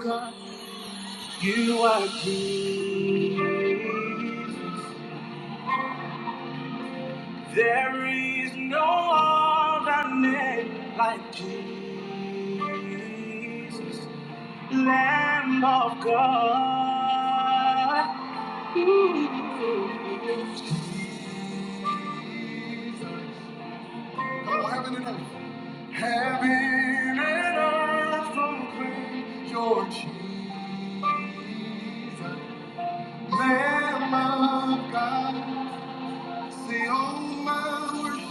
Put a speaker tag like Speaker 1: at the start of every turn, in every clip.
Speaker 1: God, You are Jesus. There is no other name like Jesus. Lamb of God. Oh, heaven and earth. Heaven and earth proclaim your Jesus. Lamb of God. Say, oh, my worship.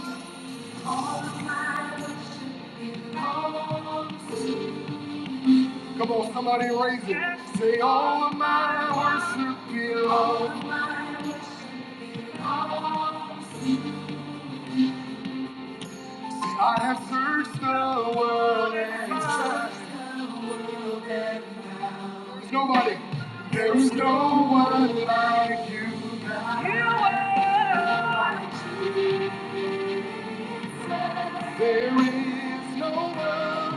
Speaker 1: Come on, somebody raise it. Say, all of my worship belongs. I have searched the world and searched There's nobody. There's no one like you. There is no one. There is no one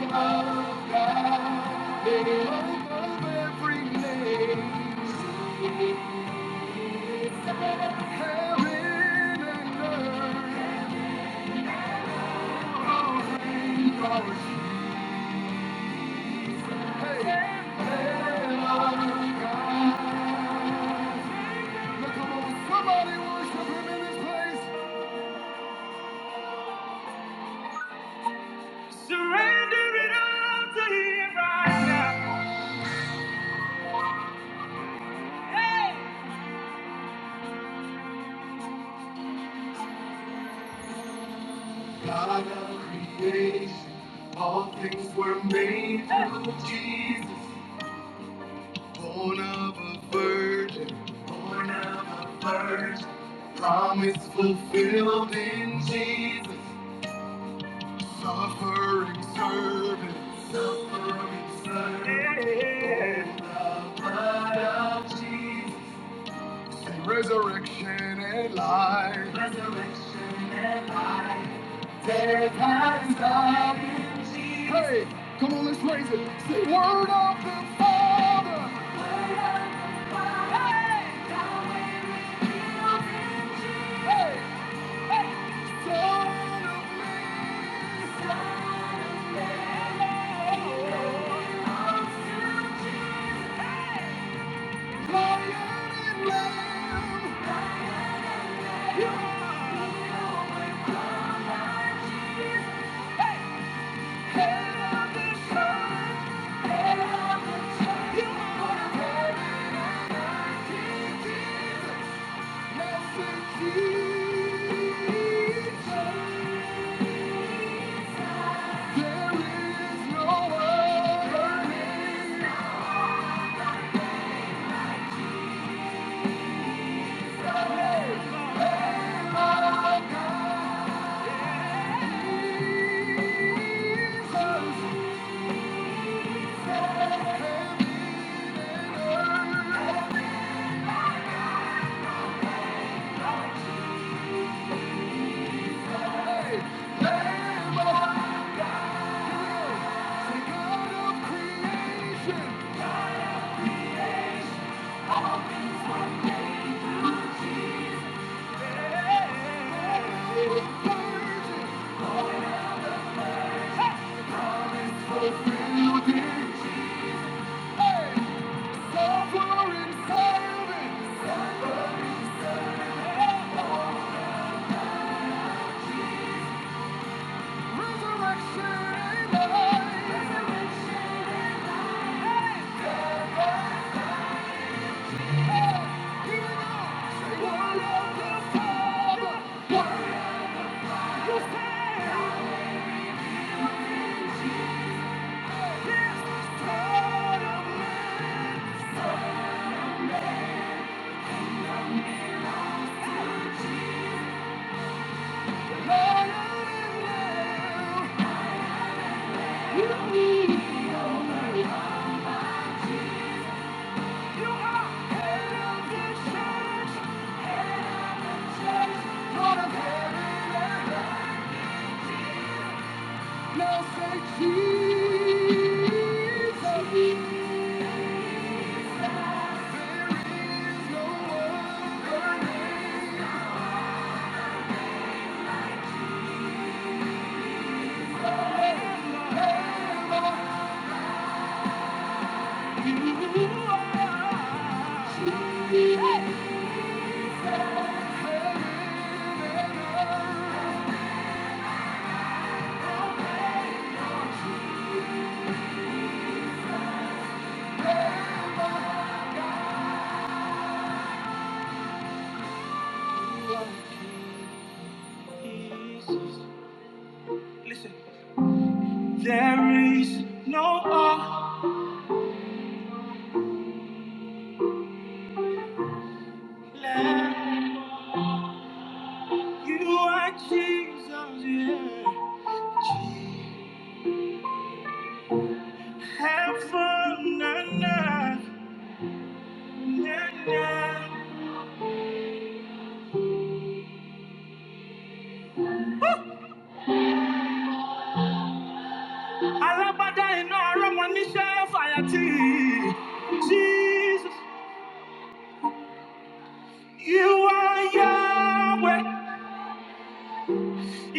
Speaker 1: above God. Name above every name. Heaven and earth. right God of creation, all things were made through Jesus, born of a virgin, born of a virgin, promise fulfilled in Jesus. Suffering servant, suffering servant, oh, the blood of Jesus, and resurrection and life, resurrection and life, death has died in Jesus. Hey, come on, let's raise it. Say, Word of the Father. Word of the Father. Hey, Yahweh revealed in Jesus. Hey, hey, Son of Man. Say God of creation. This is part of me. Jesus. Listen, there is no other like you are Jesus, yeah. Heaven and earth, yeah, yeah. Alabada ina ara wọn fire fàyàtì. Jesus, you are Yahweh,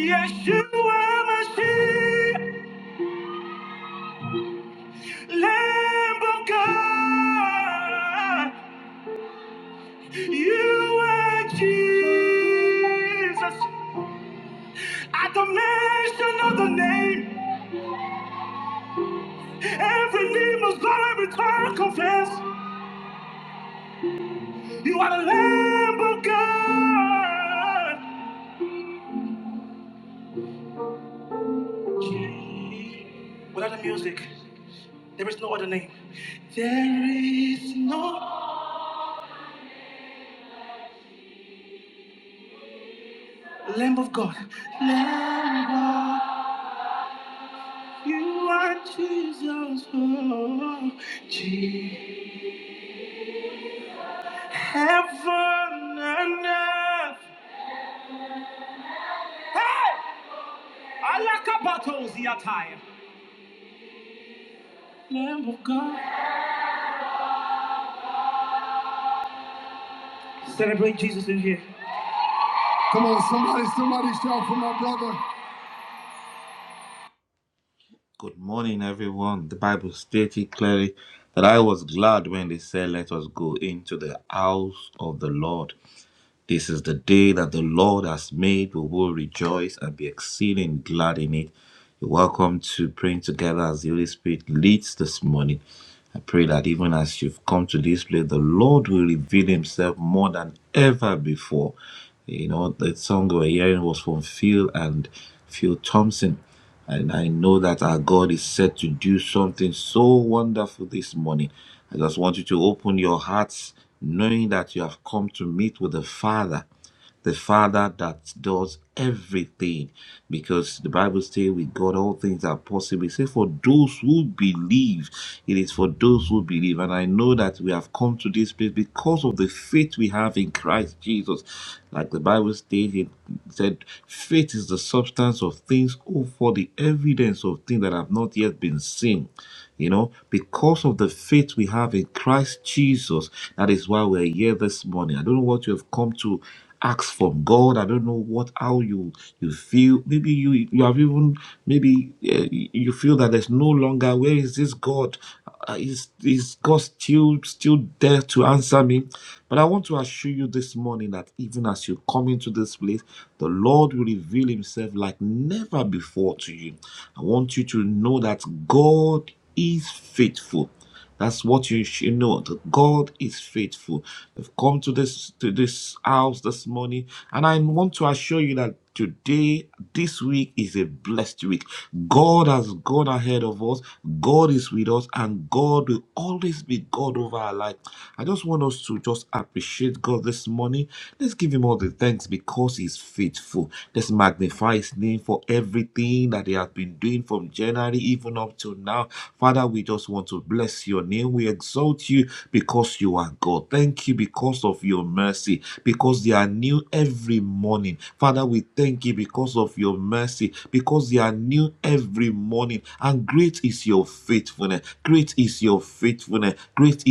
Speaker 1: Yeshua Mashiach. Lamb of God, you are Jesus. At the mention of the name, every knee must bow, every tongue confess. You are the Lamb of God. Without the music, there is no other name. There is no Lamb of God. Lamb of God, you are Jesus. Oh, Jesus. Heaven and earth. Hey! Alakabatos yataya. Lamb of God. Celebrate Jesus in here. Come on, somebody, somebody shout for my brother.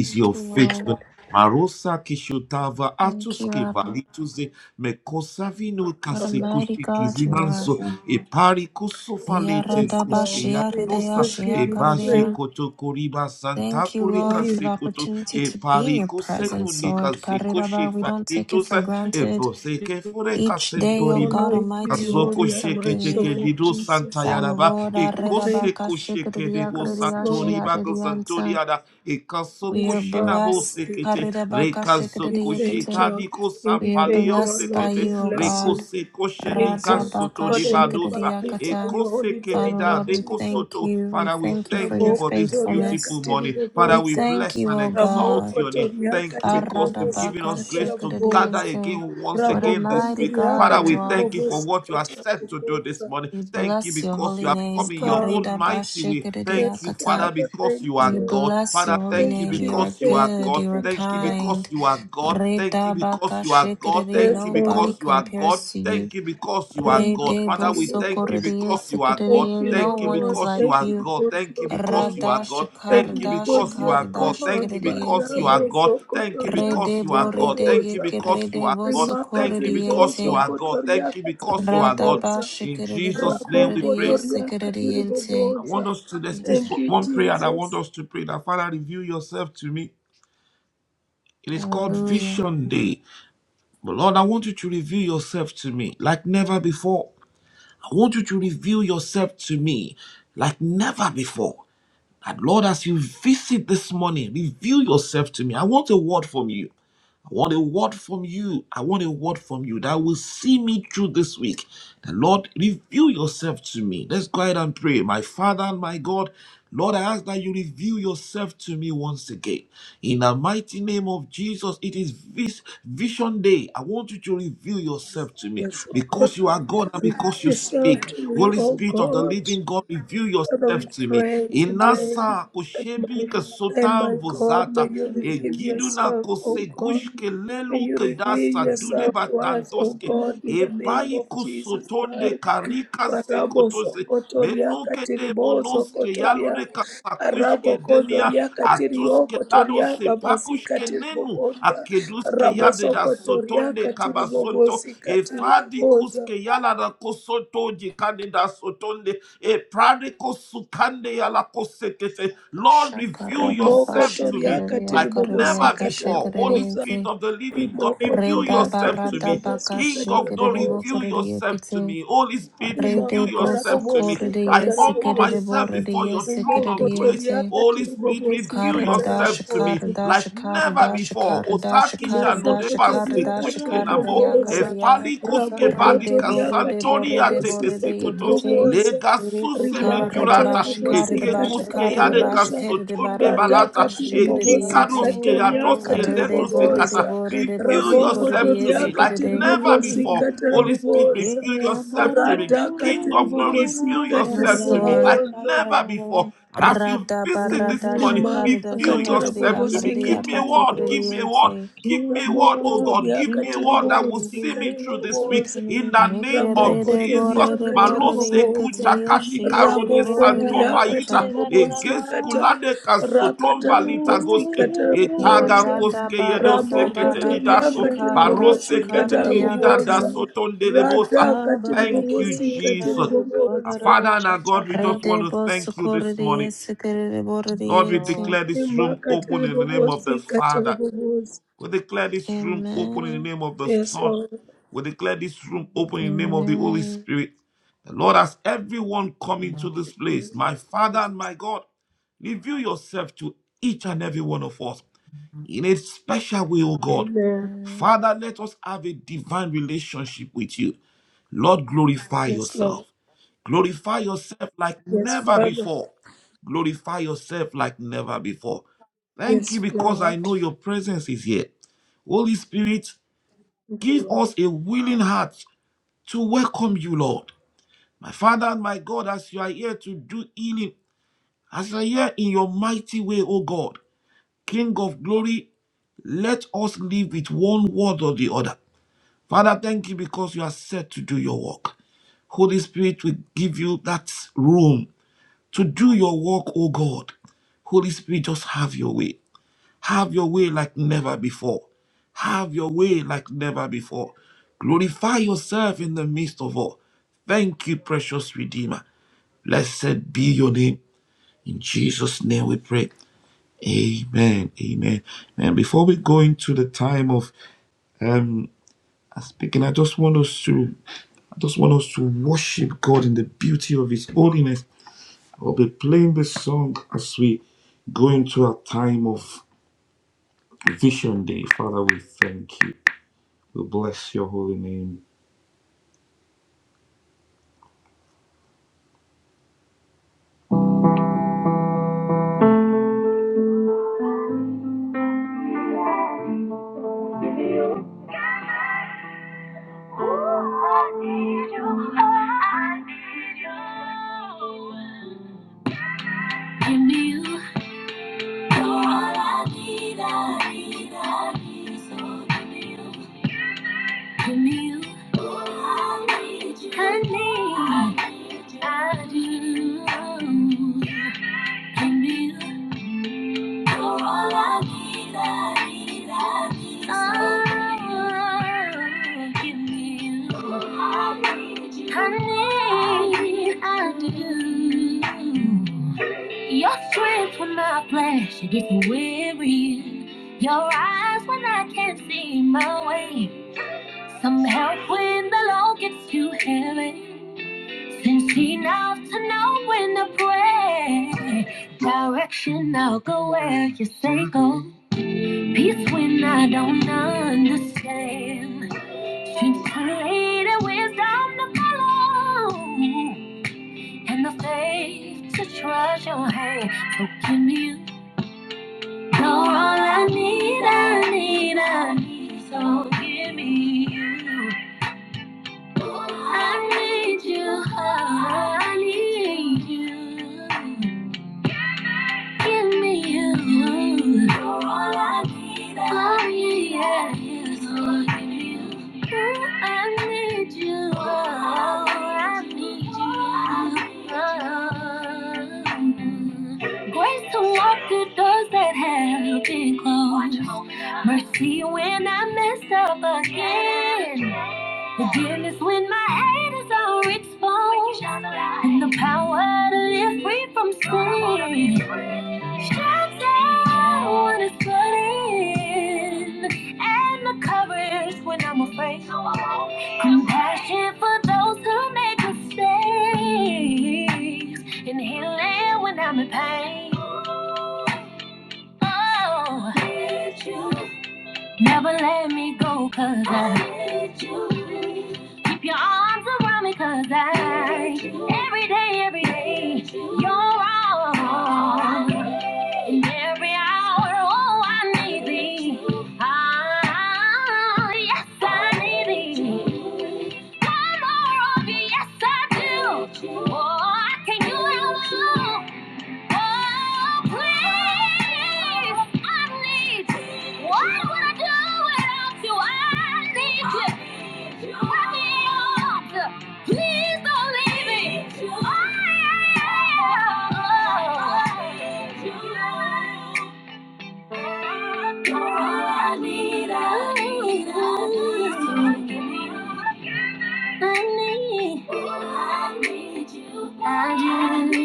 Speaker 2: Thank you, Lord. Thank you, Abba. What a
Speaker 3: of God.
Speaker 2: mighty God you are.
Speaker 3: Yes, Lord, we just give you
Speaker 2: Yaradabashiyaridayashiyakaridaya.
Speaker 3: praise,
Speaker 2: Thank you,
Speaker 3: we
Speaker 2: Lord, for
Speaker 3: give
Speaker 2: the opportunity to be in your presence, Lord. Kariraba, We don't take it for granted. Each
Speaker 3: you
Speaker 2: day, O
Speaker 3: honor,
Speaker 2: God
Speaker 3: we give
Speaker 2: Almighty,
Speaker 3: you
Speaker 2: you
Speaker 3: all
Speaker 2: do
Speaker 3: the
Speaker 2: something
Speaker 3: adoration,
Speaker 2: new.
Speaker 3: Lord Jesus.
Speaker 2: Father, Lord,
Speaker 3: We thank you, yes, Lord,
Speaker 2: arirabakashikaridiyakaridiyashiyaridiyansa. we
Speaker 3: yes,
Speaker 2: are blessed.
Speaker 3: Father. We thank
Speaker 2: Karirabakashikaridiyakate.
Speaker 3: you, we
Speaker 2: We are
Speaker 3: thank you,
Speaker 2: blessed by
Speaker 3: Lord, we
Speaker 2: you, O
Speaker 3: bless
Speaker 2: God.
Speaker 3: you. We exalt you, Lord, and we magnify
Speaker 2: Radabakashikadidiyakata.
Speaker 3: your holy
Speaker 2: Father,
Speaker 3: name, Lord
Speaker 2: Lord, we
Speaker 3: Jesus.
Speaker 2: thank you. We thank you for your
Speaker 3: Raboko toria
Speaker 2: faithfulness.
Speaker 3: katiri
Speaker 2: We
Speaker 3: boboza.
Speaker 2: thank you, O God.
Speaker 3: Ramoko toria katiri bobosi katara boboza.
Speaker 2: Aradabakashikadidiyente. What a mighty
Speaker 3: Rabokondria
Speaker 2: God you are.
Speaker 3: katiribobosi katiribobosa.
Speaker 2: We bless your holy name.
Speaker 3: Yes, Lord. Yes,
Speaker 2: Karidabashikadidiyakata.
Speaker 3: Father, thank
Speaker 2: We
Speaker 3: you.
Speaker 2: bless your holy name.
Speaker 3: Thank
Speaker 2: You
Speaker 3: you,
Speaker 2: are
Speaker 3: thank you,
Speaker 2: good. You are
Speaker 3: thank you, Lord.
Speaker 2: kind. Redabakashikadidi.
Speaker 3: Yes,
Speaker 2: Nobody
Speaker 3: Lord.
Speaker 2: compares to you. re
Speaker 3: Rima
Speaker 2: de bo so ko
Speaker 3: katiribobosi. Thank
Speaker 2: No
Speaker 3: you,
Speaker 2: one
Speaker 3: Lord.
Speaker 2: is like
Speaker 3: Thank you
Speaker 2: you.
Speaker 3: because you are God.
Speaker 2: Rada
Speaker 3: Thank you
Speaker 2: shakarda
Speaker 3: because you
Speaker 2: shakarda
Speaker 3: are God.
Speaker 2: shakaridiente.
Speaker 3: Marabo zokotoria
Speaker 2: Rede borede
Speaker 3: katiribobosa.
Speaker 2: yeke rede voso
Speaker 3: rimakatiribozo
Speaker 2: corridiente. Rada ba
Speaker 3: kotoriakatiriboboza
Speaker 2: shakarede bo corridiese corridiente.
Speaker 3: rabokotoriakatiriboboza thank
Speaker 2: Amen.
Speaker 3: you jesus
Speaker 2: Hallelujah.
Speaker 3: yes oh god reveal yourself to me O god Father, we pray today that my Father and my God, may you reveal yourself, O God. May you reveal yourself to us, O God, in the name of Jesus Christ. Marabo sokotoria katiribo sokotoria. Arabo kozoria katirio kotoria babasi katiribogonda. Rabo sokotoria katiribobosi katiriboboza.
Speaker 2: Shakarada ba
Speaker 3: Rimoko toria
Speaker 2: shakaridia
Speaker 3: katiribobosi
Speaker 2: caridia ba
Speaker 3: katiriboboza.
Speaker 2: shakaridiente. Reda
Speaker 3: ribokotoria
Speaker 2: barada
Speaker 3: katiribobosi
Speaker 2: baka shakarede bo
Speaker 3: katarabobozi
Speaker 2: corridiekete. Rede boso
Speaker 3: rimakatarabobosi
Speaker 2: corre de yese kere de
Speaker 3: katarabobozi
Speaker 2: borre de yese kere de
Speaker 3: rimokotoria
Speaker 2: yente.
Speaker 3: katiribobosi
Speaker 2: Karra da shakara
Speaker 3: katarabobozi
Speaker 2: da shakara da shakara
Speaker 4: Reveal
Speaker 2: da
Speaker 4: yourself
Speaker 2: shakara da shakara da
Speaker 3: Mosokotoriaka
Speaker 2: shakara da yakara
Speaker 3: tiribobosa.
Speaker 2: de ya. Rede borre
Speaker 3: Rabokotoriaka
Speaker 2: de borre de borre de
Speaker 3: tiribobosika
Speaker 2: yekete.
Speaker 3: tiribobosa.
Speaker 2: Karre
Speaker 3: Rimaka
Speaker 2: da ba shakara da ba
Speaker 3: tarabobosika
Speaker 2: shakara da ba
Speaker 3: tarabobosa.
Speaker 2: shakara de barre de
Speaker 3: Radaka
Speaker 2: yakash shakara de
Speaker 3: tiribobosika
Speaker 2: yente.
Speaker 3: tariaka
Speaker 2: Rede borre de
Speaker 3: tiribobosa.
Speaker 2: borre de boso corre de yese
Speaker 3: Rabokotoriaka
Speaker 2: kere de.
Speaker 3: tiribobosika tarabobosa. Radaka tiribobosika
Speaker 2: Yes,
Speaker 3: tiribobosa.
Speaker 2: Rada barada shakarada
Speaker 3: Rimaka
Speaker 2: shakarada
Speaker 4: to
Speaker 3: tarabobosika
Speaker 4: me.
Speaker 2: yakarada yakasrikarada
Speaker 3: tiribobosa.
Speaker 2: yente.
Speaker 4: King of
Speaker 3: Ramoko
Speaker 4: glory,
Speaker 3: toriaka
Speaker 4: King of
Speaker 3: tiri
Speaker 4: glory,
Speaker 3: kubosika
Speaker 4: reveal
Speaker 3: tiri
Speaker 4: yourself to
Speaker 3: kuboza.
Speaker 4: me.
Speaker 2: Yeke
Speaker 3: Ramoko
Speaker 2: rede borede
Speaker 3: toriaka tiri
Speaker 4: reveal yourself.
Speaker 2: borede
Speaker 3: kuboza.
Speaker 2: yekete yeshi yerede
Speaker 3: Ramoko
Speaker 2: borede
Speaker 3: ndiriaka tiri
Speaker 2: yakata.
Speaker 3: kubosika ta. Rakata rabobosika
Speaker 2: Ya
Speaker 3: taraboboza.
Speaker 2: rada barada
Speaker 3: Ramoko
Speaker 2: barada
Speaker 3: toriaka tiri
Speaker 2: shakarada
Speaker 3: kubosika
Speaker 2: shakarada
Speaker 3: taraboboza.
Speaker 2: yakata.
Speaker 3: Radaka tiri kubosika tiri kuboza.
Speaker 4: Babarabo shata karabasa.
Speaker 2: Rede
Speaker 4: Thank
Speaker 2: bosukorede yesekarede borede
Speaker 4: you, Lord.
Speaker 2: yente.
Speaker 3: Imaka tiri kubosika tiri kuboza.
Speaker 2: Amen.
Speaker 3: Yes, Lord.
Speaker 2: Amen.
Speaker 3: Amen.
Speaker 2: Amen.
Speaker 3: Yes, Lord. Yes, Father. Yes, Lord. Thank you, Lord.
Speaker 1: Oh, I need you. Oh, I need you. Give me you. You're all I need, I need, I need. So give me you. Give me you. All I need you. I need, I need you. I do. En mi toda la vida, vida, vida. Oh, give me you. I need you. I need, I do. Your strength when my flesh it gets weary. Your eyes when I can't see my way. Some help when the load gets too heavy. Think enough to know when to play. Direction, I'll go where you say go. Peace when I don't understand. Strength created wisdom to follow. And the faith to trust your hand. So give me you. You're all I need, I need, I need. So give me you. I need you, I need you. Give me you. Oh, yeah, yeah, yes, I need you. Oh, I need you. Oh. Grace to walk through doors that have been closed. Mercy when I mess up again. Forgiveness when my haters are exposed. And the power to live free from sin. Shuts when it's flooding, and the coverage when I'm afraid. Compassion for those who make mistakes, and healing when I'm in pain. Oh, need you. Never let me go, cause I need you. Keep your arms around me, cause I need you. every day, every day, you're all. In every hour, oh, I need thee. Ah, yes, I need thee. One more of you, yes, I do. Oh, I can't do it alone. Oh, please, I need What would I do without you? I need you. Help me out. Please don't leave me. I need, I need, I need you. I need you. I need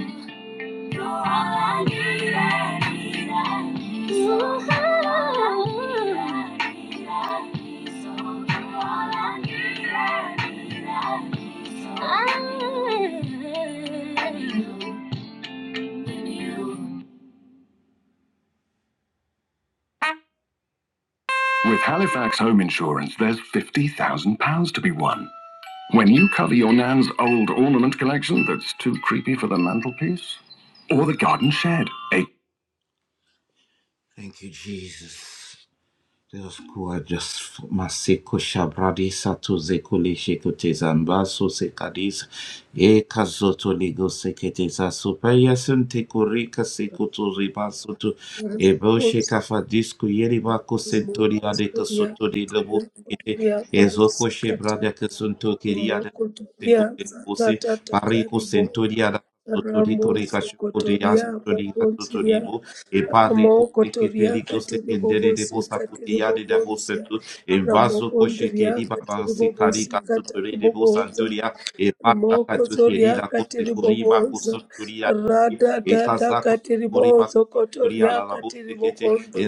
Speaker 1: you. You're all I need, I need, I need. you all I need, I need, So all I need, I need, I need. So With Halifax Home Insurance, there's £50,000 to be won. When you cover your nan's old ornament collection that's too creepy for the mantelpiece, or the garden shed,
Speaker 3: Unapopumzika Mungu suria katiwe kuturia kubusikata imo kuturia satatata karibo ramo sukotoria poponsiria ramo kotoria katiri bobosi katiri bobonsia ramo kondria katiri bobosi katiri bobonza Moko zoria katiriboboza, rada dada katiribozo kotoria katiribogonda.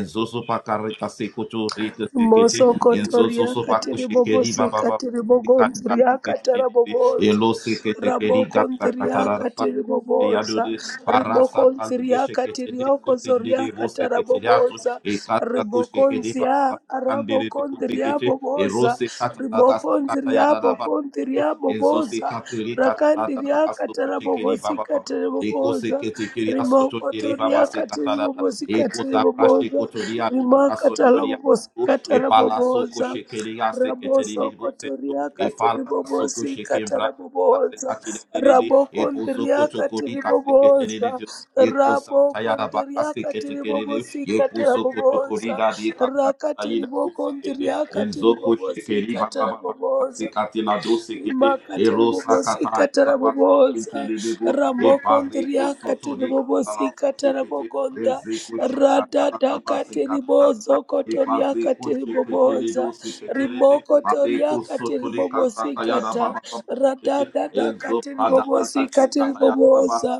Speaker 3: Moso kotoria katiribobosi katiribogonzuria kataraboboza rabokonziriakati riboboza rimokonziriakati riokozoriakata raboboza ribokonzia rabokondiriaboboza rimokonziriabokonziriaboboza rakandiriakata rabobosikati riboboza rimokotoriakati ribobosikati riboboza rimakata rabobosikata raboboza Raboso kotoria katiribobosi kataraboboza. Rabokondria katiriboboza. Rabokondria katiribobosi kataraboboza. Rakatiribokondria katiribobosi kataraboboza rimakata ribobosikata rabobosa ramokondriakati ribobosikata rabogonda radadakati ribozokotoriakati ribobosa rimoko toria kata ribobosi kata radada ribobosikata radadadakati ribobosikati ribobosa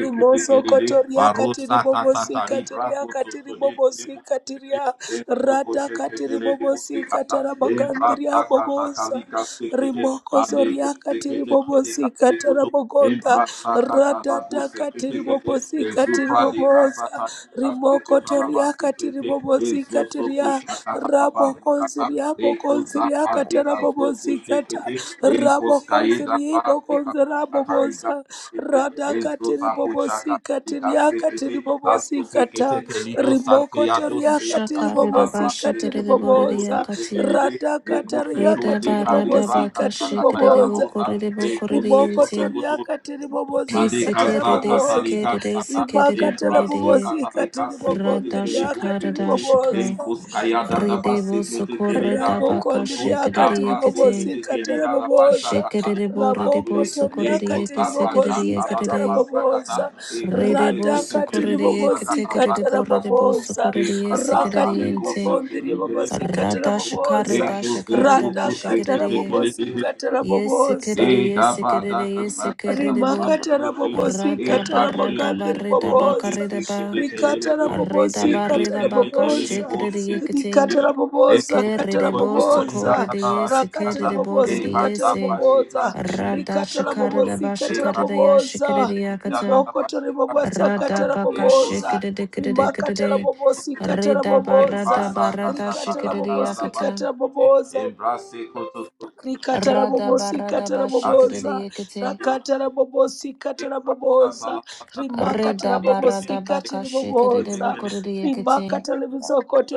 Speaker 3: Rimoso kotoria katiri bobosi katiria katiri bobosi katiria rata katiri bobosi katarabagandria bobosa rimoko zoria katiri bobosi katarabogonda ratata katiri bobosi katiri bobosa rimoko toria katiri bobosi katiria rabokonziria bokonziria katarabobosi kata rabokonziria bokonzira bobosa radakati ribobosikati riakati ribobosikata rimokoto riakati
Speaker 2: Shakarada
Speaker 3: ribobosikati
Speaker 2: bashikarede borede
Speaker 3: riboboza
Speaker 2: yakati
Speaker 3: radakata
Speaker 2: Rida
Speaker 3: riakati
Speaker 2: barada baka
Speaker 3: ribobosikati
Speaker 2: shikere
Speaker 3: riboboza
Speaker 2: bokorere bokorere
Speaker 3: rimokoto
Speaker 2: yente.
Speaker 3: riakati
Speaker 2: Ke
Speaker 3: ribobosikata
Speaker 2: sekere de
Speaker 3: raboboza
Speaker 2: sekere de sekere de
Speaker 3: rimakata
Speaker 2: borere.
Speaker 3: rabobosikati
Speaker 2: Rada
Speaker 3: ribogondriakati
Speaker 2: shakara da shaka.
Speaker 3: riboboza
Speaker 2: Ride bo sokore da
Speaker 3: Raboko
Speaker 2: baka shikere de
Speaker 3: ndiriakati
Speaker 2: yekete.
Speaker 3: ribobozika taraboboza.
Speaker 2: Shikere de borere bo
Speaker 3: Raboko
Speaker 2: sokore de
Speaker 3: toriakati
Speaker 2: yeke sekere de
Speaker 3: ribobozika
Speaker 2: yekere de.
Speaker 3: taraboboza.
Speaker 2: Ride bo
Speaker 3: Radakati
Speaker 2: sokore de yeke
Speaker 3: ribobozika
Speaker 2: tekere de borere bo
Speaker 3: taraboboza.
Speaker 2: sokore de yesekere de
Speaker 3: Rakati
Speaker 2: yente.
Speaker 3: ribobondi ribobozika
Speaker 2: Rada shakara
Speaker 3: taraboboza.
Speaker 2: da shakara da ba
Speaker 3: Radaka
Speaker 2: shikere
Speaker 3: tarabobozika taraboboza
Speaker 2: Yesekerere, yesekerere, yesekererebo.
Speaker 3: rimakatara bobosi
Speaker 2: Radaba,
Speaker 3: katara
Speaker 2: radaba,
Speaker 3: bogandiri
Speaker 2: redaba,
Speaker 3: bobosa
Speaker 2: karedaba.
Speaker 3: rikatara bobosi
Speaker 2: Redaba,
Speaker 3: katara
Speaker 2: redaba,
Speaker 3: bobosa
Speaker 2: kashekerere, yeketing.
Speaker 3: rikatara bobosa katara
Speaker 2: Kererebo,
Speaker 3: bobosa
Speaker 2: sokorere,
Speaker 3: rakatara
Speaker 2: yesekererebo, rede,
Speaker 3: bobosi katara
Speaker 2: yese.
Speaker 3: bobosa
Speaker 2: Rada,
Speaker 3: rikatara bobosi
Speaker 2: shakaradaba,
Speaker 3: katara
Speaker 2: shakarada,
Speaker 3: bobosa
Speaker 2: yashekerere, yakata.
Speaker 3: rimokotori bobosa katara
Speaker 2: Radaba,
Speaker 3: bobosa
Speaker 2: kashekerere, kerere,
Speaker 3: rimakatara
Speaker 2: kerere.
Speaker 3: bobosi katara
Speaker 2: Redaba,
Speaker 3: bobosa
Speaker 2: radaba, rada,
Speaker 3: rikatara
Speaker 2: shekerere,
Speaker 3: bobosi
Speaker 2: yakata.
Speaker 3: katara bobosa
Speaker 2: Radaba,
Speaker 3: rikatarabobosi
Speaker 2: radaba, shekerere,
Speaker 3: kataraboboza
Speaker 2: yeketing.
Speaker 3: rakatarabobosi kataraboboza
Speaker 2: Reda barada
Speaker 3: rimakatarabobosi
Speaker 2: baka shikere de
Speaker 3: katiriboboza
Speaker 2: bokore de yekete.
Speaker 3: rimakatalevisokoto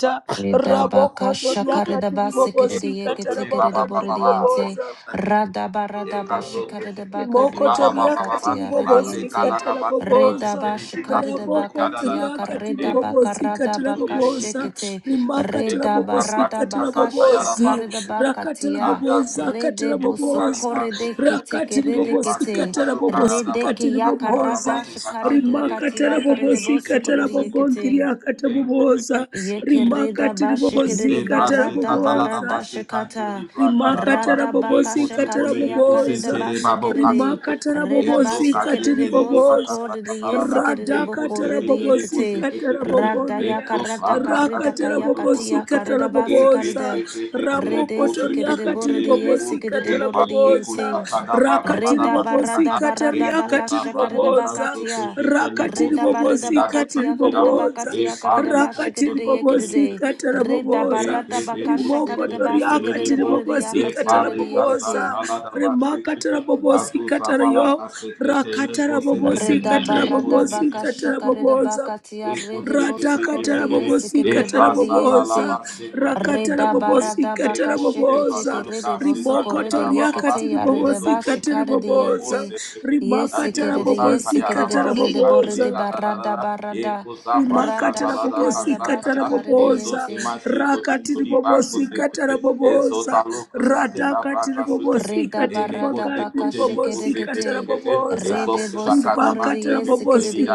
Speaker 3: kata
Speaker 2: Redabaka
Speaker 3: rabokozo
Speaker 2: shakaredaba
Speaker 3: riakatiribobosi
Speaker 2: sekeredeyeke tekeredeboredeyente.
Speaker 3: katarabogandiribobooza
Speaker 2: Radaba radaba shakaredabaka
Speaker 3: Rimokoto
Speaker 2: redabaka
Speaker 3: riakati
Speaker 2: tia redeyente.
Speaker 3: ribobozikata raboboza.
Speaker 2: Redaba
Speaker 3: Raboko
Speaker 2: shakaredabaka tiaka
Speaker 3: riakati
Speaker 2: redabaka
Speaker 3: ribobozikata
Speaker 2: radabaka
Speaker 3: raboboza.
Speaker 2: shekete.
Speaker 3: Rimakata
Speaker 2: Redaba
Speaker 3: rabobosikata
Speaker 2: radabaka
Speaker 3: rabobozi.
Speaker 2: shakaredabaka
Speaker 3: Rakata
Speaker 2: tia.
Speaker 3: raboboza kata
Speaker 2: Redebo
Speaker 3: raboboza.
Speaker 2: sokoredeke
Speaker 3: Rakati
Speaker 2: tekeredekete.
Speaker 3: ribobosikata rabobosikata
Speaker 2: Redeke yaka
Speaker 3: riboboza.
Speaker 2: rada shakaredaka
Speaker 3: Rimakata
Speaker 2: tia karedebo
Speaker 3: rabobosikata
Speaker 2: sokoredeyekete.
Speaker 3: rabogondriakata boboza.
Speaker 2: Yekereda
Speaker 3: Rimakati
Speaker 2: bashikere
Speaker 3: ribobozikata
Speaker 2: barada
Speaker 3: raboboza
Speaker 2: barada shikata
Speaker 3: rimakatara
Speaker 2: rada baka
Speaker 3: bobosi katara
Speaker 2: shikati yakareda
Speaker 3: boboza
Speaker 2: basikere
Speaker 3: rimakatara
Speaker 2: reda
Speaker 3: bobosi
Speaker 2: basikere
Speaker 3: katiri
Speaker 2: boso
Speaker 3: boboza
Speaker 2: kore de yesikere boko
Speaker 3: radakatara
Speaker 2: rede
Speaker 3: bobosi
Speaker 2: yekete
Speaker 3: katara
Speaker 2: rada
Speaker 3: bogondria
Speaker 2: yakarada kareda
Speaker 3: rakatara
Speaker 2: kayakati
Speaker 3: bobosi katara
Speaker 2: yakareda
Speaker 3: boboza
Speaker 2: basikere rede sikere bore
Speaker 3: ramokotoriakatiri
Speaker 2: de
Speaker 3: bobosi
Speaker 2: yesikere
Speaker 3: katara
Speaker 2: bore de
Speaker 3: boboza
Speaker 2: yenting
Speaker 3: rakatiri
Speaker 2: reda barada barada
Speaker 3: kataria
Speaker 2: baka
Speaker 3: katiri
Speaker 2: shikare
Speaker 3: boboza rakatiri
Speaker 2: Reda barada
Speaker 3: bobosi
Speaker 2: bakatia
Speaker 3: katiri
Speaker 2: karada
Speaker 3: boboza
Speaker 2: bakatia karada bashikede
Speaker 3: rakatiri
Speaker 2: yekede
Speaker 3: bobosi katara
Speaker 2: reda
Speaker 3: boboza
Speaker 2: barada bakasha
Speaker 3: rimoko
Speaker 2: karada
Speaker 3: toria
Speaker 2: basikede
Speaker 3: katiri
Speaker 2: borede
Speaker 3: bobosi
Speaker 2: yakatia
Speaker 3: katara
Speaker 2: rede yekete
Speaker 3: boboza rimakatara bobosi katara yo rakatara bobosi
Speaker 2: Reda
Speaker 3: katara
Speaker 2: barra da
Speaker 3: bobosi
Speaker 2: baka
Speaker 3: katara
Speaker 2: shakare da
Speaker 3: boboza
Speaker 2: baka tia rede bo sokore de
Speaker 3: Ratakatara
Speaker 2: yese
Speaker 3: bobosi
Speaker 2: kere de
Speaker 3: katara
Speaker 2: bore de yente.
Speaker 3: boboza. Rakatara
Speaker 2: Reda barra
Speaker 3: bobosi
Speaker 2: da baka
Speaker 3: katara
Speaker 2: sheke teke
Speaker 3: boboza.
Speaker 2: rede bo
Speaker 3: Riboko
Speaker 2: sokore de yeke te
Speaker 3: toriakati
Speaker 2: ya rede
Speaker 3: ribobosi
Speaker 2: ba
Speaker 3: katara
Speaker 2: shikare de
Speaker 3: boboza.
Speaker 2: yente. Yese
Speaker 3: Rimakatara
Speaker 2: kere de yese
Speaker 3: bobosi
Speaker 2: kere de
Speaker 3: katara
Speaker 2: bore de bore de
Speaker 3: boboza.
Speaker 2: barra da barra da. Rada
Speaker 3: rimakatara
Speaker 2: shikare da ba
Speaker 3: bobosikatara
Speaker 2: shikare de
Speaker 3: bobosa
Speaker 2: yente.
Speaker 3: rakatiri bobosikatara bobosa ratakatiri
Speaker 2: Reda
Speaker 3: bobosikatiri
Speaker 2: barada baka
Speaker 3: bagandiri bobosikatara
Speaker 2: shekerekete.
Speaker 3: bobosa
Speaker 2: Rede
Speaker 3: rimakatara
Speaker 2: bosokorere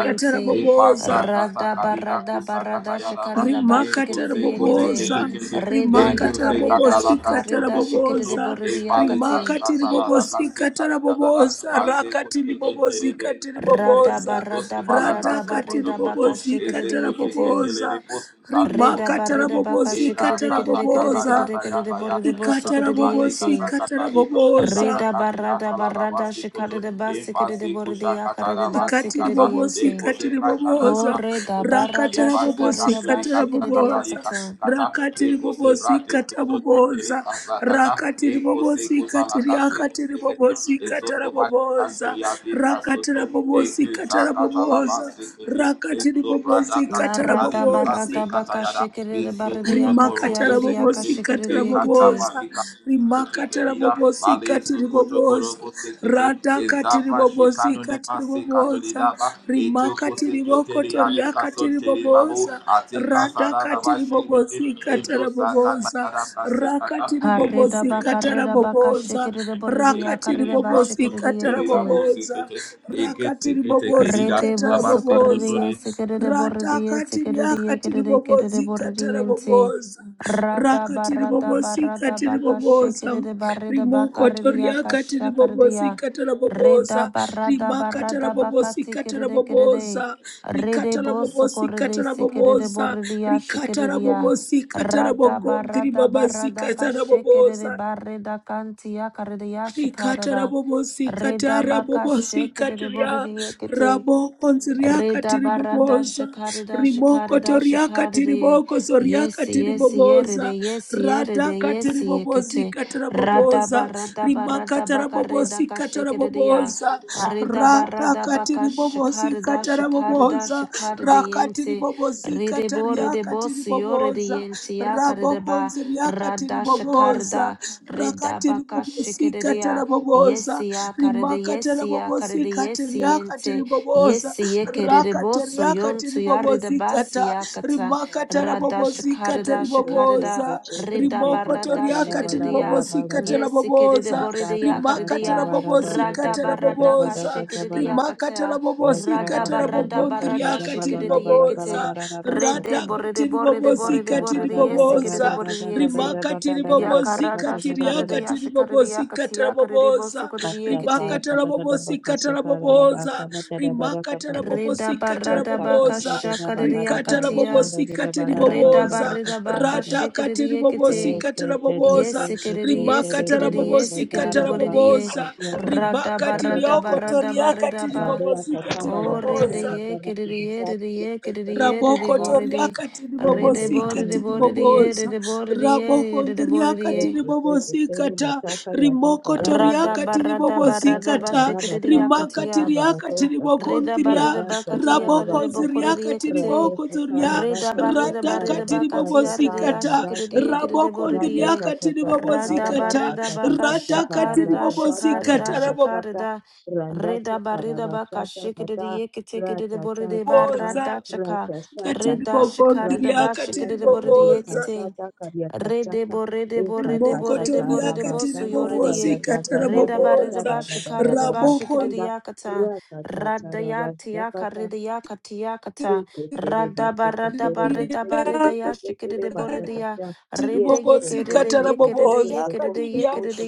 Speaker 3: katara bobosa
Speaker 2: Rada barada barada shekarida ba
Speaker 3: rimakatara
Speaker 2: shekereyekete.
Speaker 3: boboza
Speaker 2: Reda
Speaker 3: rimakatara
Speaker 2: yakarida
Speaker 3: bobosikatara
Speaker 2: shekarida shekerede
Speaker 3: boboza
Speaker 2: borede yakate.
Speaker 3: rimakatiri bobosikatara boboza rakatiri bobosikatiri
Speaker 2: Rada
Speaker 3: boboza
Speaker 2: barada barada
Speaker 3: radhakatiri
Speaker 2: barida baka
Speaker 3: bobosikatara
Speaker 2: shekereyekete.
Speaker 3: boboza
Speaker 2: Reda ba
Speaker 3: rimakatara
Speaker 2: reda ba ka shikere
Speaker 3: bobosikatara
Speaker 2: dekere dekere dekere
Speaker 3: boboza
Speaker 2: dekere de bore de bo
Speaker 3: ikatara
Speaker 2: sokore de yente.
Speaker 3: bobosikatara boboza
Speaker 2: Reda ba rada ba rada de ba sikere de bore de yakare de ba
Speaker 3: Katiri
Speaker 2: sikere de
Speaker 3: bobosi,
Speaker 2: yente.
Speaker 3: katiri boboza,
Speaker 2: Kore da ba rada
Speaker 3: rakatara
Speaker 2: shikare
Speaker 3: bobosi,
Speaker 2: de ba
Speaker 3: katara
Speaker 2: shikere de
Speaker 3: boboza,
Speaker 2: yakata.
Speaker 3: rakatiri bobosi, katara boboza, rakatiri bobosi, katiri akatiri bobosi, katara boboza, rakatara bobosi, katara boboza, rakatiri bobosi,
Speaker 2: Ya
Speaker 3: katara
Speaker 2: rada ba
Speaker 3: bobozi
Speaker 2: rada ba ka de ba de yakati ya re
Speaker 3: rimakatara
Speaker 2: de yaka
Speaker 3: bobosi
Speaker 2: shikere de
Speaker 3: katara
Speaker 2: yekete.
Speaker 3: bobosa rimakatara bobosi katiri bobosa rata katiri bobosi katiri bobosa rimakatiri bokoto riakatiri bobosa rata katiri bobosi katara bobosa rakatiri
Speaker 2: Kareda
Speaker 3: bobosi
Speaker 2: ba
Speaker 3: katara
Speaker 2: kareda ba ka
Speaker 3: bobosa
Speaker 2: shikere de bore de yakare
Speaker 3: rakatiri
Speaker 2: de ba
Speaker 3: bobosi
Speaker 2: shikere de
Speaker 3: katara
Speaker 2: yekete.
Speaker 3: bobosa Rakatiri bobozi
Speaker 2: Rede
Speaker 3: katara
Speaker 2: boso corrie
Speaker 3: boboza.
Speaker 2: secrete
Speaker 3: rata
Speaker 2: borrie
Speaker 3: katiri
Speaker 2: secrete
Speaker 3: akatiri
Speaker 2: querere e querere
Speaker 3: bobozi katara
Speaker 2: borriente.
Speaker 3: boboza.
Speaker 2: Rada
Speaker 3: Rakatiri
Speaker 2: barada
Speaker 3: bobozi
Speaker 2: barada
Speaker 3: katiri
Speaker 2: baka
Speaker 3: ribobozi kataraboboza
Speaker 2: secrete barreda
Speaker 3: ratakati
Speaker 2: bacardia
Speaker 3: riakati ribobozi
Speaker 2: cachacardia. Reda
Speaker 3: kataraboboza
Speaker 2: barada
Speaker 3: rakati
Speaker 2: barada baka
Speaker 3: ribobozi kati
Speaker 2: secrete querere.
Speaker 3: riboboza rikatara
Speaker 2: Rede
Speaker 3: riakati
Speaker 2: boso
Speaker 3: ribobozi kataraboboza rikatara kataraboboza rikatarabobozi
Speaker 2: corrie secrete
Speaker 3: kataraboboza
Speaker 2: borria secretia.
Speaker 3: rikatarabobozi
Speaker 2: Rada barada
Speaker 3: katarabogontiribabazi
Speaker 2: barada cachecrete
Speaker 3: kataraboboza
Speaker 2: barreda cantia cardia
Speaker 3: rikatara
Speaker 2: checarada.
Speaker 3: bobosi
Speaker 2: Reda
Speaker 3: katara
Speaker 2: baka
Speaker 3: bobosi
Speaker 2: secrete
Speaker 3: katiria
Speaker 2: borrie quete.
Speaker 3: raboko nziria
Speaker 2: Reda
Speaker 3: katiri
Speaker 2: barada
Speaker 3: boboza
Speaker 2: shakarida
Speaker 3: riboko
Speaker 2: shakarida
Speaker 3: toria katiri
Speaker 2: shakarida
Speaker 3: boko soria
Speaker 2: yes
Speaker 3: katiri
Speaker 2: yes
Speaker 3: boboza
Speaker 2: yerede yes
Speaker 3: rada
Speaker 2: yerede yes
Speaker 3: katiri bobosi
Speaker 2: yekete
Speaker 3: katara
Speaker 2: rada
Speaker 3: boboza
Speaker 2: barada barada
Speaker 3: rimakatara
Speaker 2: bakareda
Speaker 3: bobosi katara boboza
Speaker 2: Reda
Speaker 3: rada
Speaker 2: barada baka
Speaker 3: katiri bobosi
Speaker 2: shakarda
Speaker 3: katara
Speaker 2: shakarda
Speaker 3: boboza
Speaker 2: shakarda
Speaker 3: rakatiri
Speaker 2: yente
Speaker 3: bobosi
Speaker 2: rede bo
Speaker 3: kataria
Speaker 2: rede bo
Speaker 3: katiri
Speaker 2: siyo rede
Speaker 3: boboza
Speaker 2: yente yakarda
Speaker 3: raboko
Speaker 2: ba
Speaker 3: nziria rakati
Speaker 2: rada
Speaker 3: riboboza
Speaker 2: shakarda reda
Speaker 3: rakati
Speaker 2: baka
Speaker 3: ribobosika
Speaker 2: shikereya
Speaker 3: taraboboza
Speaker 2: yesi yakarda
Speaker 3: rimaka
Speaker 2: yesi yakarda
Speaker 3: tarabobosika
Speaker 2: yesi
Speaker 3: tiriakati
Speaker 2: yente
Speaker 3: riboboza
Speaker 2: yesi yekerede bo
Speaker 3: rakati
Speaker 2: soyon
Speaker 3: riakati
Speaker 2: tu yarida
Speaker 3: ribobosika
Speaker 2: basi
Speaker 3: ta
Speaker 2: yakata
Speaker 3: rimaka
Speaker 4: Karabarabike,
Speaker 2: rada
Speaker 3: tarabobosika
Speaker 2: shakarda shakarda
Speaker 4: teke,
Speaker 3: tariboboza
Speaker 4: teke,
Speaker 2: Reda
Speaker 3: rimoko
Speaker 4: teba,
Speaker 2: barada
Speaker 4: katala,
Speaker 3: toriakati
Speaker 4: bala,
Speaker 2: shikiridia,
Speaker 4: bala, bala,
Speaker 3: ribobosika
Speaker 4: ba.
Speaker 2: yesikiride
Speaker 3: taraboboza
Speaker 2: boridia
Speaker 4: Asata,
Speaker 3: rimaka
Speaker 4: tata,
Speaker 2: karidia,
Speaker 4: wada, bada,
Speaker 3: tarabobosika
Speaker 2: rada
Speaker 4: gada, bada,
Speaker 2: barada ka
Speaker 3: taraboboza
Speaker 4: bada,
Speaker 2: shikiridia
Speaker 3: rimaka
Speaker 2: kata,
Speaker 4: Yes, da
Speaker 3: tarabobosika
Speaker 2: rada
Speaker 4: ba ba ba
Speaker 2: barada
Speaker 4: ba da da
Speaker 2: barada
Speaker 4: da ba
Speaker 3: tarabogondriakati
Speaker 4: la la ba
Speaker 2: shikiridia
Speaker 4: la ga la
Speaker 2: kete,
Speaker 4: ba
Speaker 3: riboboza
Speaker 4: ra ra ra so ba
Speaker 2: rede
Speaker 4: da.
Speaker 3: radaka
Speaker 2: boride boride
Speaker 4: Da
Speaker 2: boride
Speaker 3: tiribobosika
Speaker 4: da da
Speaker 2: boride
Speaker 4: da da da da
Speaker 2: yesikiride
Speaker 3: tiribobosa
Speaker 4: da da da da da
Speaker 2: boridiente,
Speaker 4: da
Speaker 3: rimaka
Speaker 4: ba da da da ba sa da
Speaker 3: tiribobosika
Speaker 2: yakarada
Speaker 4: da ba da da da.
Speaker 3: tiriaka
Speaker 2: shikaridia shikaridia
Speaker 3: tiribobosika
Speaker 2: katia karidi
Speaker 3: tarabobosa
Speaker 4: Ka
Speaker 2: bosokoridia
Speaker 4: sa
Speaker 3: rimaka
Speaker 4: ta
Speaker 2: kete,
Speaker 4: ta da da da ba ka
Speaker 3: tarabobosika
Speaker 4: sa ka da da ba
Speaker 3: tarabobosa
Speaker 4: ka ba da da ba da
Speaker 3: rimaka
Speaker 4: ka ba ku.
Speaker 2: reda
Speaker 3: tarabobosika
Speaker 4: Ka
Speaker 2: barada
Speaker 4: sa ka
Speaker 2: baka
Speaker 4: ta
Speaker 3: tarabobosa
Speaker 4: da da ba la da
Speaker 2: shakaridia
Speaker 3: rikata
Speaker 4: da ba sa
Speaker 2: katia,
Speaker 4: da da
Speaker 3: rabobosika
Speaker 4: da ba la la ba la
Speaker 2: reda
Speaker 4: da ba
Speaker 3: tiribobosa
Speaker 4: ka
Speaker 2: barida
Speaker 4: sa
Speaker 2: baka
Speaker 4: da da.
Speaker 3: Rada,
Speaker 2: shikiridia
Speaker 4: Ka ye
Speaker 2: kete,
Speaker 3: tiribobosika
Speaker 4: te te te
Speaker 3: tarabobosa
Speaker 4: te ke
Speaker 2: Yesikiridi,
Speaker 4: she te
Speaker 3: rimaka
Speaker 4: re ba
Speaker 2: yesikiridi,
Speaker 4: ndo sa
Speaker 3: tarabobosika
Speaker 4: da
Speaker 2: yesikiridi
Speaker 4: ra ra ba ko
Speaker 2: boridiye.
Speaker 4: ka
Speaker 3: tarabobosa
Speaker 4: ya ba
Speaker 2: Rada
Speaker 3: ribaka
Speaker 4: ba ba ba ba
Speaker 2: barada
Speaker 4: ba.
Speaker 3: tirioko
Speaker 4: ba.
Speaker 2: barada
Speaker 3: toriaka
Speaker 2: barida
Speaker 4: Ra de
Speaker 2: ba.
Speaker 4: ya ka
Speaker 3: tiribobosika
Speaker 4: ta ba ya ka
Speaker 2: Ore de
Speaker 4: ya
Speaker 3: tiribobosa
Speaker 4: ka
Speaker 2: ye
Speaker 4: ta ba ki
Speaker 2: kiridi
Speaker 4: ta
Speaker 2: ye
Speaker 4: ta
Speaker 2: de
Speaker 4: ki
Speaker 2: ye
Speaker 4: ta ta
Speaker 2: kiridi
Speaker 4: ka
Speaker 2: ye
Speaker 4: ya ba
Speaker 2: de
Speaker 3: Raboko
Speaker 4: ba.
Speaker 2: boridi.
Speaker 3: toriaka
Speaker 4: Thank
Speaker 2: Rede
Speaker 4: you,
Speaker 3: tiribobosika
Speaker 2: boridi
Speaker 4: thank you,
Speaker 2: boridi
Speaker 4: thank
Speaker 2: ye
Speaker 3: tiriboboza.
Speaker 2: de boridi
Speaker 4: you.
Speaker 2: ye
Speaker 3: Raboko
Speaker 2: de boridi
Speaker 3: ndriaka
Speaker 2: ye.
Speaker 4: Eshe teke
Speaker 3: tiribobosika
Speaker 4: tere
Speaker 3: ta.
Speaker 4: bataka yataka
Speaker 3: Rimoko
Speaker 4: raba
Speaker 2: Rada
Speaker 3: toriaka
Speaker 4: teka
Speaker 2: barada barada
Speaker 3: tiribobosika
Speaker 4: batata
Speaker 3: ta.
Speaker 4: taraba tata
Speaker 3: Rimaka
Speaker 2: bashikiriakatia.
Speaker 4: kataba
Speaker 3: tiriaka
Speaker 4: rato shata
Speaker 3: tiriboko
Speaker 2: Rida
Speaker 3: ndria.
Speaker 2: barida
Speaker 4: rada tata
Speaker 2: bakatia
Speaker 4: raba
Speaker 3: Raboko
Speaker 2: karida
Speaker 4: shata
Speaker 3: ziriaka
Speaker 2: bokorida kete.
Speaker 4: rada
Speaker 3: tiriboko
Speaker 4: shata
Speaker 3: zoria.
Speaker 4: raba
Speaker 2: Rida
Speaker 4: tata
Speaker 2: barida
Speaker 3: Radaka
Speaker 4: tara
Speaker 2: barida
Speaker 3: tiri
Speaker 4: bata
Speaker 2: bakatia
Speaker 4: tata
Speaker 3: tiribobosika
Speaker 2: ridia
Speaker 4: raba
Speaker 3: ta.
Speaker 4: da
Speaker 2: shikiridia
Speaker 4: tata
Speaker 2: kirida
Speaker 3: Raboko
Speaker 4: rada
Speaker 2: boridia.
Speaker 3: ndriaka
Speaker 4: tata tata
Speaker 2: Rada
Speaker 4: tara
Speaker 3: tiribobosika
Speaker 4: ba
Speaker 3: ta.
Speaker 2: barida
Speaker 4: shata
Speaker 2: baka
Speaker 4: tata tata
Speaker 3: Radaka tiri
Speaker 4: raba
Speaker 2: shakarida
Speaker 4: shata
Speaker 3: tiribobosika
Speaker 2: shakarida
Speaker 3: ta.
Speaker 4: tara ba shata
Speaker 2: shakarida.
Speaker 4: randa
Speaker 2: Rida
Speaker 4: tata
Speaker 2: barida
Speaker 4: raba
Speaker 2: baka
Speaker 4: shata tata
Speaker 2: shikiridia kete kirida
Speaker 4: rata tata
Speaker 2: borida barada
Speaker 3: Raboboza.
Speaker 2: shaka. Rida
Speaker 3: Katiriboko
Speaker 2: shakarida
Speaker 3: ndriaka
Speaker 2: bashikirida boridia
Speaker 4: karyata
Speaker 3: tiriboboza.
Speaker 2: kete. Rede borede
Speaker 4: Yes, so
Speaker 2: borede
Speaker 3: Rimoko
Speaker 2: borede borede
Speaker 3: toriaka
Speaker 2: boso yoridi
Speaker 3: tiribobozika
Speaker 2: rida barida
Speaker 3: taraboboza.
Speaker 2: bashikari de
Speaker 3: Ramoko
Speaker 2: bashikiri yakata radayati yakaridi yakati yakata radaba radaba rida barida yashikiri de boridia rida
Speaker 3: tiribobozika
Speaker 4: go
Speaker 2: yekiridi
Speaker 4: take it, so
Speaker 2: yekiridi
Speaker 4: go,
Speaker 3: taraboboza.
Speaker 4: so go,
Speaker 2: yekiridi
Speaker 4: so
Speaker 3: Katiria.
Speaker 4: go, so go, so go,
Speaker 2: yekiridi
Speaker 4: so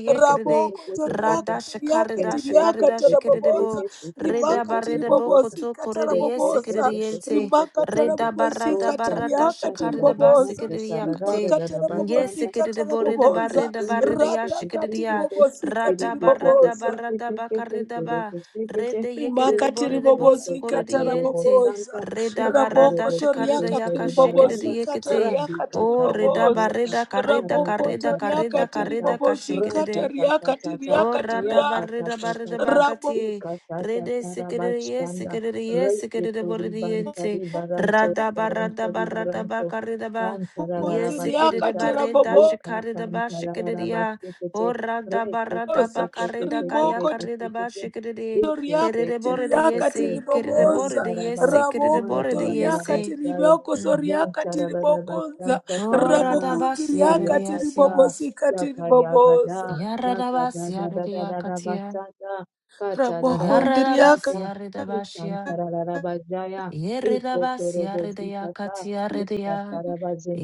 Speaker 4: go,
Speaker 2: yekiridi
Speaker 4: so
Speaker 3: Ramoko
Speaker 4: go,
Speaker 3: toriaka
Speaker 4: so
Speaker 2: rada shikari
Speaker 3: tiriaka
Speaker 2: da
Speaker 4: Radikata
Speaker 2: shikari
Speaker 3: tiriaka
Speaker 2: da shikiri de bo
Speaker 3: taraboboza.
Speaker 2: rida
Speaker 3: Rimaka
Speaker 2: barida bokoto
Speaker 3: tiribobozika
Speaker 2: koridi yesikiri
Speaker 3: taraboboza.
Speaker 2: yente
Speaker 3: Rimaka
Speaker 2: rida barada
Speaker 3: tarabobozika
Speaker 2: barada
Speaker 3: tariaka
Speaker 2: shikari de
Speaker 3: tiriboboza.
Speaker 2: basikiri yakati
Speaker 3: Rimaka
Speaker 2: Yes,
Speaker 3: tarabobozika
Speaker 2: sikiridi borida
Speaker 3: taraboboza.
Speaker 2: barida barida ya
Speaker 3: Radaka
Speaker 2: shikiridi ya.
Speaker 3: tiribobozika
Speaker 2: Rada barada
Speaker 3: tiriboboza.
Speaker 2: barada bakarida ba. Rede yekiridi
Speaker 3: rimakati
Speaker 2: borida bosu koridi
Speaker 3: ribobozikata
Speaker 2: yente.
Speaker 3: raboboza
Speaker 2: Reda barada
Speaker 3: rabokoto
Speaker 2: shikarida
Speaker 3: riakati
Speaker 2: yaka shikiridi
Speaker 3: ribobozikata
Speaker 2: yekete.
Speaker 3: riakati
Speaker 2: O reda
Speaker 3: riboboza
Speaker 4: rabadosha,
Speaker 2: barida karida karida
Speaker 3: rabokoto
Speaker 4: arakata ta ta
Speaker 2: karida
Speaker 3: riakati
Speaker 4: ta ta,
Speaker 2: karida kashikiridi.
Speaker 3: ribobozikata
Speaker 4: ratata ta ta
Speaker 3: riakati
Speaker 4: ta,
Speaker 2: Oh,
Speaker 3: riakati
Speaker 2: rada
Speaker 3: ria
Speaker 2: barida barida
Speaker 4: Rakatatata,
Speaker 2: bakati. Rede sikiri ye
Speaker 4: Ikatatarabashanda,
Speaker 2: sikiri ye sikiri
Speaker 4: Reketori
Speaker 2: boridiente.
Speaker 4: Bantari Baranto,
Speaker 2: Rada
Speaker 3: rabokonzi
Speaker 2: barada
Speaker 4: Barantori
Speaker 2: barada
Speaker 4: Baranto,
Speaker 2: bakarida ba. yes sikiri
Speaker 4: Kantararabashita,
Speaker 3: riakati
Speaker 2: barida
Speaker 3: raboboza
Speaker 4: Rika
Speaker 2: shikarida ba shikiri ya. Oh,
Speaker 4: Tantararabashikete,
Speaker 2: rada barada bakarida kaya
Speaker 3: Rimoko
Speaker 2: karida ba
Speaker 4: Reketetetetetetetetetete,
Speaker 2: shikiri.
Speaker 3: Toriaka
Speaker 2: Kirida boridi
Speaker 3: tiriaka
Speaker 4: Iketetetetete,
Speaker 2: yesi. Kirida
Speaker 3: tiriboboza
Speaker 2: boridi
Speaker 4: Mantaraba,
Speaker 2: yesi. Kirida
Speaker 3: raboko
Speaker 2: boridi
Speaker 3: toriaka
Speaker 2: yesi.
Speaker 4: Mantarabarabashaya,
Speaker 3: tiriboko
Speaker 2: Mm.
Speaker 3: soriaka tiribokonza
Speaker 2: Oh, rada
Speaker 4: Zantararabashantakaya,
Speaker 3: rabokonzi
Speaker 2: basi yarida
Speaker 3: riaka
Speaker 2: yasia.
Speaker 4: Eyakata,
Speaker 3: tiribobosika tiriboboza
Speaker 4: Yakayagada,
Speaker 2: Yarada
Speaker 4: Laka da
Speaker 2: basi
Speaker 4: da da
Speaker 2: yarida
Speaker 4: da da da
Speaker 2: yakatia.
Speaker 4: basata, kata da da da
Speaker 3: rabokonzi riaka
Speaker 4: basanta,
Speaker 2: Yarredabasia redabasia,
Speaker 4: ikantara da da Lakadadadadadabasata, katadadadabasanta, ikantarararabajaya,
Speaker 2: Yerredabasia redea
Speaker 4: ikotorobozikata,
Speaker 2: katia, redea,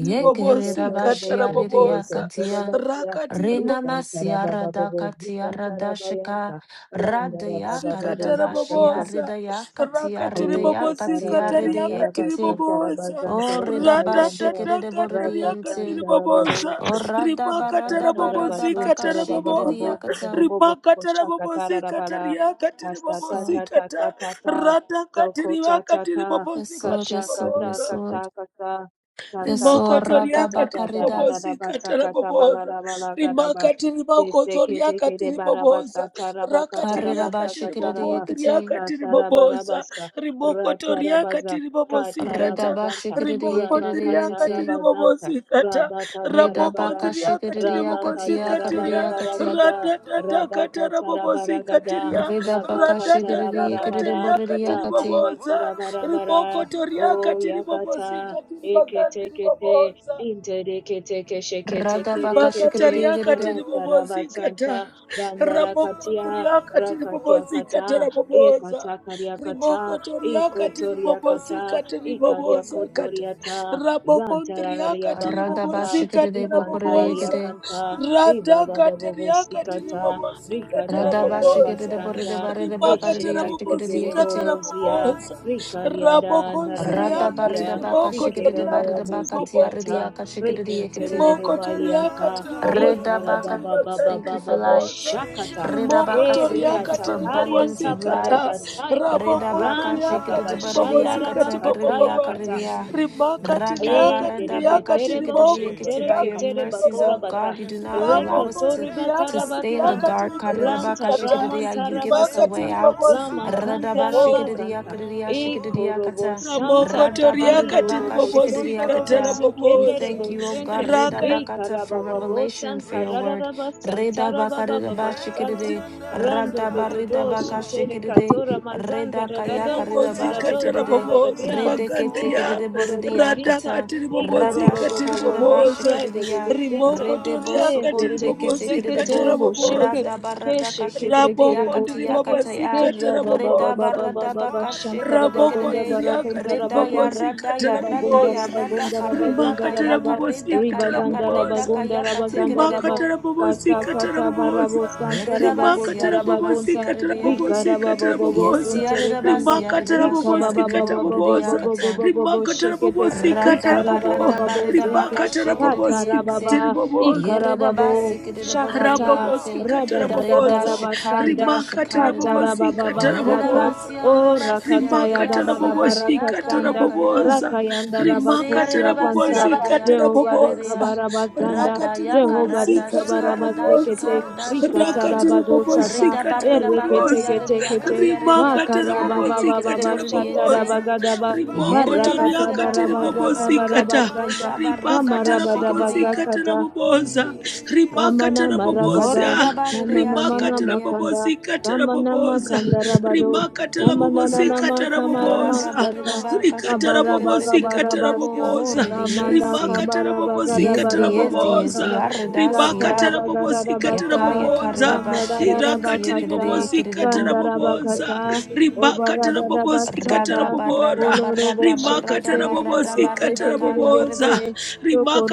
Speaker 3: tiribobosika
Speaker 2: redea
Speaker 3: taraboboza
Speaker 2: katia,
Speaker 3: raka tiribo
Speaker 2: Rinamasia rada katia, Yarredabasiarredabashia.
Speaker 4: rikantarabababobozikantarabajanta,
Speaker 2: katia,
Speaker 4: randarabababobozikanta,
Speaker 3: Rikatarabobosa,
Speaker 2: Yekeredabashiarredeyakatia. katia,
Speaker 3: rakatiribobosi,
Speaker 2: Radayakaredabashiarredeyakatiarredeyakatiarredeyekete.
Speaker 3: katariakatiribobosa,
Speaker 2: O
Speaker 4: aotatarabazantarabazantarabazantarabakayanda,
Speaker 2: redabashikedeboredeyente.
Speaker 3: ratatatagatariakatiribobosa,
Speaker 4: ratasantarabadosa,
Speaker 2: O
Speaker 4: Santara
Speaker 3: rimakatarabobosi,
Speaker 4: bazun tara baba babo
Speaker 3: katarabobosa,
Speaker 4: babo
Speaker 2: radabaradabaradabakashikedeyakata.
Speaker 4: babo shaka
Speaker 3: rimakatarabobosi,
Speaker 4: tara rabara asta ta
Speaker 3: katariakatiribobosi,
Speaker 4: ta
Speaker 2: Sword.
Speaker 4: ta ta
Speaker 3: kata,
Speaker 4: ta ta zoko ta ta ta
Speaker 2: Yes,
Speaker 3: ratakatiriakatiribobosi,
Speaker 2: sword, Yes,
Speaker 4: kashaka
Speaker 2: sword, Yes,
Speaker 4: ta
Speaker 3: katiribobosa.
Speaker 2: sword.
Speaker 4: kata kata ta
Speaker 2: Yes,
Speaker 4: ta
Speaker 3: Rimoko
Speaker 4: ta
Speaker 2: Lord.
Speaker 4: ta ta ta
Speaker 3: toriaka
Speaker 4: da da da
Speaker 2: Radabakarida.
Speaker 4: da da ba
Speaker 3: tiribobosika
Speaker 4: ta kata bala
Speaker 3: tarabobosa.
Speaker 4: bala ga ba
Speaker 3: Rimaka tiriboko
Speaker 4: keste kete
Speaker 3: zoriaka
Speaker 4: kete barabasta ba
Speaker 3: tiribobosa.
Speaker 4: sta tara ba
Speaker 3: Raka
Speaker 4: kata ra
Speaker 2: Karida
Speaker 4: ba
Speaker 3: tiriaka
Speaker 4: ta
Speaker 2: bashikiridi
Speaker 4: ra
Speaker 3: tiriboko
Speaker 4: ba
Speaker 3: tiriaka
Speaker 2: yikiti.
Speaker 4: ta tara bara ba
Speaker 3: tiribobosa.
Speaker 4: sta
Speaker 3: Rimoko
Speaker 4: ra tara
Speaker 3: toriaka tiribobosika
Speaker 2: Rida
Speaker 3: ta.
Speaker 2: bashikiridi
Speaker 3: Rimoko
Speaker 2: yikiridi
Speaker 3: tiriaka
Speaker 2: yinti.
Speaker 3: tiribobosika ta.
Speaker 2: Rida
Speaker 3: Raboko
Speaker 2: baka
Speaker 3: tiriaka
Speaker 2: shikiridi yakati
Speaker 5: And
Speaker 3: tiribobosika
Speaker 5: heaven
Speaker 2: yakaridi
Speaker 5: and
Speaker 3: tiria.
Speaker 2: yakati.
Speaker 5: earth
Speaker 4: Rabakatarabaragada,
Speaker 3: Ratatata
Speaker 5: adore,
Speaker 3: katara bobosika
Speaker 4: Rabakatarabaragada,
Speaker 3: tiria.
Speaker 5: angels
Speaker 2: Rida baka
Speaker 5: bow
Speaker 2: shikiridi
Speaker 3: Ratatata
Speaker 5: before.
Speaker 2: yikiridi
Speaker 4: Rabakatarabara,
Speaker 2: boridi
Speaker 3: katariaka
Speaker 2: yakati.
Speaker 3: tiribobosa
Speaker 5: What a
Speaker 3: riboko
Speaker 4: Rabakatarabara,
Speaker 5: mighty God,
Speaker 3: toriaka
Speaker 4: O
Speaker 3: tiribobosika
Speaker 4: Yakata,
Speaker 5: Jesus.
Speaker 4: Eketekete,
Speaker 3: tiribagandiriboboza
Speaker 4: Intereketeke
Speaker 2: Rada
Speaker 5: Heaven
Speaker 2: baka
Speaker 5: and
Speaker 2: shikiridi
Speaker 4: Sheketekerekete,
Speaker 5: earth
Speaker 3: Ribakataria katiri
Speaker 2: yikiridi.
Speaker 3: bobozi
Speaker 5: adore,
Speaker 3: kata.
Speaker 4: Ratarabatanta,
Speaker 3: ribakatariakati
Speaker 5: angels
Speaker 4: Dandarakatia,
Speaker 5: bow
Speaker 3: ribobozikata rabokondriakati
Speaker 5: before.
Speaker 3: ribobozikata
Speaker 4: Rakatiakata,
Speaker 3: raboboza
Speaker 5: What
Speaker 4: Ekatakaryakata,
Speaker 5: a
Speaker 3: Ribokotoria katiri
Speaker 5: mighty
Speaker 3: bobozi
Speaker 5: God,
Speaker 4: Ikotoriakata,
Speaker 5: we
Speaker 3: katiri boboza kata
Speaker 4: Ikariakotoriata,
Speaker 3: ribobozikati ribobozakata
Speaker 2: Rada
Speaker 4: Zantarariabakanta,
Speaker 3: rabokondriakati kata
Speaker 2: bashikiridi
Speaker 5: and
Speaker 2: bokoridi
Speaker 4: Rikantararia
Speaker 5: what
Speaker 2: yikiti.
Speaker 3: raboboza
Speaker 5: a
Speaker 4: kanta,
Speaker 5: mighty
Speaker 4: ribaba
Speaker 5: God.
Speaker 4: babobo
Speaker 5: We
Speaker 3: radakatariakati
Speaker 4: sikata,
Speaker 3: ribobozikata
Speaker 5: serve,
Speaker 2: Rada
Speaker 5: we
Speaker 3: raboboza
Speaker 2: bashikiridi boridi
Speaker 4: rikatararabastanda,
Speaker 2: baridi
Speaker 5: serve,
Speaker 2: bakaridi
Speaker 3: rimakata
Speaker 4: eshekete
Speaker 2: yashikiridi
Speaker 5: and what
Speaker 3: rabobozikata
Speaker 2: yikiti.
Speaker 5: a
Speaker 4: kerebohozia,
Speaker 3: raboboza
Speaker 5: mighty God,
Speaker 4: rikariada
Speaker 2: Rada
Speaker 5: we
Speaker 3: rabokonziriakati
Speaker 2: barida
Speaker 4: nararabazia,
Speaker 2: baka
Speaker 5: serve,
Speaker 2: shikiridi barida
Speaker 3: ribokotoriakati
Speaker 4: rikerorobo
Speaker 2: bakati yaridi
Speaker 3: riboboza
Speaker 4: sikanta,
Speaker 2: yakashikiridi
Speaker 5: and
Speaker 4: Rikentere
Speaker 2: yikiti.
Speaker 3: Rimoko
Speaker 5: heaven and
Speaker 3: toriaka
Speaker 4: Varianta,
Speaker 5: earth
Speaker 3: tiribobosika
Speaker 2: Redabaka,
Speaker 4: Ikarababa
Speaker 5: adore,
Speaker 4: baba
Speaker 3: tiribagandi
Speaker 2: thank you for
Speaker 4: baba
Speaker 3: ribobosa.
Speaker 2: lights.
Speaker 4: shakata,
Speaker 5: angels
Speaker 3: Rimoko
Speaker 2: Redabaka,
Speaker 5: bow
Speaker 2: say thank
Speaker 3: toriaka
Speaker 2: you
Speaker 4: eriata
Speaker 2: for
Speaker 5: before
Speaker 2: abundance
Speaker 4: karianta
Speaker 2: of
Speaker 3: tiribobosika ta.
Speaker 2: lights.
Speaker 4: paragataya,
Speaker 3: Raboko
Speaker 5: What
Speaker 2: Redabaka,
Speaker 5: a
Speaker 4: ranta
Speaker 3: ndriaka
Speaker 5: mighty
Speaker 2: shikidibaridiaka,
Speaker 3: tiribobosika
Speaker 4: kabashandaraba
Speaker 5: God,
Speaker 4: kataya
Speaker 3: tibobobaba.
Speaker 4: kata
Speaker 2: takaridiakaridia.
Speaker 5: we
Speaker 3: Rimaka
Speaker 5: serve.
Speaker 3: tiriaka tiriaka
Speaker 2: Radabaradabaka,
Speaker 4: Entereketerebo,
Speaker 3: tiriboko
Speaker 5: Hey,
Speaker 2: shikididiakiti. By
Speaker 5: yes,
Speaker 2: your
Speaker 3: toriaka
Speaker 5: lifted.
Speaker 4: bata
Speaker 2: mercies, O
Speaker 3: tiribobosa.
Speaker 4: korabata,
Speaker 2: God, you do
Speaker 5: Yes,
Speaker 2: not allow
Speaker 3: Raboko
Speaker 2: us
Speaker 5: heaven
Speaker 2: to.
Speaker 5: and
Speaker 4: reketoreba,
Speaker 5: earth
Speaker 2: To
Speaker 3: ndriaka
Speaker 2: stay
Speaker 5: adore.
Speaker 2: in the
Speaker 3: tiriaka
Speaker 4: tarabakanta,
Speaker 2: dark,
Speaker 5: Heaven and
Speaker 2: Karidabaka,
Speaker 5: earth
Speaker 3: tiribobosika
Speaker 4: ranta,
Speaker 3: ta.
Speaker 5: adore.
Speaker 2: shikididia.
Speaker 4: ramanta,
Speaker 2: you give
Speaker 5: Yes,
Speaker 2: us a
Speaker 3: Rimaka
Speaker 4: rabakanta,
Speaker 2: way out.
Speaker 5: angels
Speaker 3: tiribobosika
Speaker 5: bow
Speaker 2: Radaba
Speaker 4: ramakanta,
Speaker 5: before.
Speaker 3: tiribobosa.
Speaker 2: shikididia,
Speaker 4: rabakanta,
Speaker 2: karidia,
Speaker 4: e
Speaker 5: Oh,
Speaker 2: shikididia,
Speaker 4: korobo
Speaker 2: kata.
Speaker 3: Ramoko
Speaker 4: santa,
Speaker 5: what a
Speaker 3: toriaka
Speaker 2: Radabaridabaka,
Speaker 4: iroboko,
Speaker 5: mighty
Speaker 4: sonto,
Speaker 2: shikididia,
Speaker 3: tiribobosika
Speaker 4: robo,
Speaker 2: kata.
Speaker 5: God
Speaker 2: We
Speaker 3: tarabobosa.
Speaker 2: thank
Speaker 4: sikenderebo,
Speaker 2: you, O
Speaker 5: we
Speaker 4: sente,
Speaker 2: God, Reda
Speaker 3: Raka
Speaker 2: Bakata
Speaker 5: serve.
Speaker 2: for
Speaker 5: Ooh,
Speaker 4: ikarabababo,
Speaker 2: revelation and for
Speaker 4: santa,
Speaker 2: your
Speaker 5: raise it.
Speaker 2: word.
Speaker 4: rararaba, santa,
Speaker 2: Reda Baka
Speaker 5: Yes,
Speaker 4: rababa
Speaker 2: Reda Ba
Speaker 4: baba santa,
Speaker 5: heaven
Speaker 2: Shikide,
Speaker 5: and
Speaker 4: randa,
Speaker 2: Rada Ba
Speaker 5: earth
Speaker 2: Reda
Speaker 4: dododo,
Speaker 2: Baka
Speaker 5: adore.
Speaker 4: shentere,
Speaker 2: Shikide,
Speaker 4: katora, mazanda,
Speaker 2: Reda Kayaka
Speaker 4: radado,
Speaker 2: Reda
Speaker 4: santa,
Speaker 3: bobosi
Speaker 2: Ba
Speaker 5: Angels
Speaker 3: katara
Speaker 2: Shikide,
Speaker 5: bow
Speaker 3: bobosi
Speaker 4: rado,
Speaker 2: Rede
Speaker 3: bagandria
Speaker 5: before.
Speaker 2: Ketikide
Speaker 3: rada
Speaker 4: Ikotorobozita,
Speaker 2: Boridiakata,
Speaker 3: katiri bobosi
Speaker 2: Rada
Speaker 5: What
Speaker 3: katiri
Speaker 2: Shikarida
Speaker 5: a
Speaker 2: Ba
Speaker 4: ikorobobobozinte
Speaker 3: boboza
Speaker 2: Shikidia,
Speaker 5: mighty
Speaker 4: rebebebezente,
Speaker 3: rimoko
Speaker 2: Rede Bo
Speaker 5: God
Speaker 3: toria katiri
Speaker 2: Sokoride
Speaker 3: bobosi
Speaker 2: Ketikide
Speaker 5: we
Speaker 3: katara
Speaker 2: Bo,
Speaker 4: kezetekeseketerebosheke,
Speaker 3: boboza
Speaker 2: Rada
Speaker 5: serve.
Speaker 2: Barada
Speaker 3: raboko ndiri
Speaker 4: kesheketekereboseke,
Speaker 3: babasi
Speaker 2: Kashikidiakatiakataya,
Speaker 3: katara
Speaker 2: Reda
Speaker 3: boboza
Speaker 5: It's
Speaker 2: Barada Baka
Speaker 5: what a
Speaker 2: Shikide
Speaker 4: kerababababababababashantarabagonda
Speaker 5: mighty
Speaker 4: baragonda
Speaker 3: rabokondriakati
Speaker 2: Reda
Speaker 5: God
Speaker 2: ya
Speaker 4: rabagonda,
Speaker 2: rada
Speaker 3: ribobozikata
Speaker 2: ya rada
Speaker 4: rabagonda
Speaker 2: ya
Speaker 3: raboboza
Speaker 5: we
Speaker 2: rada
Speaker 4: rabagonda
Speaker 2: kareda
Speaker 4: rabagonda
Speaker 3: rimakata
Speaker 2: kaya
Speaker 4: rabaga,
Speaker 5: serve.
Speaker 2: kareda
Speaker 3: rabobozikata
Speaker 2: kaya
Speaker 4: ribaganda
Speaker 2: kareda
Speaker 3: raboboza
Speaker 4: rabagonda
Speaker 2: kaya
Speaker 4: rabaganda raba,
Speaker 3: rimakata
Speaker 2: katekerebo.
Speaker 5: What
Speaker 3: rabobozikata
Speaker 5: a
Speaker 3: raboboza
Speaker 2: Yerida
Speaker 5: mighty
Speaker 2: basi
Speaker 3: rimakata
Speaker 2: yarida
Speaker 5: God
Speaker 2: basi
Speaker 4: kasakatabarabosantarabagotarabagonta,
Speaker 3: rabobozikata
Speaker 2: yaridia.
Speaker 3: rabobozikata
Speaker 5: we
Speaker 2: Yes
Speaker 3: raboboza
Speaker 2: yarida
Speaker 5: serve.
Speaker 4: rikarabababobozonterekanda
Speaker 2: basi yarida
Speaker 3: rimakata
Speaker 2: basi
Speaker 4: Rika baba baba
Speaker 2: yaridebo
Speaker 3: rabobozikata
Speaker 4: baba
Speaker 2: koridia
Speaker 3: raboboza
Speaker 4: baba
Speaker 2: kata.
Speaker 4: baba baba
Speaker 3: rimakata
Speaker 5: Yes,
Speaker 4: shekete.
Speaker 3: rabobozikata
Speaker 4: Rika
Speaker 5: heaven
Speaker 4: raba
Speaker 5: and
Speaker 3: rabobo
Speaker 4: baba bo zente.
Speaker 5: earth
Speaker 3: rimakata
Speaker 4: Kata
Speaker 5: adore,
Speaker 4: raba
Speaker 3: rabobozikata
Speaker 2: Radabaradabaridabagashikididiente.
Speaker 4: ba.
Speaker 3: riboboza
Speaker 4: Ika raba bo.
Speaker 5: angels
Speaker 4: Shakata.
Speaker 5: bow
Speaker 2: Yeridabasikididibudidiente.
Speaker 3: rabobozikata
Speaker 4: Rada da da da
Speaker 2: Rida
Speaker 3: raboboza
Speaker 5: before.
Speaker 4: raba
Speaker 2: shikadida
Speaker 4: sanda.
Speaker 3: rimakata
Speaker 4: Kata
Speaker 2: shikadida.
Speaker 4: raba
Speaker 3: rabobozikata
Speaker 4: baba
Speaker 5: What
Speaker 4: zata.
Speaker 3: raboboza
Speaker 2: Yeridabasi
Speaker 4: O
Speaker 2: yaridabasi
Speaker 4: rakata
Speaker 5: almighty
Speaker 4: ya da
Speaker 3: rimakatara
Speaker 4: da
Speaker 2: yaridiyasi
Speaker 4: da
Speaker 5: God
Speaker 3: bobosi
Speaker 4: baraka
Speaker 2: yaridiyaka
Speaker 3: katara
Speaker 4: sanda.
Speaker 2: yakarida.
Speaker 3: bobosa
Speaker 4: Raka
Speaker 5: we
Speaker 4: yanda raba
Speaker 2: Yesi
Speaker 4: kosi
Speaker 3: rimakatara
Speaker 2: yaridabasi
Speaker 4: akanta.
Speaker 3: bobosi katara
Speaker 2: yaridiyakati
Speaker 4: Jehova rika
Speaker 3: bobosa
Speaker 2: yaridiya.
Speaker 4: baraba zanda.
Speaker 2: Rada
Speaker 3: rakatiri
Speaker 2: yaka
Speaker 4: Jehova
Speaker 3: bobosi
Speaker 2: rada
Speaker 4: rika
Speaker 3: katara
Speaker 4: baraba
Speaker 2: shikarida
Speaker 5: Heaven and
Speaker 3: bobosa
Speaker 4: zekete.
Speaker 2: shikarida
Speaker 5: earth
Speaker 4: Rika
Speaker 2: shikarida.
Speaker 4: taraba
Speaker 3: rakatiri
Speaker 5: adore.
Speaker 3: bobosi
Speaker 4: dosata.
Speaker 2: Rida
Speaker 5: Heaven and
Speaker 3: katara
Speaker 2: barida
Speaker 5: earth
Speaker 4: Ereke
Speaker 2: bakati
Speaker 4: teke
Speaker 3: bobosa
Speaker 5: adore.
Speaker 4: teke te.
Speaker 2: yaridiyakati
Speaker 5: Angels
Speaker 2: yaridiyakati
Speaker 3: rimakatara bobosi
Speaker 5: bow
Speaker 4: Makarabababa
Speaker 3: katara
Speaker 5: before.
Speaker 2: yaridiyakididibudidiente.
Speaker 3: bobosa
Speaker 4: Shatarabagadaba
Speaker 5: Angels bow
Speaker 3: rimoko
Speaker 2: Yerida
Speaker 4: Barakata
Speaker 3: toriaka
Speaker 5: before.
Speaker 3: tiri
Speaker 4: Barabazaka
Speaker 3: bobosi
Speaker 5: What
Speaker 3: kata
Speaker 4: Barabasanta
Speaker 5: almighty
Speaker 2: da ba
Speaker 5: Mighty
Speaker 3: rimakatara
Speaker 2: shikida
Speaker 3: bobosi
Speaker 5: God God
Speaker 3: katara
Speaker 4: Kamarabadabazakata
Speaker 3: boboza
Speaker 4: Kamana
Speaker 3: rimakatara
Speaker 4: Maragada,
Speaker 3: bobosa
Speaker 2: ya
Speaker 4: Kamana
Speaker 2: shia
Speaker 4: Mana
Speaker 2: rida
Speaker 3: rimakatara
Speaker 2: ya
Speaker 4: Makanda,
Speaker 3: bobosi katara
Speaker 4: Kamana
Speaker 3: boboza
Speaker 4: Makanda Rabado,
Speaker 3: rimakatara
Speaker 4: Kamana
Speaker 3: bobosi
Speaker 4: Nama
Speaker 5: Heaven
Speaker 3: katara
Speaker 5: and earth
Speaker 2: rada ba
Speaker 3: boboza
Speaker 2: rida
Speaker 4: Kamaramasata,
Speaker 5: adore.
Speaker 2: ba ka shikida
Speaker 3: rikatara
Speaker 2: da gada da
Speaker 5: Yeah.
Speaker 3: bobosi
Speaker 2: gada da bo
Speaker 3: katara
Speaker 2: rida bo Horidabaridiashiyaridiya. Radabaridabarakashikiridikiridikiridiburidabo.
Speaker 4: Kabarabagabarabasa,
Speaker 5: Yes,
Speaker 3: boboza
Speaker 4: Kamanda
Speaker 5: angels
Speaker 2: Horidiyesi.
Speaker 3: rimakatara
Speaker 5: bow
Speaker 3: bobosi
Speaker 2: Yesdi,
Speaker 3: katara
Speaker 5: before.
Speaker 2: yesdi, yesdi,
Speaker 4: Kabarabagarabarabakaba,
Speaker 3: boboza
Speaker 5: Oh,
Speaker 3: rimakatara
Speaker 2: aridasiya.
Speaker 3: bobosi
Speaker 5: what
Speaker 3: katara
Speaker 4: Satarabagarabasa,
Speaker 5: a
Speaker 3: boboza hirakati
Speaker 5: mighty
Speaker 4: Kamarabakasa,
Speaker 3: ribobosi
Speaker 5: God
Speaker 3: katara
Speaker 2: Yakayakaridabashiyentiyekiridikiridebo.
Speaker 3: boboza
Speaker 4: Kandarabakata,
Speaker 5: is,
Speaker 3: ribakatara bobosi katara
Speaker 4: Obaradabasaka,
Speaker 2: Radaba,
Speaker 3: bobora
Speaker 2: radaba,
Speaker 4: Kolorobo
Speaker 2: radaba,
Speaker 5: and
Speaker 3: rimakatara
Speaker 2: radaba,
Speaker 4: Shekete,
Speaker 5: you
Speaker 3: bobosi
Speaker 2: radaba,
Speaker 5: are
Speaker 3: katara
Speaker 5: great. Ooh.
Speaker 3: boboza
Speaker 2: ridakagakarida.
Speaker 4: Yesekezerebete,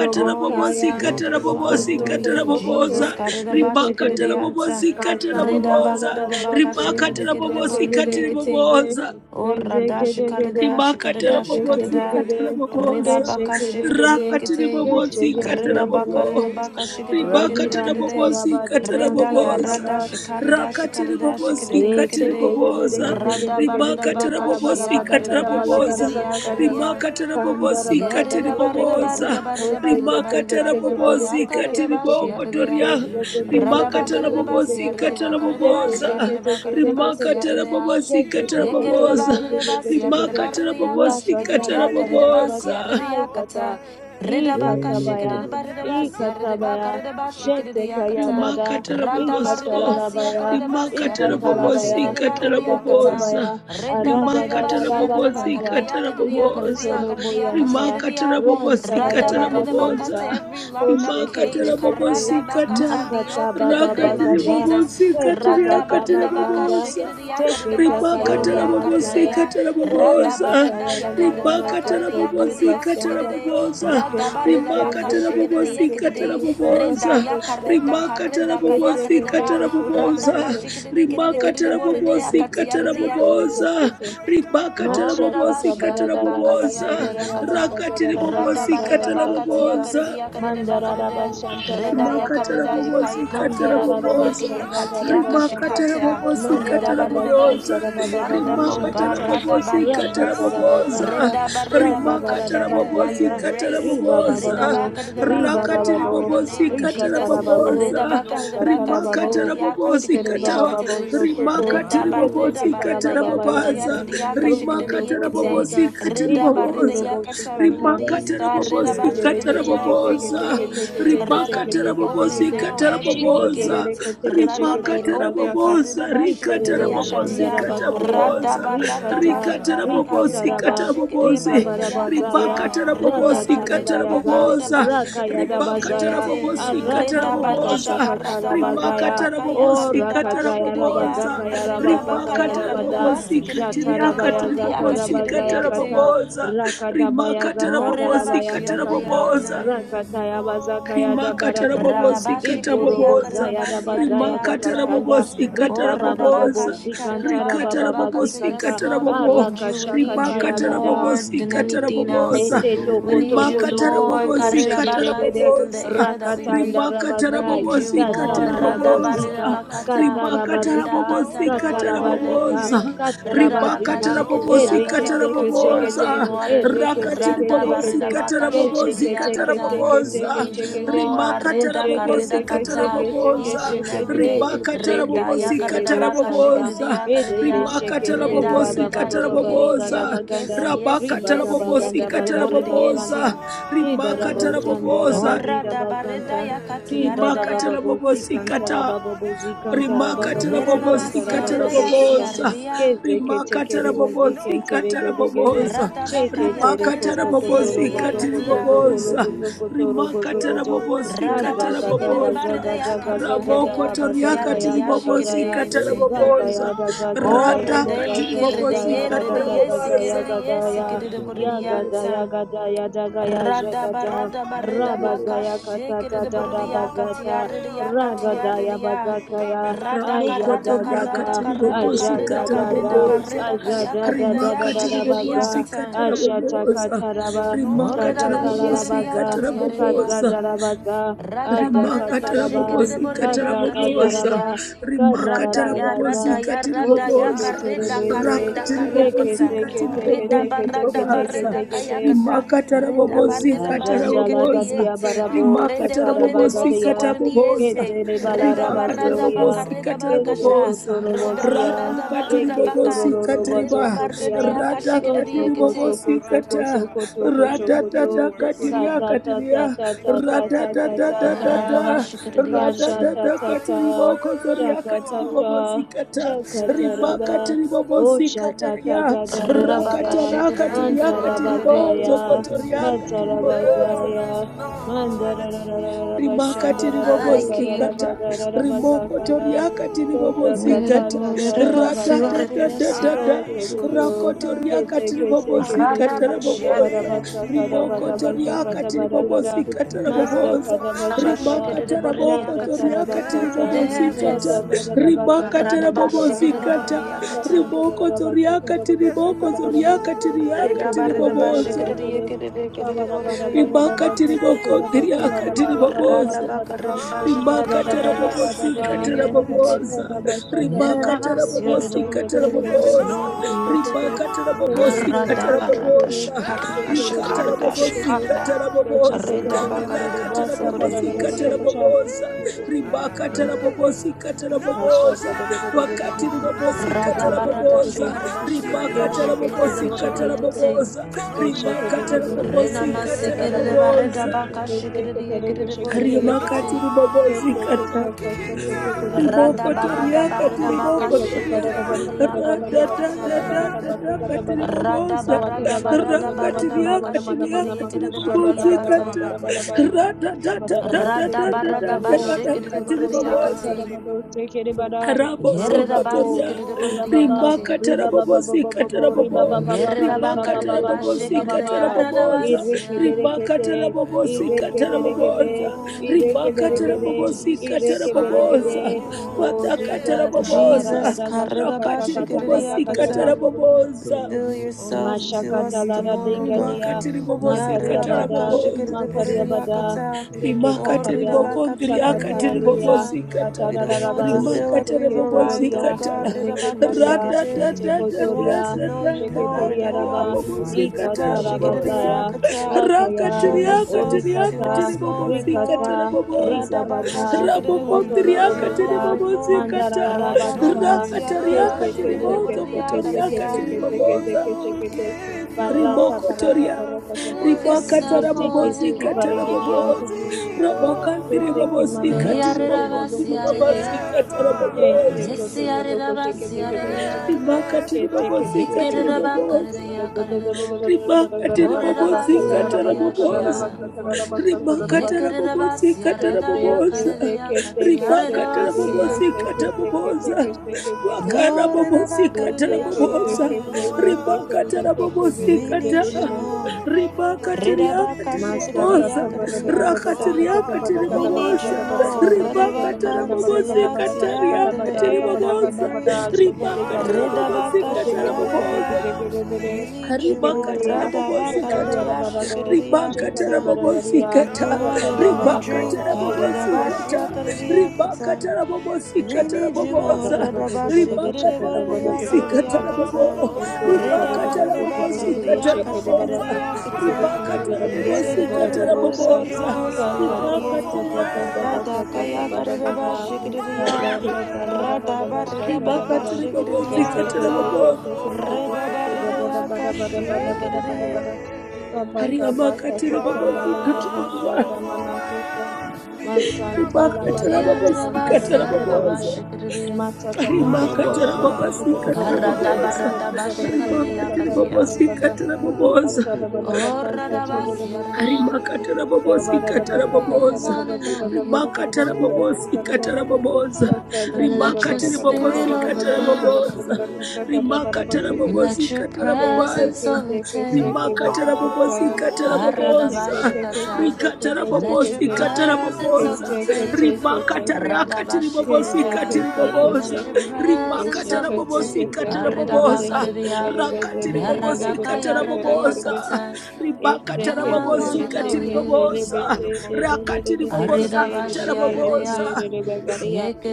Speaker 5: You
Speaker 2: Oh,
Speaker 5: do
Speaker 2: yes,
Speaker 3: bobosi
Speaker 2: we know
Speaker 6: Thank
Speaker 2: the
Speaker 3: katara
Speaker 4: Soko
Speaker 2: Father
Speaker 3: bobosi
Speaker 2: through
Speaker 5: miracles
Speaker 4: soko
Speaker 3: katara
Speaker 2: you,
Speaker 5: so
Speaker 4: sokoto
Speaker 2: Jesus.
Speaker 3: boboza
Speaker 5: great.
Speaker 4: kete kere
Speaker 3: rimakatara
Speaker 2: Karirabashikiridianta.
Speaker 3: bobosi
Speaker 5: There is
Speaker 3: katara
Speaker 4: kasanda ra ra
Speaker 3: boboza
Speaker 4: ra ra
Speaker 5: no one
Speaker 4: base
Speaker 5: else
Speaker 3: rimakatara bobosi
Speaker 4: kekere
Speaker 5: like
Speaker 4: re
Speaker 3: katiri
Speaker 4: re
Speaker 5: you.
Speaker 2: Ridabakarirabakashikiridikiridiboridiyekiting.
Speaker 4: kese
Speaker 3: boboza
Speaker 2: Oh,
Speaker 4: keze kede kede
Speaker 2: radashikarida,
Speaker 3: rimakatara
Speaker 2: shikarida,
Speaker 4: keşe
Speaker 3: bobosi
Speaker 4: kede
Speaker 2: shikarida.
Speaker 5: There
Speaker 4: kede
Speaker 5: is
Speaker 3: katara boboza
Speaker 5: no
Speaker 4: keşe
Speaker 5: one
Speaker 4: kede
Speaker 5: else
Speaker 4: kede
Speaker 3: rakatiri
Speaker 2: Ridabakashikiridiyekiting.
Speaker 5: like
Speaker 4: keşe
Speaker 3: bobosi
Speaker 4: gere
Speaker 3: katara
Speaker 4: gere
Speaker 5: you.
Speaker 4: gere
Speaker 5: And
Speaker 3: bobo
Speaker 4: boğuz
Speaker 5: you are
Speaker 3: ribakatara
Speaker 4: ragidan
Speaker 2: Ridabakaribakashikiridikiridikiride.
Speaker 5: great.
Speaker 3: bobosi
Speaker 4: tarabadi
Speaker 3: katara
Speaker 4: kan
Speaker 2: Ridaya,
Speaker 5: You
Speaker 3: bobosa
Speaker 5: do
Speaker 4: tarabaga
Speaker 2: radashikarida,
Speaker 3: rakatiri
Speaker 2: shikarida,
Speaker 3: bobosi
Speaker 5: miracles
Speaker 3: katiri
Speaker 4: Yese
Speaker 2: shikiridiyekiriding.
Speaker 4: kede
Speaker 5: so
Speaker 4: bere
Speaker 3: bobosa
Speaker 5: great.
Speaker 4: kede kede kede kede
Speaker 3: rimakatara
Speaker 4: bala bara
Speaker 3: bobosi
Speaker 2: Radabaridabakashia,
Speaker 4: bada
Speaker 3: katara
Speaker 4: gada
Speaker 5: There is
Speaker 4: bala
Speaker 3: bobosa
Speaker 4: gara
Speaker 5: no
Speaker 2: karidabashikiridiya,
Speaker 4: bada
Speaker 5: yes. one
Speaker 2: karidiya.
Speaker 3: rimakatara
Speaker 5: else
Speaker 4: Kandara
Speaker 3: bobosi
Speaker 4: bagada
Speaker 3: katiri
Speaker 2: Yerida
Speaker 5: like
Speaker 2: barida
Speaker 4: bosheke.
Speaker 3: bobosa
Speaker 2: barida
Speaker 5: nobody
Speaker 2: barida
Speaker 5: else
Speaker 4: Koseke
Speaker 2: barida barida
Speaker 5: like
Speaker 4: teke
Speaker 3: rimakatara
Speaker 5: you,
Speaker 4: teke
Speaker 2: barida
Speaker 4: teke
Speaker 2: ba,
Speaker 3: bobosi
Speaker 4: teke
Speaker 2: yakarida
Speaker 3: katiri
Speaker 2: ba,
Speaker 4: teke te.
Speaker 5: Lord.
Speaker 2: shiaridia.
Speaker 3: bokotoria
Speaker 4: Keseke
Speaker 5: There is
Speaker 4: teke
Speaker 2: Radaba
Speaker 4: teke
Speaker 3: rimakatara
Speaker 2: karida
Speaker 4: teke
Speaker 2: ba,
Speaker 3: bobosi
Speaker 4: teke
Speaker 5: no
Speaker 4: te.
Speaker 2: siarida ba,
Speaker 3: katara
Speaker 2: karida
Speaker 5: nobody
Speaker 2: ba,
Speaker 4: Sheke
Speaker 5: else
Speaker 3: bobosa
Speaker 4: teke
Speaker 2: shiarida
Speaker 5: like
Speaker 2: ba,
Speaker 4: teke
Speaker 5: you.
Speaker 2: karida karida
Speaker 4: teke
Speaker 2: karida Yeridabaridabaridabaridabaridabaridabaridabaridabaya.
Speaker 4: teke te.
Speaker 3: rimakatara
Speaker 2: Radabakaridabasiyaridabakaridabashiyaridabakaridabasiyaridaya.
Speaker 3: bobosi
Speaker 4: Sheke
Speaker 5: You
Speaker 3: katara
Speaker 4: teke
Speaker 5: are
Speaker 4: teke
Speaker 3: bobosa
Speaker 4: teke teke
Speaker 5: great.
Speaker 2: Yekeredabarredabasia,
Speaker 4: sheke te.
Speaker 3: rimakatara bobosi
Speaker 5: You do
Speaker 4: Rakata
Speaker 3: katara
Speaker 4: da da da da ba.
Speaker 5: miracles
Speaker 3: bobosa
Speaker 5: so
Speaker 4: Taikata.
Speaker 5: great.
Speaker 2: Redabaka
Speaker 4: Ikatabaya.
Speaker 5: There is
Speaker 2: shikiribaredabasia,
Speaker 5: nobody
Speaker 2: redabaka
Speaker 4: Ikatabaya.
Speaker 5: else like you,
Speaker 4: Shetekaya
Speaker 2: redabashikiridiakata,
Speaker 4: da
Speaker 5: Lord.
Speaker 4: da.
Speaker 5: Nobody,
Speaker 3: Rimakataraboboso,
Speaker 2: radabaredabasia,
Speaker 4: Ikatalabaya.
Speaker 5: nobody
Speaker 2: karedabasia,
Speaker 5: else
Speaker 2: redabaka
Speaker 5: like
Speaker 3: Rimakatarabobosi,
Speaker 4: Ikatalabaya.
Speaker 5: you, Lord.
Speaker 2: shikiribaridiakata,
Speaker 3: Katarabobosa,
Speaker 4: Ikatalabaya.
Speaker 5: We
Speaker 4: Arada
Speaker 6: you.
Speaker 4: da
Speaker 5: have
Speaker 4: da da
Speaker 2: redabaredabasia,
Speaker 5: sent
Speaker 4: ba
Speaker 3: Rimakatarabobosi,
Speaker 2: redabaka
Speaker 5: all
Speaker 4: kanta
Speaker 2: ya. ridiaka,
Speaker 5: over, couldn't
Speaker 3: Katarabobosa,
Speaker 5: find
Speaker 2: ridiaka, ridiaka,
Speaker 4: ikotoroboyanta
Speaker 5: nobody.
Speaker 2: shikiridia,
Speaker 3: Rimakatarabobosi,
Speaker 6: Thank
Speaker 5: We have
Speaker 3: Katarabobosa,
Speaker 5: searched
Speaker 2: radabaredabakata,
Speaker 4: rantararabakanta
Speaker 5: all
Speaker 2: every locked up
Speaker 5: over, couldn't
Speaker 2: cage,
Speaker 5: find
Speaker 4: kosheketekete
Speaker 3: Rimakatarabobosi, Kata,
Speaker 2: karadabakata,
Speaker 5: nobody.
Speaker 2: be open in the
Speaker 5: Yeah.
Speaker 2: name of
Speaker 4: makatabababagada
Speaker 5: We
Speaker 2: Jesus.
Speaker 5: have
Speaker 3: Rakatiribobosi,
Speaker 5: searched all over,
Speaker 2: Radabaridabaka
Speaker 5: yeah.
Speaker 4: ketakatabazanda
Speaker 5: couldn't,
Speaker 3: Katariakatiribobosa.
Speaker 5: couldn't
Speaker 2: shikiridia
Speaker 5: find, find
Speaker 2: karidaba
Speaker 3: Ribaka
Speaker 4: sheketakayanda
Speaker 2: siaridia
Speaker 5: nobody.
Speaker 3: ribakatarabobosi
Speaker 4: mazaya
Speaker 2: karidea.
Speaker 5: Hey. We have
Speaker 3: katarabobosa
Speaker 5: searched
Speaker 2: Radabaradaya
Speaker 5: yeah.
Speaker 2: karidaba karidia
Speaker 5: all over,
Speaker 3: ribakatarabobosi
Speaker 5: couldn't,
Speaker 2: karidia
Speaker 5: couldn't
Speaker 4: ushakatayananamazakozikashanda
Speaker 5: find
Speaker 2: shikiride.
Speaker 3: katarabobosa
Speaker 5: nobody.
Speaker 2: Radabaridabaka
Speaker 5: Stay right there.
Speaker 2: shikiridia
Speaker 3: ribakatarabobosi
Speaker 5: We have
Speaker 2: kididi.
Speaker 5: searched
Speaker 3: katarabobosa
Speaker 2: Redaya
Speaker 5: all
Speaker 4: kesekendekesekesebisakatakoshata
Speaker 2: karida
Speaker 5: over,
Speaker 2: karida
Speaker 5: couldn't
Speaker 2: kaya
Speaker 5: find
Speaker 3: ribakatarabobosi
Speaker 2: karidaba.
Speaker 4: kesheketekete
Speaker 5: nobody.
Speaker 3: katarabobosa
Speaker 2: Radaka
Speaker 4: keshekete
Speaker 2: shikiridi kididi kididi
Speaker 5: Hey.
Speaker 2: boridea
Speaker 3: ribakatarabobosi
Speaker 4: kesheketekete
Speaker 5: There is
Speaker 2: katiaridia.
Speaker 3: katarabobosa
Speaker 5: nobody
Speaker 4: keshekelekeseke
Speaker 5: greater.
Speaker 3: ribakatarabobosi
Speaker 4: Machakata
Speaker 3: katarabobosa
Speaker 5: There is no
Speaker 2: Orirabashiarirabakatiaridiakata.
Speaker 5: one
Speaker 3: rakatiribobosi
Speaker 5: wiser.
Speaker 4: Baradarabashanta
Speaker 3: katarabobosa
Speaker 5: There is no
Speaker 2: Radabaridabakatiakaridiyakaridibakaridide.
Speaker 5: one
Speaker 2: Reda
Speaker 5: stronger.
Speaker 3: rimakatara
Speaker 2: yakarida
Speaker 4: Mandarabashantarabazanta
Speaker 2: yaka
Speaker 5: No
Speaker 3: bobosi katara
Speaker 5: one
Speaker 2: yakatia. Yeke
Speaker 3: bobosa
Speaker 5: stronger.
Speaker 2: yakatia
Speaker 5: Nobody
Speaker 4: Mandarabashantarabazanta
Speaker 3: rimakatara
Speaker 2: kashikatea.
Speaker 5: greater.
Speaker 3: bobosi katara
Speaker 2: Redabaridaba
Speaker 5: Nobody
Speaker 3: bobosa
Speaker 2: anything
Speaker 5: greater.
Speaker 2: locked up, oh
Speaker 3: rimakatara
Speaker 2: God.
Speaker 5: Nobody
Speaker 4: Mandarabashantarabababashakata
Speaker 2: Rada by
Speaker 3: bobosi
Speaker 2: your
Speaker 5: stronger.
Speaker 3: katara
Speaker 2: mercy.
Speaker 3: bobosa
Speaker 4: Rakatarabazanta
Speaker 5: Nobody stronger.
Speaker 3: rimakatara
Speaker 2: Redabaridabakashikidid by
Speaker 3: bobosi
Speaker 2: your
Speaker 4: Rakabaradabazanda
Speaker 3: katara
Speaker 5: Hey.
Speaker 2: grace.
Speaker 4: Riba
Speaker 3: bobosa
Speaker 4: Bababo
Speaker 2: Redabakaridabaka by
Speaker 4: Riba
Speaker 2: the
Speaker 3: rakatiri
Speaker 2: power in
Speaker 4: Bababo
Speaker 2: the
Speaker 3: bobosi
Speaker 2: name of
Speaker 3: katara
Speaker 2: Jesus.
Speaker 4: Rikatarababo
Speaker 5: There is
Speaker 3: bobosa
Speaker 5: no
Speaker 6: you.
Speaker 5: one
Speaker 3: rimakatara
Speaker 4: Shakatarababo
Speaker 5: else.
Speaker 3: bobosi
Speaker 4: Ketere
Speaker 5: Can
Speaker 3: katawa
Speaker 5: you
Speaker 4: Bababo
Speaker 5: raise
Speaker 2: Redabakaridabakatiaridiyakashikididiyakatidis.
Speaker 5: it wherever you
Speaker 4: Zotoko
Speaker 5: are?
Speaker 6: Thank
Speaker 2: Reda
Speaker 3: rimakatiri
Speaker 2: barida
Speaker 3: bobosi
Speaker 2: barida
Speaker 3: katara
Speaker 5: Like You
Speaker 2: yakatia
Speaker 4: Kesheketarababayanta
Speaker 5: do
Speaker 3: bobosa
Speaker 2: rida yaka
Speaker 4: Roko
Speaker 2: shikida
Speaker 4: soko
Speaker 3: rimakatara
Speaker 2: yekite.
Speaker 4: dianta,
Speaker 3: bobosi
Speaker 5: miracles so,
Speaker 3: katiri
Speaker 2: Reda
Speaker 5: so
Speaker 4: iko
Speaker 2: barida
Speaker 3: bobosa
Speaker 4: torobo
Speaker 5: great.
Speaker 2: yakata
Speaker 4: shikanta,
Speaker 2: release.
Speaker 3: rimakatara
Speaker 2: uh,
Speaker 4: Shake
Speaker 2: Reda ba
Speaker 4: it,
Speaker 3: bobosi
Speaker 4: take
Speaker 5: There
Speaker 2: shikida
Speaker 5: is
Speaker 3: katara
Speaker 4: it, take it, take
Speaker 2: every
Speaker 3: bobosa
Speaker 5: no
Speaker 4: it,
Speaker 5: one
Speaker 4: take
Speaker 2: cage.
Speaker 4: it, take it, take it,
Speaker 5: else
Speaker 4: take
Speaker 2: Rada
Speaker 4: it,
Speaker 2: be
Speaker 4: take it, shake it,
Speaker 2: open
Speaker 3: rimakatarabobosi
Speaker 5: like
Speaker 4: take.
Speaker 2: now.
Speaker 4: Shake
Speaker 2: Every
Speaker 5: you.
Speaker 4: it,
Speaker 3: katarabobosa
Speaker 2: gate.
Speaker 4: reka teka shake
Speaker 2: Rada be
Speaker 4: tere
Speaker 2: open.
Speaker 5: That's it.
Speaker 3: rimakatarabobosa
Speaker 2: Karida ba
Speaker 4: Shake
Speaker 2: shikida
Speaker 4: it, bo
Speaker 5: There
Speaker 3: rikatarabobosi
Speaker 4: shandara
Speaker 2: yakatia.
Speaker 5: is no
Speaker 4: bakuria.
Speaker 2: Rada
Speaker 3: katarabobosa
Speaker 2: ba rada ba
Speaker 4: Rikata,
Speaker 5: one
Speaker 2: rida ba
Speaker 5: like
Speaker 4: rikata
Speaker 3: rikatarabobosi
Speaker 5: you.
Speaker 2: karida ba
Speaker 4: raba,
Speaker 2: shikida
Speaker 5: Lord,
Speaker 3: katarabobosi
Speaker 4: rika
Speaker 2: barida
Speaker 5: you
Speaker 2: yakata.
Speaker 4: barabazaya,
Speaker 5: are
Speaker 2: Reda
Speaker 3: rimakatarabobosi
Speaker 2: ba
Speaker 4: rakata
Speaker 5: great.
Speaker 2: reda ba
Speaker 5: Yes,
Speaker 4: rabayaza,
Speaker 2: karida ba
Speaker 3: katarabobosa
Speaker 2: shikida
Speaker 4: rakayada
Speaker 5: you
Speaker 2: borida
Speaker 5: do
Speaker 4: bazaya,
Speaker 2: yekite.
Speaker 3: rimakatarabobosi
Speaker 2: Reda
Speaker 4: aratata
Speaker 5: miracles
Speaker 2: barada
Speaker 3: katarabobosa
Speaker 4: kashaka
Speaker 2: barada
Speaker 5: so
Speaker 2: barada
Speaker 5: great.
Speaker 4: tarabazaya,
Speaker 2: baka yaka
Speaker 4: o
Speaker 3: rimakatarabobosi
Speaker 2: reda ba
Speaker 4: rakazaya
Speaker 2: shikida
Speaker 3: katarabobosa
Speaker 4: rabazaka
Speaker 5: There
Speaker 4: ya
Speaker 5: is
Speaker 4: rabazaka
Speaker 2: Ridabaka
Speaker 5: no
Speaker 4: ya
Speaker 2: yaka
Speaker 5: one
Speaker 4: rabada,
Speaker 3: rimakatarabobosi
Speaker 2: ridabasi
Speaker 5: else
Speaker 4: jata
Speaker 2: kididiyeke
Speaker 5: like
Speaker 4: rabayaza
Speaker 5: you.
Speaker 2: didiboridiyaka
Speaker 3: katiriakatiribobosi
Speaker 4: karabazaya
Speaker 2: shikididiyekete.
Speaker 4: kata,
Speaker 3: katarabobosa
Speaker 4: Rakada Rakadabaya
Speaker 2: O
Speaker 3: rimakatarabobosi
Speaker 4: Zakadarabaya
Speaker 2: ridabashi
Speaker 4: Zakata
Speaker 5: There
Speaker 2: aridiyakata.
Speaker 3: katarabobosa
Speaker 5: is
Speaker 4: Rakatayaba Zakayada
Speaker 5: no
Speaker 3: rimakata
Speaker 4: Barakata
Speaker 3: rabobosi
Speaker 2: Radabashi
Speaker 3: kata
Speaker 4: Ikorobo
Speaker 2: kididiyaka
Speaker 5: one
Speaker 3: boboza
Speaker 4: Zayada
Speaker 2: ridabasi
Speaker 4: Bazaya
Speaker 3: rimakata
Speaker 2: aridiyanta.
Speaker 4: Dakashanda
Speaker 3: rabobosi kata
Speaker 2: Oh,
Speaker 5: else like
Speaker 4: Rikababa
Speaker 5: you.
Speaker 2: radabaka,
Speaker 4: Babo
Speaker 3: raboboza
Speaker 4: Zikantara
Speaker 2: shikaridabaka,
Speaker 3: rikata
Speaker 4: Baba babo
Speaker 2: radabakata.
Speaker 3: rabobosi
Speaker 2: Yes,
Speaker 4: Zikanta
Speaker 3: kata
Speaker 2: Lord, we
Speaker 3: rabobo
Speaker 2: need you. We need you
Speaker 4: Arakashakataya
Speaker 3: rimakata
Speaker 2: more
Speaker 3: rabobosi
Speaker 2: than
Speaker 3: kata
Speaker 2: anything else.
Speaker 3: raboboza
Speaker 4: Ete
Speaker 5: No
Speaker 2: We
Speaker 4: toko
Speaker 5: one
Speaker 2: need
Speaker 4: toko
Speaker 2: you
Speaker 5: does the
Speaker 3: rimakata
Speaker 4: lodo
Speaker 5: things
Speaker 2: more
Speaker 5: you
Speaker 4: toko
Speaker 3: rabobosi kata
Speaker 4: shegede
Speaker 5: do. no
Speaker 4: gede
Speaker 2: karidabakanta,
Speaker 5: one
Speaker 2: than the
Speaker 5: does
Speaker 3: raboboza
Speaker 2: air
Speaker 5: the
Speaker 2: that we
Speaker 5: things
Speaker 4: rakatanda
Speaker 2: breathe.
Speaker 3: rimakata
Speaker 2: We
Speaker 5: you
Speaker 4: rabazai
Speaker 2: need
Speaker 5: do.
Speaker 2: you
Speaker 3: rabobosi kata
Speaker 5: No
Speaker 2: more
Speaker 5: one loves me
Speaker 3: raboboza
Speaker 4: katabarabozika
Speaker 5: like you
Speaker 2: radabaridabakata,
Speaker 5: do.
Speaker 3: rimakata
Speaker 4: katarabazika
Speaker 2: redakata,
Speaker 3: rabobosi
Speaker 2: than the
Speaker 3: kata
Speaker 6: you.
Speaker 5: Nobody.
Speaker 2: water that we
Speaker 4: katarabazika
Speaker 2: drink.
Speaker 3: raboboza
Speaker 2: Ridabaka,
Speaker 4: katarabazika
Speaker 3: ribakatara
Speaker 5: No
Speaker 6: Thank
Speaker 5: one
Speaker 3: bobosi
Speaker 2: shikiridiakata,
Speaker 3: katara
Speaker 4: erekete
Speaker 5: loves
Speaker 2: because you
Speaker 5: me
Speaker 2: are living
Speaker 4: keshekete
Speaker 3: boboza
Speaker 5: like you
Speaker 2: water.
Speaker 4: erekete
Speaker 3: rakatiri
Speaker 5: do. No.
Speaker 4: kete
Speaker 3: bobosi
Speaker 4: kete
Speaker 5: Nobody
Speaker 2: Radabaridabaka,
Speaker 3: katara
Speaker 5: loves
Speaker 3: bobosi
Speaker 5: me
Speaker 4: keshekete
Speaker 3: katara
Speaker 4: kete
Speaker 2: shikiridiakata.
Speaker 5: like you
Speaker 4: kete
Speaker 2: We
Speaker 3: boboza
Speaker 2: need you
Speaker 4: keshegede
Speaker 2: more
Speaker 3: rimakatara
Speaker 2: redaka,
Speaker 4: koshegede
Speaker 3: bobosi
Speaker 5: do.
Speaker 3: katara
Speaker 5: no
Speaker 2: redakata,
Speaker 4: keshekete
Speaker 2: each
Speaker 3: boboza
Speaker 2: and
Speaker 5: one
Speaker 2: every
Speaker 4: keshekete
Speaker 2: day.
Speaker 5: else.
Speaker 3: ribakatara
Speaker 2: Reda
Speaker 4: shekete
Speaker 2: ya
Speaker 3: bobosi
Speaker 2: kareda
Speaker 3: katara
Speaker 4: kerebo
Speaker 5: There is
Speaker 2: baka
Speaker 5: no
Speaker 4: santa
Speaker 2: shikiridi
Speaker 3: boboza
Speaker 2: ya
Speaker 5: one
Speaker 2: karedi
Speaker 4: erebe
Speaker 5: else
Speaker 2: ya.
Speaker 5: Yes,
Speaker 3: rimakatara
Speaker 4: shekete
Speaker 5: like
Speaker 2: Reda,
Speaker 4: reba
Speaker 3: bobosi
Speaker 4: baba
Speaker 2: reda,
Speaker 3: katara
Speaker 4: baba
Speaker 2: yeke,
Speaker 4: bari
Speaker 5: you, Lord.
Speaker 2: yeke,
Speaker 3: boboza
Speaker 2: yeke,
Speaker 4: barabaganda
Speaker 2: siye,
Speaker 3: rabakatara
Speaker 2: siye,
Speaker 4: Ribaga
Speaker 2: siye,
Speaker 3: bobosi
Speaker 4: baganda
Speaker 2: kirede
Speaker 5: There
Speaker 3: katara
Speaker 5: is
Speaker 4: bagari
Speaker 2: borede
Speaker 5: no
Speaker 2: yenti.
Speaker 4: bazanta.
Speaker 3: boboza
Speaker 5: one else
Speaker 4: Ribara
Speaker 3: rimakatara
Speaker 5: like
Speaker 4: boshanda
Speaker 5: you,
Speaker 3: boboza
Speaker 2: Ora
Speaker 4: rabagida
Speaker 2: da bareda
Speaker 4: bazanta.
Speaker 2: ya kati ya
Speaker 5: Yeah.
Speaker 4: Ribaba baba
Speaker 2: ya.
Speaker 3: rimakatara bobosi
Speaker 5: No
Speaker 4: bozikanta
Speaker 3: kata
Speaker 4: rababa
Speaker 5: one else No
Speaker 4: bozikanta rababa
Speaker 3: Rimakatara
Speaker 2: Yere
Speaker 4: bozikanta
Speaker 3: bobosi
Speaker 5: like
Speaker 2: namasi
Speaker 5: you
Speaker 2: ya
Speaker 3: katara
Speaker 5: like
Speaker 4: rababa
Speaker 2: reda
Speaker 5: do.
Speaker 2: ya si
Speaker 4: bozika.
Speaker 2: ya reda
Speaker 3: bobosa.
Speaker 2: ya.
Speaker 4: Keze
Speaker 3: Rimakatara
Speaker 4: ketekere
Speaker 5: No
Speaker 3: bobosi
Speaker 4: bozikente
Speaker 5: one
Speaker 3: katara
Speaker 5: else
Speaker 4: regedegeje.
Speaker 5: cares
Speaker 3: bobosa.
Speaker 5: for
Speaker 2: Rada
Speaker 5: me
Speaker 2: baka
Speaker 4: Sheke
Speaker 2: ya
Speaker 5: like
Speaker 4: tere
Speaker 5: you
Speaker 2: kareda
Speaker 3: Rimakatara
Speaker 2: basi
Speaker 5: do.
Speaker 2: ya
Speaker 4: kozokoto
Speaker 2: reda
Speaker 3: bobosi
Speaker 4: robo
Speaker 2: ya
Speaker 3: katiri
Speaker 2: kati
Speaker 4: zokoto
Speaker 5: Yeah.
Speaker 2: ya.
Speaker 4: zoko robo
Speaker 3: bobosa.
Speaker 4: zokoto robo
Speaker 5: No
Speaker 3: Rimakatara
Speaker 4: zokoto.
Speaker 5: one else
Speaker 3: bobosi
Speaker 2: Rada ba
Speaker 3: katara
Speaker 5: goes
Speaker 4: Kazaga
Speaker 5: along
Speaker 2: shikiridi
Speaker 4: daga
Speaker 5: for
Speaker 3: rimakatarabobosi
Speaker 5: me
Speaker 2: barede
Speaker 4: jaga
Speaker 2: ya
Speaker 4: daga
Speaker 2: kati ya
Speaker 5: like
Speaker 4: zaga
Speaker 2: reda
Speaker 5: you
Speaker 3: Ramoko
Speaker 2: ya
Speaker 4: dala
Speaker 5: do.
Speaker 2: kati ya
Speaker 4: bazaga
Speaker 2: reda
Speaker 4: ya
Speaker 2: ya
Speaker 4: zaga
Speaker 3: rimakatarabobosi
Speaker 2: shikiridi
Speaker 4: daya.
Speaker 2: yenti.
Speaker 5: There is
Speaker 3: katarabobosa
Speaker 4: Zakaya daga
Speaker 3: rimakatarabobosi katiribobosa rimakatarabobosi Rata ramokotoriakatiribobosi katarabobosa
Speaker 2: O
Speaker 5: nobody
Speaker 4: zagaya
Speaker 5: else
Speaker 6: you.
Speaker 2: rede
Speaker 4: daga
Speaker 2: yeke
Speaker 5: like
Speaker 2: rede
Speaker 5: you,
Speaker 3: ratakatiribobosi
Speaker 2: ye
Speaker 4: shagadaya
Speaker 5: Lord.
Speaker 2: rede
Speaker 4: rada
Speaker 2: ye
Speaker 4: daga
Speaker 5: Nobody
Speaker 4: zaya
Speaker 3: katarabobosa
Speaker 2: sikiridi
Speaker 5: else
Speaker 2: ye
Speaker 4: gadaya
Speaker 6: Thank
Speaker 2: sikiridi
Speaker 5: like
Speaker 2: borede yanta.
Speaker 4: yagadaya
Speaker 5: you.
Speaker 4: gadaya dagaya
Speaker 2: Radaba
Speaker 4: jagada
Speaker 2: radaba
Speaker 5: Nobody
Speaker 2: redaba
Speaker 5: else
Speaker 4: rabazaya
Speaker 5: like you.
Speaker 2: kashik
Speaker 5: There's
Speaker 4: katata dada
Speaker 2: redaboridia katia
Speaker 4: bazata
Speaker 5: nobody else
Speaker 2: redia
Speaker 5: like
Speaker 2: katia
Speaker 5: you.
Speaker 4: ragadaya
Speaker 2: redia
Speaker 4: bazakaya
Speaker 2: radaka
Speaker 3: Rabokoto
Speaker 2: radaka
Speaker 4: ayadagada
Speaker 2: radaka
Speaker 3: riakatiri
Speaker 2: radaka
Speaker 3: bobosi
Speaker 5: No
Speaker 2: redaka
Speaker 3: katara
Speaker 4: ajadadada
Speaker 2: redaka
Speaker 5: one
Speaker 3: boboza.
Speaker 5: can
Speaker 2: redaka
Speaker 5: do the
Speaker 2: yaka
Speaker 5: things
Speaker 2: redaya
Speaker 3: Rimaka
Speaker 5: you
Speaker 3: tiri
Speaker 4: ajadadadadada
Speaker 5: do.
Speaker 2: shikredia
Speaker 3: bobosi
Speaker 4: baza
Speaker 2: katan
Speaker 3: katara
Speaker 5: Yeah.
Speaker 3: boboza.
Speaker 5: Yes,
Speaker 4: ashatakataraba
Speaker 5: no
Speaker 3: Rimaka
Speaker 5: one
Speaker 3: tara
Speaker 2: oredaba
Speaker 5: else
Speaker 2: shia
Speaker 3: bobosi
Speaker 2: redia
Speaker 5: can
Speaker 4: kazazalalabaza
Speaker 3: katara
Speaker 2: katia
Speaker 5: touch
Speaker 2: redia
Speaker 5: my
Speaker 3: boboza.
Speaker 5: life
Speaker 4: kazazalabaza
Speaker 2: radaba
Speaker 5: like
Speaker 3: Rimaka
Speaker 2: radaba
Speaker 3: tara
Speaker 5: you
Speaker 4: azakataraba
Speaker 3: bobosi
Speaker 5: do.
Speaker 3: katara
Speaker 2: shikredaboridia katia
Speaker 3: boboza.
Speaker 4: kazakadaraba
Speaker 2: redia
Speaker 3: Rimaka tara
Speaker 2: Radaya
Speaker 4: Kajarabaza,
Speaker 3: bobosi
Speaker 2: radaya
Speaker 3: katiri
Speaker 5: Yes,
Speaker 2: radaya
Speaker 3: boboza.
Speaker 5: I
Speaker 2: kareda
Speaker 5: could
Speaker 4: Oseketerebeze,
Speaker 3: Raka
Speaker 2: kareda
Speaker 3: tiri
Speaker 5: search
Speaker 3: bobosi
Speaker 2: kayakata
Speaker 5: through all
Speaker 2: reda barada bareda
Speaker 4: Rekeseketeketeketeketekete,
Speaker 2: kayakata
Speaker 3: Rimaka
Speaker 5: eternity,
Speaker 3: tara
Speaker 2: reda
Speaker 5: Lord. Yes,
Speaker 3: bobosi
Speaker 2: bareda
Speaker 3: katara
Speaker 5: God.
Speaker 3: boboza.
Speaker 4: Ajandalagadia
Speaker 5: Yes,
Speaker 2: bashikerediente
Speaker 4: barabo,
Speaker 5: I'll
Speaker 3: Rimaka
Speaker 2: rede
Speaker 3: tara
Speaker 5: find
Speaker 2: borede
Speaker 3: bobosi
Speaker 2: boso
Speaker 4: Satarabagadia,
Speaker 2: korediese reda
Speaker 5: There is
Speaker 2: barada
Speaker 4: Geterebalarabazoya,
Speaker 3: ribakatarabobosi
Speaker 5: no
Speaker 2: bakareda bakasha
Speaker 3: katarabobosa
Speaker 6: you.
Speaker 2: reda
Speaker 4: Esokotorobozia,
Speaker 3: rata
Speaker 2: barada bareda
Speaker 5: like
Speaker 2: baka
Speaker 3: katiribobosi
Speaker 5: you.
Speaker 2: reda
Speaker 3: katiriba
Speaker 4: Reketororobozokotia,
Speaker 2: barede
Speaker 3: rata
Speaker 2: yakashikerediekete
Speaker 3: katiribobosi kata
Speaker 5: Yes,
Speaker 3: rata
Speaker 4: Osokosokosokosokotokosokoto,
Speaker 5: lift it
Speaker 3: tata
Speaker 5: wherever you
Speaker 3: katiria
Speaker 5: are.
Speaker 2: Lord
Speaker 3: katiria
Speaker 5: Lift it
Speaker 3: rata
Speaker 5: wherever
Speaker 3: tata
Speaker 5: you
Speaker 3: tata
Speaker 2: ya
Speaker 5: are.
Speaker 4: Katatatatatatatatatata,
Speaker 2: rada
Speaker 5: Yes,
Speaker 3: tata
Speaker 5: that's it. That's
Speaker 3: rata
Speaker 5: it.
Speaker 2: bashikerediente
Speaker 3: tata
Speaker 5: I could
Speaker 4: Kashatatata,
Speaker 3: katiriboko
Speaker 5: search
Speaker 3: zoria
Speaker 5: through all
Speaker 3: katiribobosi
Speaker 4: Shakatata,
Speaker 3: kata
Speaker 4: Shakataraba,
Speaker 5: eternity
Speaker 3: rimakatiribobosi kataria
Speaker 2: reda
Speaker 4: Oshatatadadadadada,
Speaker 5: Eternity,
Speaker 3: rakatara
Speaker 5: and
Speaker 3: katiria
Speaker 2: bakashikerediekere
Speaker 5: find
Speaker 3: katiribozo
Speaker 4: Antarabazaya,
Speaker 5: eternity,
Speaker 3: kotoria katiribobosa
Speaker 5: there is
Speaker 4: Vatarabazaya,
Speaker 5: no eternity.
Speaker 2: Else
Speaker 3: rimakati
Speaker 5: like
Speaker 2: like you.
Speaker 3: ribobozikata rimokoto
Speaker 4: Mandarabashandarabagadarabazakada,
Speaker 3: riakati
Speaker 2: There
Speaker 3: ribobozikata
Speaker 4: Tosakatantarabata,
Speaker 5: Yes,
Speaker 6: Thank
Speaker 4: Koto
Speaker 3: ratatatatata
Speaker 5: I could
Speaker 4: Sokoto,
Speaker 3: rakoto
Speaker 5: search
Speaker 4: Kete
Speaker 3: riakati
Speaker 4: Kete
Speaker 5: through all
Speaker 4: Kete
Speaker 3: ribobozikata
Speaker 4: Kete Kete
Speaker 3: raboboza
Speaker 5: eternity,
Speaker 4: Barabasakada
Speaker 3: rimokoto
Speaker 5: Lord,
Speaker 4: Barabashakata
Speaker 3: riakati
Speaker 4: Baragada,
Speaker 3: ribobozikata
Speaker 5: and
Speaker 4: Master
Speaker 5: I'd
Speaker 3: raboboza
Speaker 4: Kadabashaka,
Speaker 5: find
Speaker 3: rimakata rabokoto riakati
Speaker 5: there is
Speaker 2: is
Speaker 3: ribobozikata
Speaker 2: none.
Speaker 5: none
Speaker 3: rimakata rabobozikata
Speaker 2: Karadabashikidiboridiakata.
Speaker 5: like you.
Speaker 3: rimokoto riakati
Speaker 5: There's
Speaker 3: ribokoto
Speaker 5: no
Speaker 3: riakati
Speaker 5: shadow you
Speaker 3: riakati
Speaker 5: won't light
Speaker 3: riboboza
Speaker 2: Redabaridabashikididikididikidiboridia.
Speaker 5: up,
Speaker 3: rimakati
Speaker 5: mountain
Speaker 3: riboko
Speaker 5: you won't climb
Speaker 3: riakati
Speaker 5: up.
Speaker 3: riboboza rimaka
Speaker 5: Coming after
Speaker 3: tarabobosika
Speaker 2: Radabakaridabashikidiboridiakashikididiyente.
Speaker 5: me.
Speaker 3: tarabobosa rimaka tarabobosika
Speaker 5: There's no
Speaker 3: tarabobosa
Speaker 2: Yeradabasiyadidabokuridibosiyodidiete.
Speaker 5: wall you
Speaker 3: rimaka
Speaker 5: won't kick
Speaker 3: tarabobosika
Speaker 5: down,
Speaker 3: tarabobosa
Speaker 5: lie
Speaker 2: Karadabaradashikarda-
Speaker 5: you
Speaker 3: rika
Speaker 5: won't
Speaker 2: shikarda-
Speaker 5: tear
Speaker 3: tarabobosika
Speaker 2: shikarda.
Speaker 5: down,
Speaker 3: tarabobosa
Speaker 5: coming
Speaker 3: raka
Speaker 5: after me.
Speaker 3: tarabobosika
Speaker 2: Redabakaridibosokoridiente.
Speaker 3: tarabobosa ribaka tarabobosika
Speaker 5: No
Speaker 4: Kashada
Speaker 3: tarabobosa
Speaker 4: bara
Speaker 5: shadow you
Speaker 3: wakati
Speaker 4: bara
Speaker 5: won't light
Speaker 3: ribobosika
Speaker 2: Rada
Speaker 5: up,
Speaker 2: barada
Speaker 3: tarabobosa
Speaker 2: shikarda
Speaker 5: mountain you
Speaker 2: shikarda
Speaker 3: rimaka
Speaker 5: won't
Speaker 2: shikirida
Speaker 5: climb
Speaker 3: tarabobosika
Speaker 6: you.
Speaker 5: up,
Speaker 2: borodiente.
Speaker 3: tarabobosa
Speaker 5: coming
Speaker 3: rimaka
Speaker 5: after
Speaker 2: Rena
Speaker 6: Thank
Speaker 3: tarabobosika
Speaker 2: masikirida barida
Speaker 3: tarabobosa
Speaker 5: me.
Speaker 2: baka shikirida yekirida borida
Speaker 5: No
Speaker 3: rimakati
Speaker 2: yekite.
Speaker 5: one you
Speaker 3: ribobosika
Speaker 5: want to kick
Speaker 2: Rada
Speaker 5: down,
Speaker 3: riboko
Speaker 5: lie
Speaker 3: toria
Speaker 2: barada
Speaker 5: you
Speaker 3: kati
Speaker 2: barida baka
Speaker 5: want
Speaker 3: riboko
Speaker 5: to tear
Speaker 3: toria
Speaker 2: shikirida
Speaker 5: down.
Speaker 2: borida
Speaker 3: ra da
Speaker 2: yakarida
Speaker 3: da da
Speaker 2: yakata.
Speaker 3: da da da kati
Speaker 2: Rada
Speaker 3: riboboza
Speaker 2: barada
Speaker 3: ra
Speaker 2: barada
Speaker 3: kati
Speaker 2: barida
Speaker 3: ria
Speaker 2: baka
Speaker 3: kati
Speaker 2: shikirida yekirida borida yakata.
Speaker 3: kata
Speaker 4: bara bara bara
Speaker 3: ra da da da da da
Speaker 2: Rada
Speaker 3: da
Speaker 4: Rabadabaseke
Speaker 3: da da
Speaker 2: barada
Speaker 5: No
Speaker 2: ba
Speaker 3: da
Speaker 4: parabo,
Speaker 3: da da
Speaker 5: shadow
Speaker 2: shikirida
Speaker 5: you
Speaker 3: kati
Speaker 2: borida
Speaker 5: will
Speaker 4: sentoroboseke
Speaker 2: yakate.
Speaker 5: light,
Speaker 4: tarabadoseke ribara,
Speaker 3: Rabo
Speaker 2: Yerida ba
Speaker 5: mountain you
Speaker 4: ribabo,
Speaker 3: Sokotoria,
Speaker 2: sikirida
Speaker 5: will
Speaker 2: borida
Speaker 4: ribababa,
Speaker 3: Rimaka
Speaker 2: yakate.
Speaker 5: climb. Yes,
Speaker 3: Tarabobosi
Speaker 4: ribabababobobobo,
Speaker 5: coming
Speaker 3: Katarabobo,
Speaker 4: ribabababa,
Speaker 2: Yerida
Speaker 5: after,
Speaker 2: ba
Speaker 3: Rimaka
Speaker 2: karida ba
Speaker 4: ribabababo,
Speaker 3: Tarabobosi
Speaker 5: coming
Speaker 2: shikirida
Speaker 4: ribababa,
Speaker 5: after
Speaker 2: yarada
Speaker 3: Katarabobosa,
Speaker 2: basya.
Speaker 5: me.
Speaker 3: Rimaka
Speaker 4: irrekeberekete,
Speaker 5: And no
Speaker 3: Tarabobosi
Speaker 5: wall you
Speaker 4: irrekeberegede,
Speaker 3: Katarabobosa,
Speaker 5: won't kick
Speaker 3: Rimaka
Speaker 4: irrekeberegede,
Speaker 5: down,
Speaker 3: Tarabobosi
Speaker 2: Jesus.
Speaker 5: lie you
Speaker 3: Katarabobosa,
Speaker 4: irrekeberegede. Oh
Speaker 5: won't
Speaker 3: Fata
Speaker 5: tear
Speaker 4: Jesus, kabara
Speaker 2: Jesus.
Speaker 5: down.
Speaker 3: Katarabobosa,
Speaker 4: gada gasha kata
Speaker 3: Rakati
Speaker 5: coming after me.
Speaker 3: Ribobosi
Speaker 4: kata
Speaker 2: Karirabashikiriyakata.
Speaker 3: Katarabobosa,
Speaker 2: Reveal yourself
Speaker 5: Oh,
Speaker 2: to
Speaker 4: Mashakata
Speaker 2: us
Speaker 6: you.
Speaker 5: the
Speaker 2: tomorrow, God.
Speaker 3: Rimaka
Speaker 4: Larabigadia,
Speaker 3: Tiribobosi
Speaker 5: overwhelming,
Speaker 6: Thank
Speaker 2: Yarirabaka
Speaker 4: Makariabada,
Speaker 3: Katarabobosa.
Speaker 4: Makariabada,
Speaker 2: shikiridibuririyakata.
Speaker 3: Rimaka
Speaker 5: never-ending,
Speaker 4: Seketakaria,
Speaker 3: teribokondriaka
Speaker 4: Shakatareria,
Speaker 5: reckless
Speaker 2: Orirabakatiyariyakata.
Speaker 3: teribobozikata.
Speaker 2: We
Speaker 5: love
Speaker 2: don't
Speaker 5: of
Speaker 2: want to
Speaker 4: Katararaba,
Speaker 2: feel
Speaker 3: Rimaka
Speaker 2: like we've arrived, oh
Speaker 4: Seketoria,
Speaker 5: is
Speaker 3: teribobozikata.
Speaker 2: God.
Speaker 5: all
Speaker 2: Rirabaka
Speaker 4: Seketoria,
Speaker 5: it
Speaker 3: Rada da
Speaker 2: shikite.
Speaker 3: da da da
Speaker 2: We
Speaker 5: chases
Speaker 3: da
Speaker 2: want
Speaker 4: Sekotoria,
Speaker 2: to
Speaker 5: me
Speaker 2: know
Speaker 3: da
Speaker 2: you
Speaker 3: da
Speaker 5: down,
Speaker 3: da
Speaker 2: more and
Speaker 4: Seketoria
Speaker 2: more.
Speaker 4: Raba,
Speaker 5: fights
Speaker 3: kariabobozikata
Speaker 5: till I'm
Speaker 3: raboboza.
Speaker 4: Ikatarabazaya,
Speaker 5: found,
Speaker 2: Rabashikiriyakata.
Speaker 3: Raka
Speaker 4: Rakaya,
Speaker 2: Show
Speaker 5: leaves
Speaker 3: tiriaka
Speaker 5: the
Speaker 2: yourself to
Speaker 3: tiriaka
Speaker 4: Orikata,
Speaker 2: us more and
Speaker 5: 99
Speaker 2: more.
Speaker 3: tiribobozikata
Speaker 4: Rikata,
Speaker 3: raboboza.
Speaker 2: Radabaka
Speaker 5: I
Speaker 4: Rikabata,
Speaker 2: we
Speaker 5: couldn't
Speaker 2: need
Speaker 3: Rabokondriaka
Speaker 2: you
Speaker 5: earn it,
Speaker 2: more
Speaker 4: Kotorobota,
Speaker 2: and more.
Speaker 5: 'cause
Speaker 3: tiribobozikata.
Speaker 5: I don't
Speaker 2: Radabaka
Speaker 4: Mandararabasta,
Speaker 3: Raka tariaka
Speaker 4: Kese,
Speaker 5: deserve it.
Speaker 4: kese,
Speaker 3: tiribozo
Speaker 4: kese, kese,
Speaker 3: kotoriaka
Speaker 4: kese,
Speaker 5: Still,
Speaker 4: kese, kese,
Speaker 3: tiriboboza
Speaker 4: kese,
Speaker 5: you
Speaker 4: kese.
Speaker 5: give
Speaker 4: Barata, barata,
Speaker 3: rimokotoria
Speaker 5: yourself
Speaker 4: barata, ka.
Speaker 2: Give
Speaker 5: away.
Speaker 2: yourself
Speaker 4: Eti, ki, ti, ki,
Speaker 2: away.
Speaker 4: pare, de, di,
Speaker 5: All
Speaker 4: anto,
Speaker 3: rimakataramomosikataramomoza
Speaker 4: di, di.
Speaker 5: the
Speaker 4: Kese, ki, mano, no, suko,
Speaker 6: you.
Speaker 5: overwhelming,
Speaker 4: bobo, ko,
Speaker 2: Yarirabasia.
Speaker 4: che, ke.
Speaker 6: Thank
Speaker 5: never
Speaker 4: Kese,
Speaker 3: ramakandirimamosikatirimagondirimamasikataramomoza
Speaker 4: ki,
Speaker 2: Yes,
Speaker 4: oto, to,
Speaker 5: ending,
Speaker 4: to, ko, she, ke, te, ke, te, ke, che.
Speaker 2: yarirabasia.
Speaker 5: reckless
Speaker 4: Kese, ke, te, ke, she, ke, te.
Speaker 5: love of
Speaker 3: rimakatirimamosikatirimamoza
Speaker 4: Do,
Speaker 2: Yekerabakaria
Speaker 4: do, do, do, do, do, do,
Speaker 2: karevo.
Speaker 4: do, do, ba, da, ba, da, ba, da, da, ba, sa, ka,
Speaker 2: Oridabasia
Speaker 4: da, da,
Speaker 5: God.
Speaker 4: ba, sa, ka,
Speaker 3: rimakatirimamosikataramomoza
Speaker 2: rediashia.
Speaker 4: so,
Speaker 3: rimakatara bobosi
Speaker 2: Yekerabasia
Speaker 3: katara
Speaker 2: radaya
Speaker 3: bobosa
Speaker 2: karedia
Speaker 5: Your
Speaker 3: rimakatara
Speaker 5: love
Speaker 3: bobosi katara bobosa makara
Speaker 2: No
Speaker 3: bobosi katara
Speaker 2: redabakaria
Speaker 4: Shakaria
Speaker 3: bobosa
Speaker 2: shiaria.
Speaker 5: overwhelms me.
Speaker 3: rimakatara bobosi
Speaker 2: We need you
Speaker 3: kata
Speaker 5: Your
Speaker 2: more.
Speaker 5: love overwhelms
Speaker 3: rimakatiriaka
Speaker 5: me.
Speaker 2: Redabaka
Speaker 3: tiri
Speaker 2: shikriya
Speaker 3: bobosa
Speaker 5: Your
Speaker 3: rakatiriaka
Speaker 5: love
Speaker 3: tiri
Speaker 2: We need
Speaker 3: bobosa
Speaker 2: you more.
Speaker 5: overwhelms me.
Speaker 3: rimakatara bobosi
Speaker 2: Radabakantia tia than
Speaker 3: katariaka
Speaker 2: the
Speaker 3: tiri
Speaker 2: air that we
Speaker 3: bobosa
Speaker 2: breathe.
Speaker 5: Your
Speaker 3: rimakatara bobosi
Speaker 5: love
Speaker 3: katara bobosa
Speaker 2: Redabakashiaridia.
Speaker 5: overwhelms me.
Speaker 2: We need you more.
Speaker 3: Ribakata rabobosikata.
Speaker 2: Radabakaridaya
Speaker 5: Jesus.
Speaker 3: Ribakata
Speaker 2: shikiridiakata than
Speaker 5: Your
Speaker 2: the
Speaker 3: rabobosikata.
Speaker 2: water that we
Speaker 5: love
Speaker 3: Ribakata
Speaker 6: you.
Speaker 2: drink.
Speaker 5: overwhelms
Speaker 3: rabobosikata.
Speaker 5: me.
Speaker 6: Manda
Speaker 2: Karidabashiakaridiakata.
Speaker 3: Ribakata
Speaker 2: We
Speaker 3: rabobosikata
Speaker 2: need you more.
Speaker 3: raboboza.
Speaker 5: Jesus.
Speaker 2: Redaba
Speaker 3: Ribakata
Speaker 2: shikiriya
Speaker 5: Your
Speaker 4: banana,
Speaker 3: rabobosikata
Speaker 2: kariya
Speaker 5: love
Speaker 2: kata.
Speaker 3: rabobo.
Speaker 4: Kosoko barere
Speaker 2: Redaba
Speaker 3: Ribakata
Speaker 5: overwhelms
Speaker 4: bakose
Speaker 2: redaba
Speaker 5: me.
Speaker 4: bororo
Speaker 3: rabobosikata
Speaker 2: kariya
Speaker 5: I'm
Speaker 4: bosheke de
Speaker 3: raboboza.
Speaker 4: barakose
Speaker 2: kashikiriya
Speaker 5: overwhelmed by your
Speaker 2: kata.
Speaker 4: kibiriki de
Speaker 3: Ribakata
Speaker 5: love,
Speaker 4: biriki seki
Speaker 2: Ngerebo
Speaker 3: rabobosikata
Speaker 2: redebo redebo
Speaker 4: barabodosa.
Speaker 5: yeah. Your
Speaker 3: raboboza.
Speaker 2: redebo
Speaker 4: Kasa ta
Speaker 5: love
Speaker 4: ta
Speaker 2: soyoriye.
Speaker 3: Ribakata
Speaker 4: ta ta ta
Speaker 3: rianda.
Speaker 4: ta ba
Speaker 2: Rada
Speaker 4: ta
Speaker 5: overwhelms
Speaker 4: ta ta
Speaker 2: kaya
Speaker 5: me.
Speaker 4: barada
Speaker 5: I'm
Speaker 2: karedaba
Speaker 4: da.
Speaker 2: shikiriya.
Speaker 4: Bara
Speaker 5: overwhelmed
Speaker 4: ta
Speaker 5: by your
Speaker 4: ta
Speaker 5: love,
Speaker 4: barada da
Speaker 5: oh
Speaker 2: Radaba
Speaker 5: my
Speaker 4: bashaka
Speaker 2: redaba
Speaker 4: da
Speaker 3: Ribakata
Speaker 4: bada.
Speaker 5: God. Your
Speaker 2: kashikiriya
Speaker 4: Kese
Speaker 3: rabobosikata
Speaker 4: kese
Speaker 2: kata.
Speaker 3: raboboza.
Speaker 5: love
Speaker 4: kese kese kese
Speaker 2: Redaba
Speaker 4: kese barada
Speaker 2: redaya
Speaker 5: overwhelms
Speaker 4: bada bada
Speaker 5: me,
Speaker 4: bada bada bada
Speaker 2: kashikiriye.
Speaker 4: bada.
Speaker 2: Mm.
Speaker 5: yeah.
Speaker 4: Kaba kaba ta
Speaker 3: Ariamakati
Speaker 5: Your
Speaker 4: ta ta
Speaker 3: ribobosika
Speaker 4: balada bosha
Speaker 3: tiraboboza.
Speaker 4: da
Speaker 5: love
Speaker 4: mana kosa.
Speaker 5: overwhelms me. I'm
Speaker 4: Masanta la bala
Speaker 3: rimakatara
Speaker 2: Yeah,
Speaker 4: gosa
Speaker 5: overwhelmed by
Speaker 2: redaba
Speaker 5: your
Speaker 3: mamasikatara
Speaker 4: barada
Speaker 2: siya
Speaker 4: da
Speaker 5: love.
Speaker 2: redaba
Speaker 4: barada.
Speaker 3: maboza
Speaker 2: shikiriye.
Speaker 4: Matsaka
Speaker 3: rimakatara mamasikatara
Speaker 2: Garada
Speaker 3: maboza
Speaker 2: barada bashikiriya
Speaker 3: rimakatara
Speaker 2: katia.
Speaker 3: mamasikatara
Speaker 6: Thank
Speaker 3: maboza
Speaker 2: Oh, Radabasiaradia,
Speaker 3: rimakatara mamasikatara
Speaker 2: we
Speaker 3: maboza
Speaker 2: want to know you.
Speaker 3: rimakatara mamasikatara maboza
Speaker 2: Let your
Speaker 3: rimakatara
Speaker 2: spirit
Speaker 3: mamasikatara
Speaker 2: overwhelm me.
Speaker 3: maboza rimakatara
Speaker 2: Let your
Speaker 3: mamasikatara
Speaker 2: presence
Speaker 3: mabaza
Speaker 2: overtake.
Speaker 3: rimakatara mamasikatara maboza
Speaker 2: Aradabashikata.
Speaker 3: rikatara
Speaker 5: That's it.
Speaker 2: Let your
Speaker 3: babasikatara
Speaker 5: Lion
Speaker 2: presence
Speaker 5: will
Speaker 3: taraboboza
Speaker 5: tear
Speaker 2: overtake.
Speaker 3: rimaka
Speaker 5: down,
Speaker 3: tariaka tiribobozika
Speaker 5: coming
Speaker 2: Radabashikada.
Speaker 5: after
Speaker 2: Let
Speaker 3: tiriboboza
Speaker 2: your
Speaker 3: rimaka
Speaker 2: presence overtake.
Speaker 3: tarabobozika
Speaker 5: me.
Speaker 3: taraboboza
Speaker 2: Aridabakaridia.
Speaker 3: rakati ribobozika
Speaker 4: Thank
Speaker 3: taraboboza
Speaker 2: Yaradakayaradiakata.
Speaker 3: ribaka
Speaker 2: And I wanna
Speaker 4: Rikabaria,
Speaker 3: tarabobozika
Speaker 2: know
Speaker 5: There's
Speaker 2: you.
Speaker 5: someone
Speaker 3: tiriboboza
Speaker 5: with a problem.
Speaker 6: you.
Speaker 5: eh?
Speaker 3: rakati
Speaker 5: There's an
Speaker 3: ribobozaka
Speaker 5: issue with the ear.
Speaker 3: taraboboza
Speaker 2: Aridabashiaridaya.
Speaker 6: Thank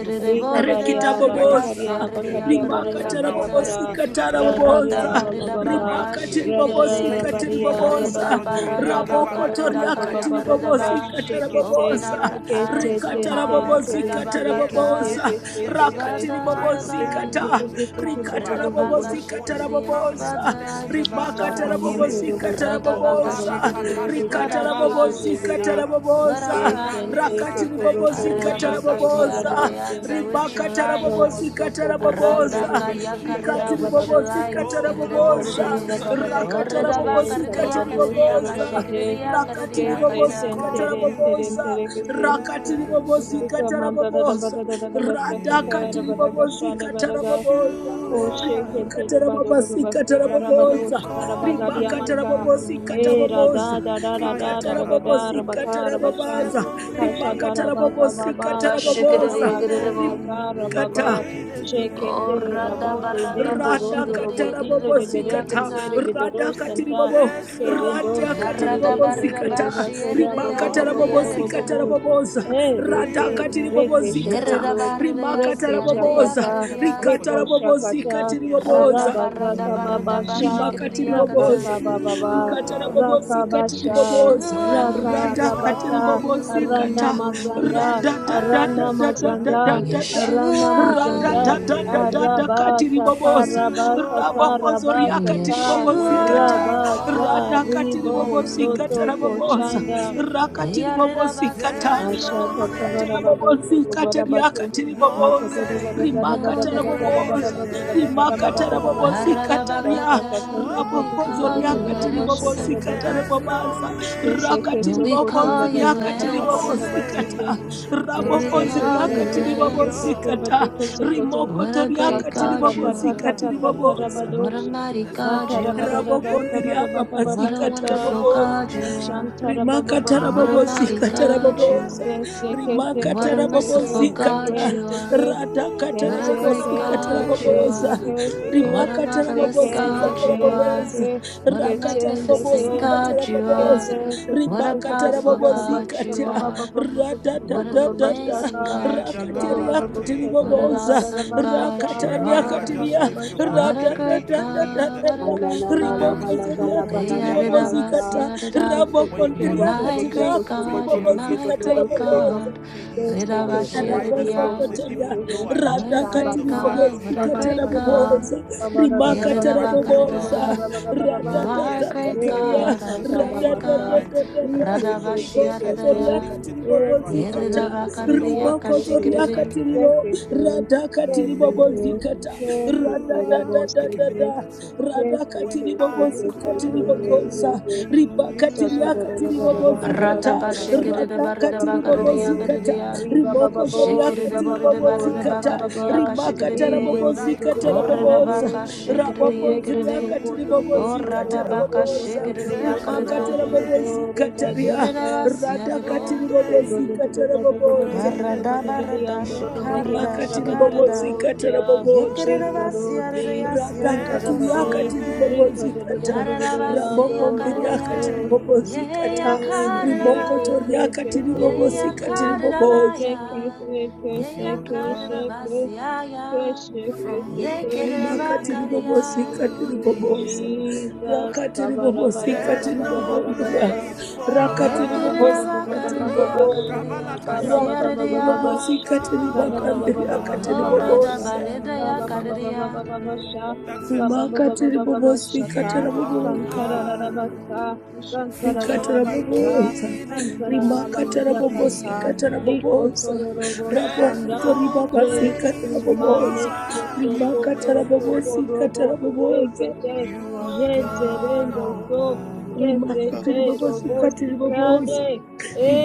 Speaker 5: You feel
Speaker 2: borere
Speaker 5: pain,
Speaker 3: Rekita
Speaker 2: barere
Speaker 5: like a
Speaker 4: Rabakaria,
Speaker 3: bobosa.
Speaker 5: sharp
Speaker 2: basiarere
Speaker 5: pain
Speaker 4: Bakaria,
Speaker 2: yakarere
Speaker 3: Rimaka
Speaker 5: from now
Speaker 4: Barakatia,
Speaker 5: and
Speaker 2: yakata.
Speaker 5: then.
Speaker 3: tarabobosi
Speaker 4: Bara,
Speaker 5: You feel like a sharp
Speaker 2: Rada
Speaker 4: Rakaria,
Speaker 3: katarabobosa.
Speaker 5: pain,
Speaker 4: Baba
Speaker 2: barada
Speaker 5: your right
Speaker 4: Baba,
Speaker 2: baka
Speaker 3: ribaka
Speaker 5: ear.
Speaker 2: shikerere.
Speaker 5: Thank you, Jesus,
Speaker 4: Radarabaria,
Speaker 5: for the
Speaker 2: Reda
Speaker 3: rekitabobosa
Speaker 5: surgery.
Speaker 3: rimakatarabobosikatarabobosa
Speaker 2: barada
Speaker 4: Rabababoria, Baba
Speaker 2: baka
Speaker 4: Baba
Speaker 2: reda
Speaker 4: Baba
Speaker 2: kaya
Speaker 4: Baba
Speaker 2: kareda
Speaker 4: Baba
Speaker 5: Thank you,
Speaker 2: ba.
Speaker 5: Jesus, for
Speaker 4: Shekete,
Speaker 2: Open
Speaker 3: ribakatiribobosikatiribobooza
Speaker 2: our
Speaker 5: healing. This
Speaker 3: rabokotoriakatiribobosikatarabobooza
Speaker 5: one
Speaker 4: Kete,
Speaker 2: eyes,
Speaker 5: is
Speaker 2: O
Speaker 4: Ten, Ten,
Speaker 2: God.
Speaker 5: permanent.
Speaker 2: Reda
Speaker 4: Teren, Tereken,
Speaker 5: Yes,
Speaker 2: bakata.
Speaker 3: rikatarabobosikatarabobosa
Speaker 5: yes,
Speaker 4: Tekete,
Speaker 5: yes, yes. For
Speaker 2: Flood the
Speaker 5: some
Speaker 2: heart
Speaker 5: time,
Speaker 2: of
Speaker 5: the pain
Speaker 2: our eyes.
Speaker 3: rakatiribobozikata
Speaker 5: goes and comes back,
Speaker 2: Reda
Speaker 5: but
Speaker 2: baka
Speaker 4: Kete,
Speaker 5: this one is
Speaker 2: shikerere. Flood
Speaker 5: permanent.
Speaker 2: the
Speaker 3: rikatarabobozikatarabobooza
Speaker 5: Thank you,
Speaker 2: eyes of our
Speaker 5: Jesus,
Speaker 4: Thank
Speaker 3: ribakata
Speaker 5: for
Speaker 2: hearts.
Speaker 5: healing.
Speaker 3: rabobozi
Speaker 2: Rada
Speaker 5: Oh,
Speaker 2: baka
Speaker 3: kataraboboza
Speaker 2: shikerere. Flood
Speaker 3: rikata
Speaker 2: our
Speaker 3: rabobozi
Speaker 2: hearts. Let our
Speaker 3: kataraboboza
Speaker 2: eyes.
Speaker 3: Rakati
Speaker 5: Thank you, Jesus.
Speaker 2: Arirabakati
Speaker 3: ribakatarabobozikatarabobooza
Speaker 2: aridayata with
Speaker 5: Thank you,
Speaker 2: your lights.
Speaker 5: Jesus. Thank
Speaker 3: rikatarabobozikatarabobooza
Speaker 2: Radaka
Speaker 5: you,
Speaker 2: yakarida with your
Speaker 5: Jesus.
Speaker 4: you.
Speaker 2: lights.
Speaker 5: Oh,
Speaker 6: you.
Speaker 2: Kerede
Speaker 3: rakatiribobozikatarabobooza
Speaker 5: glory to
Speaker 2: boridiye.
Speaker 5: your
Speaker 3: ribakatarabobozikatarabobooza
Speaker 5: name.
Speaker 6: Thank
Speaker 5: Glory to your
Speaker 2: Oridabakaridayakaridiyaka
Speaker 3: rikatiribobozikatarabobooza
Speaker 5: name. When we
Speaker 2: shikidiyakaridiyakata.
Speaker 3: rakatarabobozikatiriboboza
Speaker 5: call you, you
Speaker 3: katarabobosa
Speaker 5: will
Speaker 3: rakatiribobosi
Speaker 5: answer.
Speaker 3: katarabobosa
Speaker 5: Yes,
Speaker 3: radakatiribobosi
Speaker 5: you
Speaker 3: katarabobosa
Speaker 5: are.
Speaker 4: Koshekete badoro
Speaker 3: rimakatarabobosi
Speaker 4: basi
Speaker 5: When
Speaker 4: karabada
Speaker 5: we
Speaker 3: katarabobosa
Speaker 4: oshara
Speaker 5: call
Speaker 4: bagari
Speaker 5: you,
Speaker 4: amanta.
Speaker 5: you
Speaker 3: rimakatarabobosi
Speaker 4: E
Speaker 3: katarabobosa
Speaker 4: rada da da
Speaker 5: will.
Speaker 4: da da
Speaker 5: answer.
Speaker 4: da da da da
Speaker 3: rikatarabobosi
Speaker 4: rabakara basham.
Speaker 5: There's
Speaker 3: katarabobaza
Speaker 5: no
Speaker 4: Kasha
Speaker 5: name,
Speaker 4: da rabaga
Speaker 3: rimakatarabobosi
Speaker 4: baba
Speaker 5: no
Speaker 4: shakara
Speaker 3: katarabobosa
Speaker 4: bado
Speaker 3: rim
Speaker 5: name
Speaker 2: Radabashikidiyakididibom.
Speaker 4: sakara
Speaker 3: kata
Speaker 4: baba.
Speaker 5: greater than
Speaker 4: Shekete rabo de dendo
Speaker 3: Rada
Speaker 4: rondo
Speaker 5: yours.
Speaker 3: katara
Speaker 4: robozite
Speaker 3: bobo
Speaker 4: rebere
Speaker 3: zikata.
Speaker 4: kentere
Speaker 2: Oradabaradabashikidiyakididibodiyakata.
Speaker 4: bedoro
Speaker 3: Rada katiri
Speaker 6: you.
Speaker 4: santa.
Speaker 3: bobo.
Speaker 5: There's no
Speaker 4: Kerendo
Speaker 3: Rada katiri
Speaker 4: sotori
Speaker 6: Thank
Speaker 5: name,
Speaker 4: de
Speaker 3: bobo
Speaker 4: kentere
Speaker 3: zikata.
Speaker 4: bakora bobo
Speaker 3: Ribaka
Speaker 5: no
Speaker 3: tara
Speaker 4: bobo bobo
Speaker 3: bobo
Speaker 4: bobo
Speaker 2: Yaradabaridabashiyadidiyakaridiyakata.
Speaker 3: zikata
Speaker 4: bobo.
Speaker 5: name
Speaker 3: raboboza.
Speaker 4: E
Speaker 3: Rada
Speaker 5: greater
Speaker 4: reke
Speaker 3: katiri bobo
Speaker 4: reke
Speaker 5: than
Speaker 3: zikata.
Speaker 4: shokoto
Speaker 2: Yeridabaridiya
Speaker 3: Rimaka
Speaker 4: reke
Speaker 3: tara
Speaker 5: you.
Speaker 3: boboza.
Speaker 5: I
Speaker 4: shakata.
Speaker 5: think that's a
Speaker 2: siyadidiyakaridiya.
Speaker 5: song for the
Speaker 3: Rikata
Speaker 4: Reko
Speaker 5: moment.
Speaker 3: rabobo
Speaker 4: Shakata,
Speaker 3: zikatiri
Speaker 5: Yes.
Speaker 3: boboza
Speaker 5: Yes,
Speaker 4: Rabazaka Babasha,
Speaker 3: ribakatiri
Speaker 2: Radabaradabashikiriakata.
Speaker 3: boboza
Speaker 4: Rakata Bababa,
Speaker 5: you
Speaker 3: rikatara
Speaker 5: are.
Speaker 3: bobosi katiri
Speaker 4: Rakabasha,
Speaker 3: boboza
Speaker 5: When
Speaker 2: Yeshua,
Speaker 5: we
Speaker 4: Raka
Speaker 3: rada katiri
Speaker 4: Rabata,
Speaker 5: call
Speaker 3: bobosi
Speaker 5: you, you
Speaker 4: Arana
Speaker 3: kata
Speaker 4: Mazanda,
Speaker 3: rada
Speaker 5: will
Speaker 3: da da da
Speaker 4: Arana
Speaker 3: da da da
Speaker 5: answer.
Speaker 3: da
Speaker 4: Mazanda,
Speaker 3: da da
Speaker 4: Arana
Speaker 3: rada
Speaker 2: Yeshua,
Speaker 3: da
Speaker 4: Mazanda,
Speaker 3: da da
Speaker 5: Yes,
Speaker 3: da da katiri
Speaker 4: Arabata
Speaker 3: boboza
Speaker 5: you
Speaker 4: Parabakata
Speaker 3: rabokozo
Speaker 5: are.
Speaker 3: ria katiri
Speaker 4: Rabasata,
Speaker 3: bobosi
Speaker 2: Yeshua.
Speaker 5: When we
Speaker 3: kata
Speaker 5: call
Speaker 4: Rabaza
Speaker 3: rada katiri
Speaker 5: you,
Speaker 4: Ribo
Speaker 3: bobosi
Speaker 5: you
Speaker 3: kata
Speaker 4: Zoto
Speaker 3: raboboza
Speaker 4: Koshanda,
Speaker 5: deliver.
Speaker 3: rakatiri bobosi kata
Speaker 5: There's
Speaker 4: Asha
Speaker 5: no
Speaker 2: Eyarirabasiaridiakata.
Speaker 3: Rimakata
Speaker 4: katabara
Speaker 5: name,
Speaker 4: bado
Speaker 3: rabobozi
Speaker 4: soko bara
Speaker 3: katariaka
Speaker 4: baso
Speaker 6: you.
Speaker 5: no
Speaker 3: tiriboboza.
Speaker 4: makodoro bada
Speaker 5: name
Speaker 4: gada
Speaker 2: No
Speaker 4: bada
Speaker 3: Rimakata
Speaker 6: Thank
Speaker 4: bada gada bada
Speaker 5: greater
Speaker 2: name.
Speaker 3: raboboza.
Speaker 4: bada gada
Speaker 5: than
Speaker 4: gada
Speaker 5: yours.
Speaker 4: bada
Speaker 3: Rimakata
Speaker 4: gada bada
Speaker 3: rabobozi
Speaker 4: gada
Speaker 3: kataria
Speaker 2: Aradabakata.
Speaker 4: katese
Speaker 2: When we
Speaker 4: bote
Speaker 3: Rabohozo
Speaker 2: call
Speaker 4: bote
Speaker 2: you,
Speaker 3: riaka
Speaker 4: bote da basho
Speaker 3: tiribobozi
Speaker 4: koro
Speaker 2: answer.
Speaker 4: bako
Speaker 5: There's
Speaker 3: katarabobaza.
Speaker 5: no
Speaker 4: kese
Speaker 3: Raka
Speaker 5: name,
Speaker 2: When
Speaker 4: kese
Speaker 2: we
Speaker 3: rimakatarabobosikatariakatiriboboza
Speaker 4: koto la
Speaker 2: call you,
Speaker 4: basa
Speaker 5: no
Speaker 4: katabara da
Speaker 2: answer.
Speaker 4: baseke
Speaker 5: name
Speaker 2: When we
Speaker 4: kese
Speaker 3: rimakataraboboza
Speaker 5: greater
Speaker 2: call
Speaker 4: kese
Speaker 2: you,
Speaker 4: kese
Speaker 5: than
Speaker 2: answer.
Speaker 4: kese ke bade
Speaker 3: rimakatarabobosikataria rabokozoriakatiribobosikatarabobaza rakatiribokonziriakatiribobosikata
Speaker 5: yours.
Speaker 3: rabokonziriakatiribobosikata
Speaker 4: kese kote
Speaker 2: What a great
Speaker 4: kasa
Speaker 2: God
Speaker 4: ta ta
Speaker 2: you
Speaker 4: ta
Speaker 2: are.
Speaker 4: ta ta ta ta
Speaker 3: rimokotoriakatiribobosikatiriboboza
Speaker 4: rabado
Speaker 2: What a mighty
Speaker 5: There's
Speaker 4: ta
Speaker 2: God
Speaker 4: ta
Speaker 5: no
Speaker 2: you
Speaker 4: rabada
Speaker 2: are.
Speaker 5: name,
Speaker 4: da basa bada
Speaker 5: eh,
Speaker 4: bada
Speaker 2: What
Speaker 4: bada
Speaker 2: a
Speaker 4: kasa
Speaker 2: wonderful
Speaker 3: rabokondiriababasikataraboboza
Speaker 5: no
Speaker 2: God you
Speaker 5: name.
Speaker 2: are.
Speaker 4: Shantara Baba
Speaker 3: Rimaka
Speaker 4: Baba
Speaker 2: What a
Speaker 4: bo
Speaker 3: tarabobozi
Speaker 5: Higher
Speaker 2: mighty
Speaker 5: than
Speaker 2: God
Speaker 5: higher
Speaker 2: you are.
Speaker 3: kataraboboza.
Speaker 5: than
Speaker 4: Yes,
Speaker 5: yours.
Speaker 3: Rimaka
Speaker 2: What a merciful
Speaker 3: tarabobozi
Speaker 2: God
Speaker 3: kata.
Speaker 2: you are.
Speaker 3: Rata
Speaker 5: Ooh.
Speaker 2: What a
Speaker 5: There's
Speaker 2: great
Speaker 3: katarabobozi
Speaker 5: no
Speaker 2: God you
Speaker 5: name,
Speaker 3: kataraboboza.
Speaker 2: are. What a
Speaker 3: Rimaka
Speaker 2: marvelous
Speaker 3: tarabobozi
Speaker 2: God
Speaker 5: no
Speaker 2: you
Speaker 6: you.
Speaker 2: are.
Speaker 3: kataraboboza.
Speaker 5: name
Speaker 2: What a
Speaker 3: Raka
Speaker 6: Thank
Speaker 2: magnificent
Speaker 3: tarabobozi
Speaker 2: God
Speaker 5: higher
Speaker 2: you are.
Speaker 3: kataraboboza.
Speaker 5: than
Speaker 2: What a
Speaker 3: Ribaka
Speaker 5: yours.
Speaker 2: powerful
Speaker 3: tarabobozi
Speaker 2: God you
Speaker 3: kata.
Speaker 2: are.
Speaker 3: Rada da
Speaker 2: What an
Speaker 3: da da da.
Speaker 2: amazing God
Speaker 3: Raka
Speaker 2: you are.
Speaker 3: teriaka
Speaker 2: What an
Speaker 3: tiriboboza.
Speaker 2: awesome God
Speaker 3: Raka
Speaker 2: you
Speaker 5: Wherever you
Speaker 3: tariaka
Speaker 5: are,
Speaker 2: are.
Speaker 5: just
Speaker 3: tiria.
Speaker 5: lift your voice.
Speaker 2: What
Speaker 5: If
Speaker 2: a
Speaker 3: Rada da
Speaker 2: great
Speaker 5: indeed you
Speaker 3: da da da
Speaker 5: believe
Speaker 2: God.
Speaker 5: that
Speaker 3: da
Speaker 2: What a
Speaker 3: da.
Speaker 2: great
Speaker 5: there
Speaker 2: God.
Speaker 5: is
Speaker 3: Riboko
Speaker 5: no
Speaker 3: zoriaka
Speaker 2: Hey, yadada
Speaker 5: name.
Speaker 3: tiribobozi
Speaker 2: basi,
Speaker 3: kata.
Speaker 2: yadada.
Speaker 3: Rabo
Speaker 5: When you
Speaker 2: You're
Speaker 5: call
Speaker 3: kondria
Speaker 5: on
Speaker 2: my
Speaker 5: Jesus,
Speaker 3: katiria
Speaker 2: great
Speaker 5: when you
Speaker 3: katiri
Speaker 2: God,
Speaker 5: call
Speaker 2: you're
Speaker 5: on
Speaker 3: bobozi
Speaker 2: my
Speaker 5: Yeshua,
Speaker 3: katara
Speaker 2: great
Speaker 5: he, he,
Speaker 2: God.
Speaker 5: he is,
Speaker 2: Rida
Speaker 5: oh,
Speaker 4: Shabata,
Speaker 5: is
Speaker 2: bashi,
Speaker 5: right that the Bible
Speaker 2: yadada.
Speaker 5: says,
Speaker 3: Rabosokotoria,
Speaker 5: even though I
Speaker 2: What
Speaker 5: walk
Speaker 2: a
Speaker 5: through
Speaker 3: Radakati
Speaker 5: the
Speaker 2: great
Speaker 5: valley
Speaker 2: God,
Speaker 5: of
Speaker 2: what
Speaker 3: Ribobosi
Speaker 2: a
Speaker 5: shadow,
Speaker 2: great
Speaker 4: Sabashanta,
Speaker 2: God.
Speaker 3: Katarabobosa,
Speaker 5: He's
Speaker 3: Rimaka
Speaker 4: Baba,
Speaker 2: Yerida
Speaker 5: right there with us.
Speaker 3: Tarabobosa,
Speaker 2: bakarida. You are
Speaker 5: Yes,
Speaker 3: Radadada
Speaker 5: if
Speaker 2: great
Speaker 5: indeed you believe
Speaker 4: Leya
Speaker 3: Kataria,
Speaker 2: God,
Speaker 5: this is a
Speaker 2: our
Speaker 4: Santa
Speaker 5: song for
Speaker 2: great
Speaker 5: the
Speaker 4: Namaska,
Speaker 2: God.
Speaker 5: moment,
Speaker 3: Radadadadada,
Speaker 5: if you
Speaker 2: Rada
Speaker 4: Liseke,
Speaker 5: believe
Speaker 2: bashi,
Speaker 5: this,
Speaker 3: Riboko
Speaker 5: yes, just
Speaker 3: Zoria
Speaker 4: Reseke,
Speaker 2: yadada.
Speaker 5: lift it wherever you
Speaker 3: Katiribobosi
Speaker 5: are.
Speaker 2: Yerida
Speaker 4: Reseke,
Speaker 3: Kata,
Speaker 5: Open your
Speaker 2: bakarida,
Speaker 5: heart and
Speaker 3: Rimoko
Speaker 5: sing
Speaker 6: you.
Speaker 5: this
Speaker 3: Zoria
Speaker 4: Sekete,
Speaker 5: like you
Speaker 2: kashikiridi.
Speaker 5: mean
Speaker 3: Katiribo,
Speaker 5: it.
Speaker 4: Sekete,
Speaker 3: Radakati
Speaker 6: Thank
Speaker 3: Ribobosi
Speaker 4: Sekete,
Speaker 3: Kata,
Speaker 5: Yeshua, like you mean it,
Speaker 3: Radadadadada,
Speaker 5: that's it.
Speaker 3: Radakati
Speaker 5: When I
Speaker 3: Ribobosi
Speaker 4: Sekete,
Speaker 5: call
Speaker 2: Mm.
Speaker 3: Katiribogosa,
Speaker 5: you,
Speaker 4: Sekete,
Speaker 5: you will
Speaker 3: Ribakatiria
Speaker 4: Shakarabado,
Speaker 5: answer.
Speaker 3: Katiribobosi
Speaker 2: Rada
Speaker 3: Kata,
Speaker 5: That's it.
Speaker 2: bashikirida, barida
Speaker 3: Radakati
Speaker 2: bakarida,
Speaker 3: Ribobosi Kata,
Speaker 2: yakarida.
Speaker 3: rimoko
Speaker 4: Ribababo,
Speaker 2: Shikirida,
Speaker 3: zoriakati
Speaker 2: borida,
Speaker 4: Ribababo,
Speaker 2: barida,
Speaker 3: ribobozikata
Speaker 2: bakarida,
Speaker 5: Yeshua.
Speaker 4: Ribababa,
Speaker 3: rimakata
Speaker 2: yakashikiridi.
Speaker 4: Indo,
Speaker 5: When I
Speaker 3: rabobozikata
Speaker 5: call
Speaker 3: raboboza
Speaker 4: Bozo,
Speaker 2: Oradabaka
Speaker 5: you,
Speaker 4: Eze,
Speaker 5: you
Speaker 3: rabokonzi
Speaker 2: shikadiyakadide.
Speaker 4: Koto,
Speaker 3: riakati
Speaker 4: Koto, Kosho,
Speaker 3: ribobozikata
Speaker 4: Koto,
Speaker 5: deliver.
Speaker 2: Oradabaka
Speaker 4: Koto,
Speaker 3: raboboza
Speaker 4: Kosho,
Speaker 5: There's
Speaker 4: Koto,
Speaker 3: rimakata
Speaker 2: shikadiyakadida.
Speaker 5: no
Speaker 4: Koto,
Speaker 5: name,
Speaker 4: Do,
Speaker 3: rabobozikata
Speaker 5: yes,
Speaker 3: ria
Speaker 4: Ribadisha,
Speaker 5: no
Speaker 3: radakati
Speaker 2: Yeridabasiadida.
Speaker 5: name
Speaker 4: Ribadisha,
Speaker 3: ribobozikata raboboza
Speaker 5: greater
Speaker 2: Aradabarada
Speaker 5: than
Speaker 2: shikadida
Speaker 3: rimakati
Speaker 2: shikadida.
Speaker 5: yours.
Speaker 3: ribobozikata raboboza
Speaker 4: Rika
Speaker 5: Ooh,
Speaker 2: Yekadidabasiadida
Speaker 4: Rosi, Rika
Speaker 2: yasiadida
Speaker 5: there's
Speaker 3: radhakati
Speaker 5: no
Speaker 4: Rabadi,
Speaker 3: riakati
Speaker 2: bosiodida.
Speaker 5: name,
Speaker 4: Rika
Speaker 3: ribobozikata rabokonzi
Speaker 5: no
Speaker 3: riakati
Speaker 2: Yaradabasiyakadida.
Speaker 4: Dodo,
Speaker 5: name
Speaker 3: ribobozikata
Speaker 6: you.
Speaker 5: greater
Speaker 2: Yeyakadidaba.
Speaker 3: rimokoto
Speaker 5: than
Speaker 3: riakati
Speaker 6: Thank
Speaker 5: yours.
Speaker 3: ribobozikati riboboza
Speaker 2: Yeyakadidabaya.
Speaker 5: 'Cause you are God
Speaker 2: Yeyakadidabasiaya.
Speaker 5: from
Speaker 3: rimakati
Speaker 5: beginning to
Speaker 2: Yekadidabakadiya.
Speaker 3: ribobozikati
Speaker 5: the
Speaker 3: riboboza
Speaker 5: end.
Speaker 4: Jesus.
Speaker 3: rakati
Speaker 5: There's
Speaker 3: ribobozikati
Speaker 5: no
Speaker 3: ribogondria
Speaker 4: Kabarabarabarabarabarabarabaraba.
Speaker 5: place for
Speaker 3: rakati
Speaker 2: Yekerera
Speaker 3: ribobozikati
Speaker 5: argument.
Speaker 2: kareria
Speaker 3: riboboza
Speaker 4: Kababababababababababasha.
Speaker 2: kareria
Speaker 3: rakati
Speaker 5: You are
Speaker 2: kasiareria.
Speaker 4: Kababababababasha.
Speaker 3: ribobozikati
Speaker 5: God all by
Speaker 3: rimakandriakati
Speaker 2: Oreda
Speaker 4: Kabababababababasha.
Speaker 3: riboboza
Speaker 2: bareda
Speaker 5: yourself.
Speaker 2: ya kareria. Mm,
Speaker 4: Kababababababasha.
Speaker 5: That's it.
Speaker 3: rimakati
Speaker 4: Kababababababashata.
Speaker 3: ribobozikati
Speaker 5: You are
Speaker 3: raboboza
Speaker 5: God
Speaker 4: Kantarararabasa.
Speaker 3: rikati
Speaker 5: from
Speaker 4: Kantarararabasa.
Speaker 3: raboboza
Speaker 5: beginning
Speaker 3: rimakati
Speaker 5: to the
Speaker 4: Kantarararabaziakanta.
Speaker 5: end.
Speaker 3: rabobozikati raboboza
Speaker 5: There's
Speaker 4: Ikotororoboshanda.
Speaker 3: rabokoto
Speaker 5: no
Speaker 3: ribabazikati
Speaker 6: you.
Speaker 4: Jesu
Speaker 5: place for
Speaker 4: mane
Speaker 3: raboboza
Speaker 6: Thank
Speaker 4: koto
Speaker 6: you.
Speaker 4: koto
Speaker 3: rimakati
Speaker 5: argument.
Speaker 4: Soko,
Speaker 3: rabobozikati
Speaker 4: Robo,
Speaker 3: raboboza
Speaker 4: sekete
Speaker 5: You are God
Speaker 4: jenderendo
Speaker 5: all
Speaker 4: so
Speaker 5: by
Speaker 4: kesete
Speaker 3: rimasatiri
Speaker 5: yourself.
Speaker 4: robosi
Speaker 3: babasukatiri
Speaker 4: kande
Speaker 3: babosa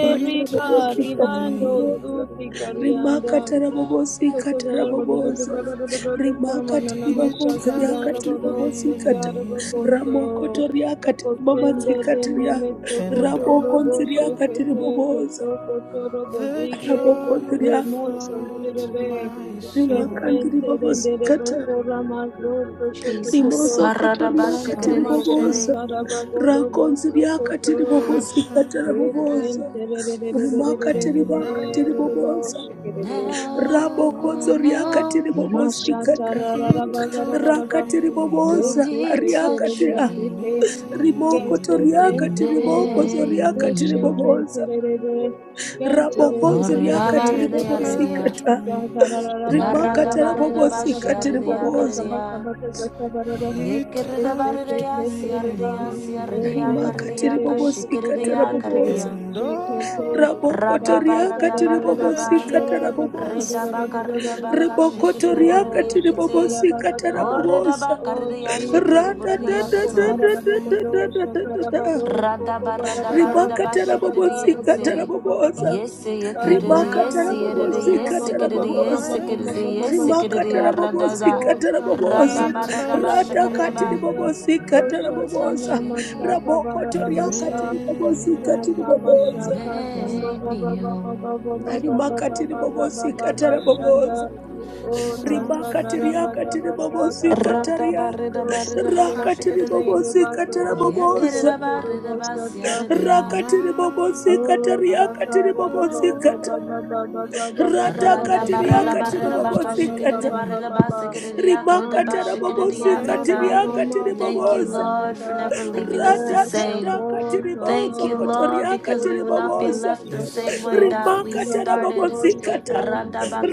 Speaker 5: He touched
Speaker 3: babosikatara
Speaker 4: ribando
Speaker 5: me.
Speaker 3: babosa
Speaker 4: zuti karianda
Speaker 3: rimakatara babosikatara babosa rimakatiri
Speaker 5: He
Speaker 3: bakonza
Speaker 5: touched
Speaker 3: riakatiri babosikata
Speaker 5: me,
Speaker 3: ramokotori akatiri mamatsikatiria
Speaker 5: and
Speaker 3: ramokonzi riakatiri babosa
Speaker 5: oh, the joy
Speaker 3: ramokonziria
Speaker 5: that
Speaker 4: Remote
Speaker 5: floods my
Speaker 4: Yes,
Speaker 5: soul.
Speaker 3: rimakandiri babosikata
Speaker 2: Jesus.
Speaker 3: Rimoso
Speaker 2: Karada
Speaker 3: kotoriaka
Speaker 2: bashikerere
Speaker 3: tiribobosa.
Speaker 2: yekerere.
Speaker 5: Something
Speaker 3: Rakonziriaka tiribobosikata
Speaker 5: happened,
Speaker 2: Ah,
Speaker 3: tarabobosa.
Speaker 6: Thank
Speaker 3: Rimaka
Speaker 5: and
Speaker 3: tiribaka
Speaker 5: now
Speaker 3: tiribobosa.
Speaker 2: And
Speaker 5: I
Speaker 2: now I
Speaker 3: Rabokonzo riaka
Speaker 5: know
Speaker 2: know,
Speaker 3: tiribobosikata.
Speaker 5: He touched
Speaker 3: Raka
Speaker 5: me
Speaker 2: no,
Speaker 3: tiribobosa.
Speaker 2: he
Speaker 3: Ariaka
Speaker 2: touched
Speaker 3: tia.
Speaker 5: and
Speaker 2: me.
Speaker 3: Rimoko
Speaker 5: made me
Speaker 2: He
Speaker 3: toriaka tiriboko
Speaker 2: made
Speaker 3: zoriaka
Speaker 2: me
Speaker 5: whole.
Speaker 2: whole.
Speaker 3: tiribobosa. Rabokonzo
Speaker 2: Oreda
Speaker 3: riaka
Speaker 5: He
Speaker 2: bareda ya redia.
Speaker 5: touched
Speaker 3: tiribobosikata.
Speaker 5: me
Speaker 3: Rimaka
Speaker 2: Yarada bareda
Speaker 3: tarabobosikata
Speaker 2: bashiaredia
Speaker 3: tiribobosa.
Speaker 2: kareria.
Speaker 5: He touched
Speaker 2: Yekeridabaridia,
Speaker 5: me,
Speaker 2: siaridia, siaridia,
Speaker 3: Rimaka
Speaker 2: karidia,
Speaker 3: tiribobosika
Speaker 2: kashikiridia,
Speaker 3: tarabobosa.
Speaker 2: karidia.
Speaker 5: and all
Speaker 2: Radaba,
Speaker 3: Rabokotoria
Speaker 2: radaba,
Speaker 5: the
Speaker 3: katiribobosi
Speaker 2: ridaba.
Speaker 5: joy that
Speaker 3: katarabobosa.
Speaker 2: Redaba,
Speaker 5: fills
Speaker 2: karidaba,
Speaker 5: my
Speaker 3: Rabokotoria
Speaker 2: kashikiriboridia,
Speaker 5: soul.
Speaker 2: kite.
Speaker 3: katiribobosi
Speaker 6: you.
Speaker 2: O
Speaker 3: katarabobosa.
Speaker 2: redaba,
Speaker 4: Oh
Speaker 2: karidia,
Speaker 6: Thank
Speaker 4: Jesus,
Speaker 3: Rada Da
Speaker 2: shikiriboridia,
Speaker 4: Samana
Speaker 3: da da da
Speaker 2: kata.
Speaker 4: Kotara
Speaker 3: da da da
Speaker 4: Babado,
Speaker 3: da da
Speaker 5: Something
Speaker 3: da
Speaker 4: Shatara
Speaker 3: da.
Speaker 4: Bado, Soko
Speaker 2: Radaba,
Speaker 4: Bada Bada
Speaker 2: radaba,
Speaker 4: Bada
Speaker 3: rimaka
Speaker 2: ridaba,
Speaker 4: Bada
Speaker 3: tarabobosika
Speaker 5: happened,
Speaker 4: Bada
Speaker 2: shikiridiente.
Speaker 4: Bada Bada
Speaker 3: tarabobosa
Speaker 2: Yes,
Speaker 5: and
Speaker 2: yekiridi,
Speaker 3: rimaka
Speaker 4: Andara
Speaker 2: yes, yeridi,
Speaker 4: mantora
Speaker 3: tarabobosika
Speaker 2: yes,
Speaker 5: now
Speaker 4: mama mama
Speaker 2: kiridi,
Speaker 4: mama
Speaker 2: yes,
Speaker 3: tarabobosa
Speaker 5: I
Speaker 4: mama mama
Speaker 2: kiridi,
Speaker 5: know
Speaker 2: yes,
Speaker 4: mama
Speaker 3: rimaka
Speaker 2: kiridi,
Speaker 4: shaka o
Speaker 2: radada.
Speaker 3: tarabobosika
Speaker 4: sanda
Speaker 3: tarabobosa
Speaker 5: He
Speaker 2: Radaba, radaba,
Speaker 5: touched
Speaker 4: mantora
Speaker 3: radakati
Speaker 2: shakaridaba.
Speaker 4: baganda
Speaker 5: me
Speaker 2: No,
Speaker 4: o
Speaker 3: ribobosika
Speaker 2: he
Speaker 4: shatana
Speaker 2: touched
Speaker 3: tarabobosa
Speaker 4: masaka
Speaker 2: me,
Speaker 4: baba baba
Speaker 5: and
Speaker 3: rabokotoriaka
Speaker 4: sa
Speaker 5: made
Speaker 3: tiribobosika
Speaker 4: tama
Speaker 5: me
Speaker 3: tiribobosa
Speaker 4: shaka tama
Speaker 2: make
Speaker 4: baba
Speaker 2: me
Speaker 4: baba
Speaker 5: whole.
Speaker 2: whole.
Speaker 4: baba baba baba
Speaker 3: rimakati
Speaker 4: baba
Speaker 3: ribobosika
Speaker 4: baba shanda
Speaker 3: taraboboza
Speaker 4: o tata
Speaker 3: rimakati
Speaker 4: dara
Speaker 5: Something
Speaker 4: baba
Speaker 3: riakati
Speaker 4: baba
Speaker 3: ribobosika
Speaker 4: kaba
Speaker 3: taria
Speaker 4: o seke
Speaker 3: rakati
Speaker 4: seke
Speaker 2: Radabaridabakashikadadi.
Speaker 4: re
Speaker 5: happened,
Speaker 3: ribobosika
Speaker 4: do to ko
Speaker 3: taraboboza
Speaker 6: you.
Speaker 4: turu bosata
Speaker 2: Yeah,
Speaker 6: Thank
Speaker 5: and
Speaker 3: rakati ribobosika
Speaker 4: Oh,
Speaker 5: now I
Speaker 3: tariakati
Speaker 4: Sakara Baba
Speaker 3: ribobosika
Speaker 4: Baba
Speaker 3: ta
Speaker 4: Baba
Speaker 5: know
Speaker 4: Baba Baba Baba
Speaker 2: Rada
Speaker 3: radakati
Speaker 4: Baba
Speaker 2: barra la
Speaker 5: He
Speaker 3: riakati
Speaker 4: Baba
Speaker 5: touched
Speaker 2: baka
Speaker 3: ribobosika
Speaker 2: shikada da
Speaker 3: ta
Speaker 4: Baba
Speaker 2: barra
Speaker 5: me
Speaker 4: Baba
Speaker 2: ba
Speaker 4: Baba
Speaker 2: sikada da yaka da da ba
Speaker 3: rimakata
Speaker 4: Mama
Speaker 2: shikada da
Speaker 4: Mama
Speaker 2: yaka
Speaker 3: rabobosika
Speaker 5: and
Speaker 4: Mama
Speaker 2: ta.
Speaker 3: tiriakati
Speaker 5: made
Speaker 4: Mama
Speaker 2: Thank you,
Speaker 3: riboboza
Speaker 2: Lord, for
Speaker 5: me
Speaker 4: Shaka
Speaker 2: never leaving us the
Speaker 4: Oh
Speaker 5: whole.
Speaker 2: same.
Speaker 3: radadadakati
Speaker 4: Sako
Speaker 2: Thank
Speaker 3: ribozo
Speaker 2: you,
Speaker 4: Toto
Speaker 2: Lord, because
Speaker 3: kotoriakati
Speaker 2: we will not be
Speaker 4: Soko
Speaker 3: riboboza
Speaker 2: left the
Speaker 5: Yes,
Speaker 2: same way
Speaker 4: Sokoto
Speaker 2: that we
Speaker 3: rimakatara
Speaker 2: started.
Speaker 4: Sokoto
Speaker 5: something
Speaker 3: babosikata
Speaker 4: Soko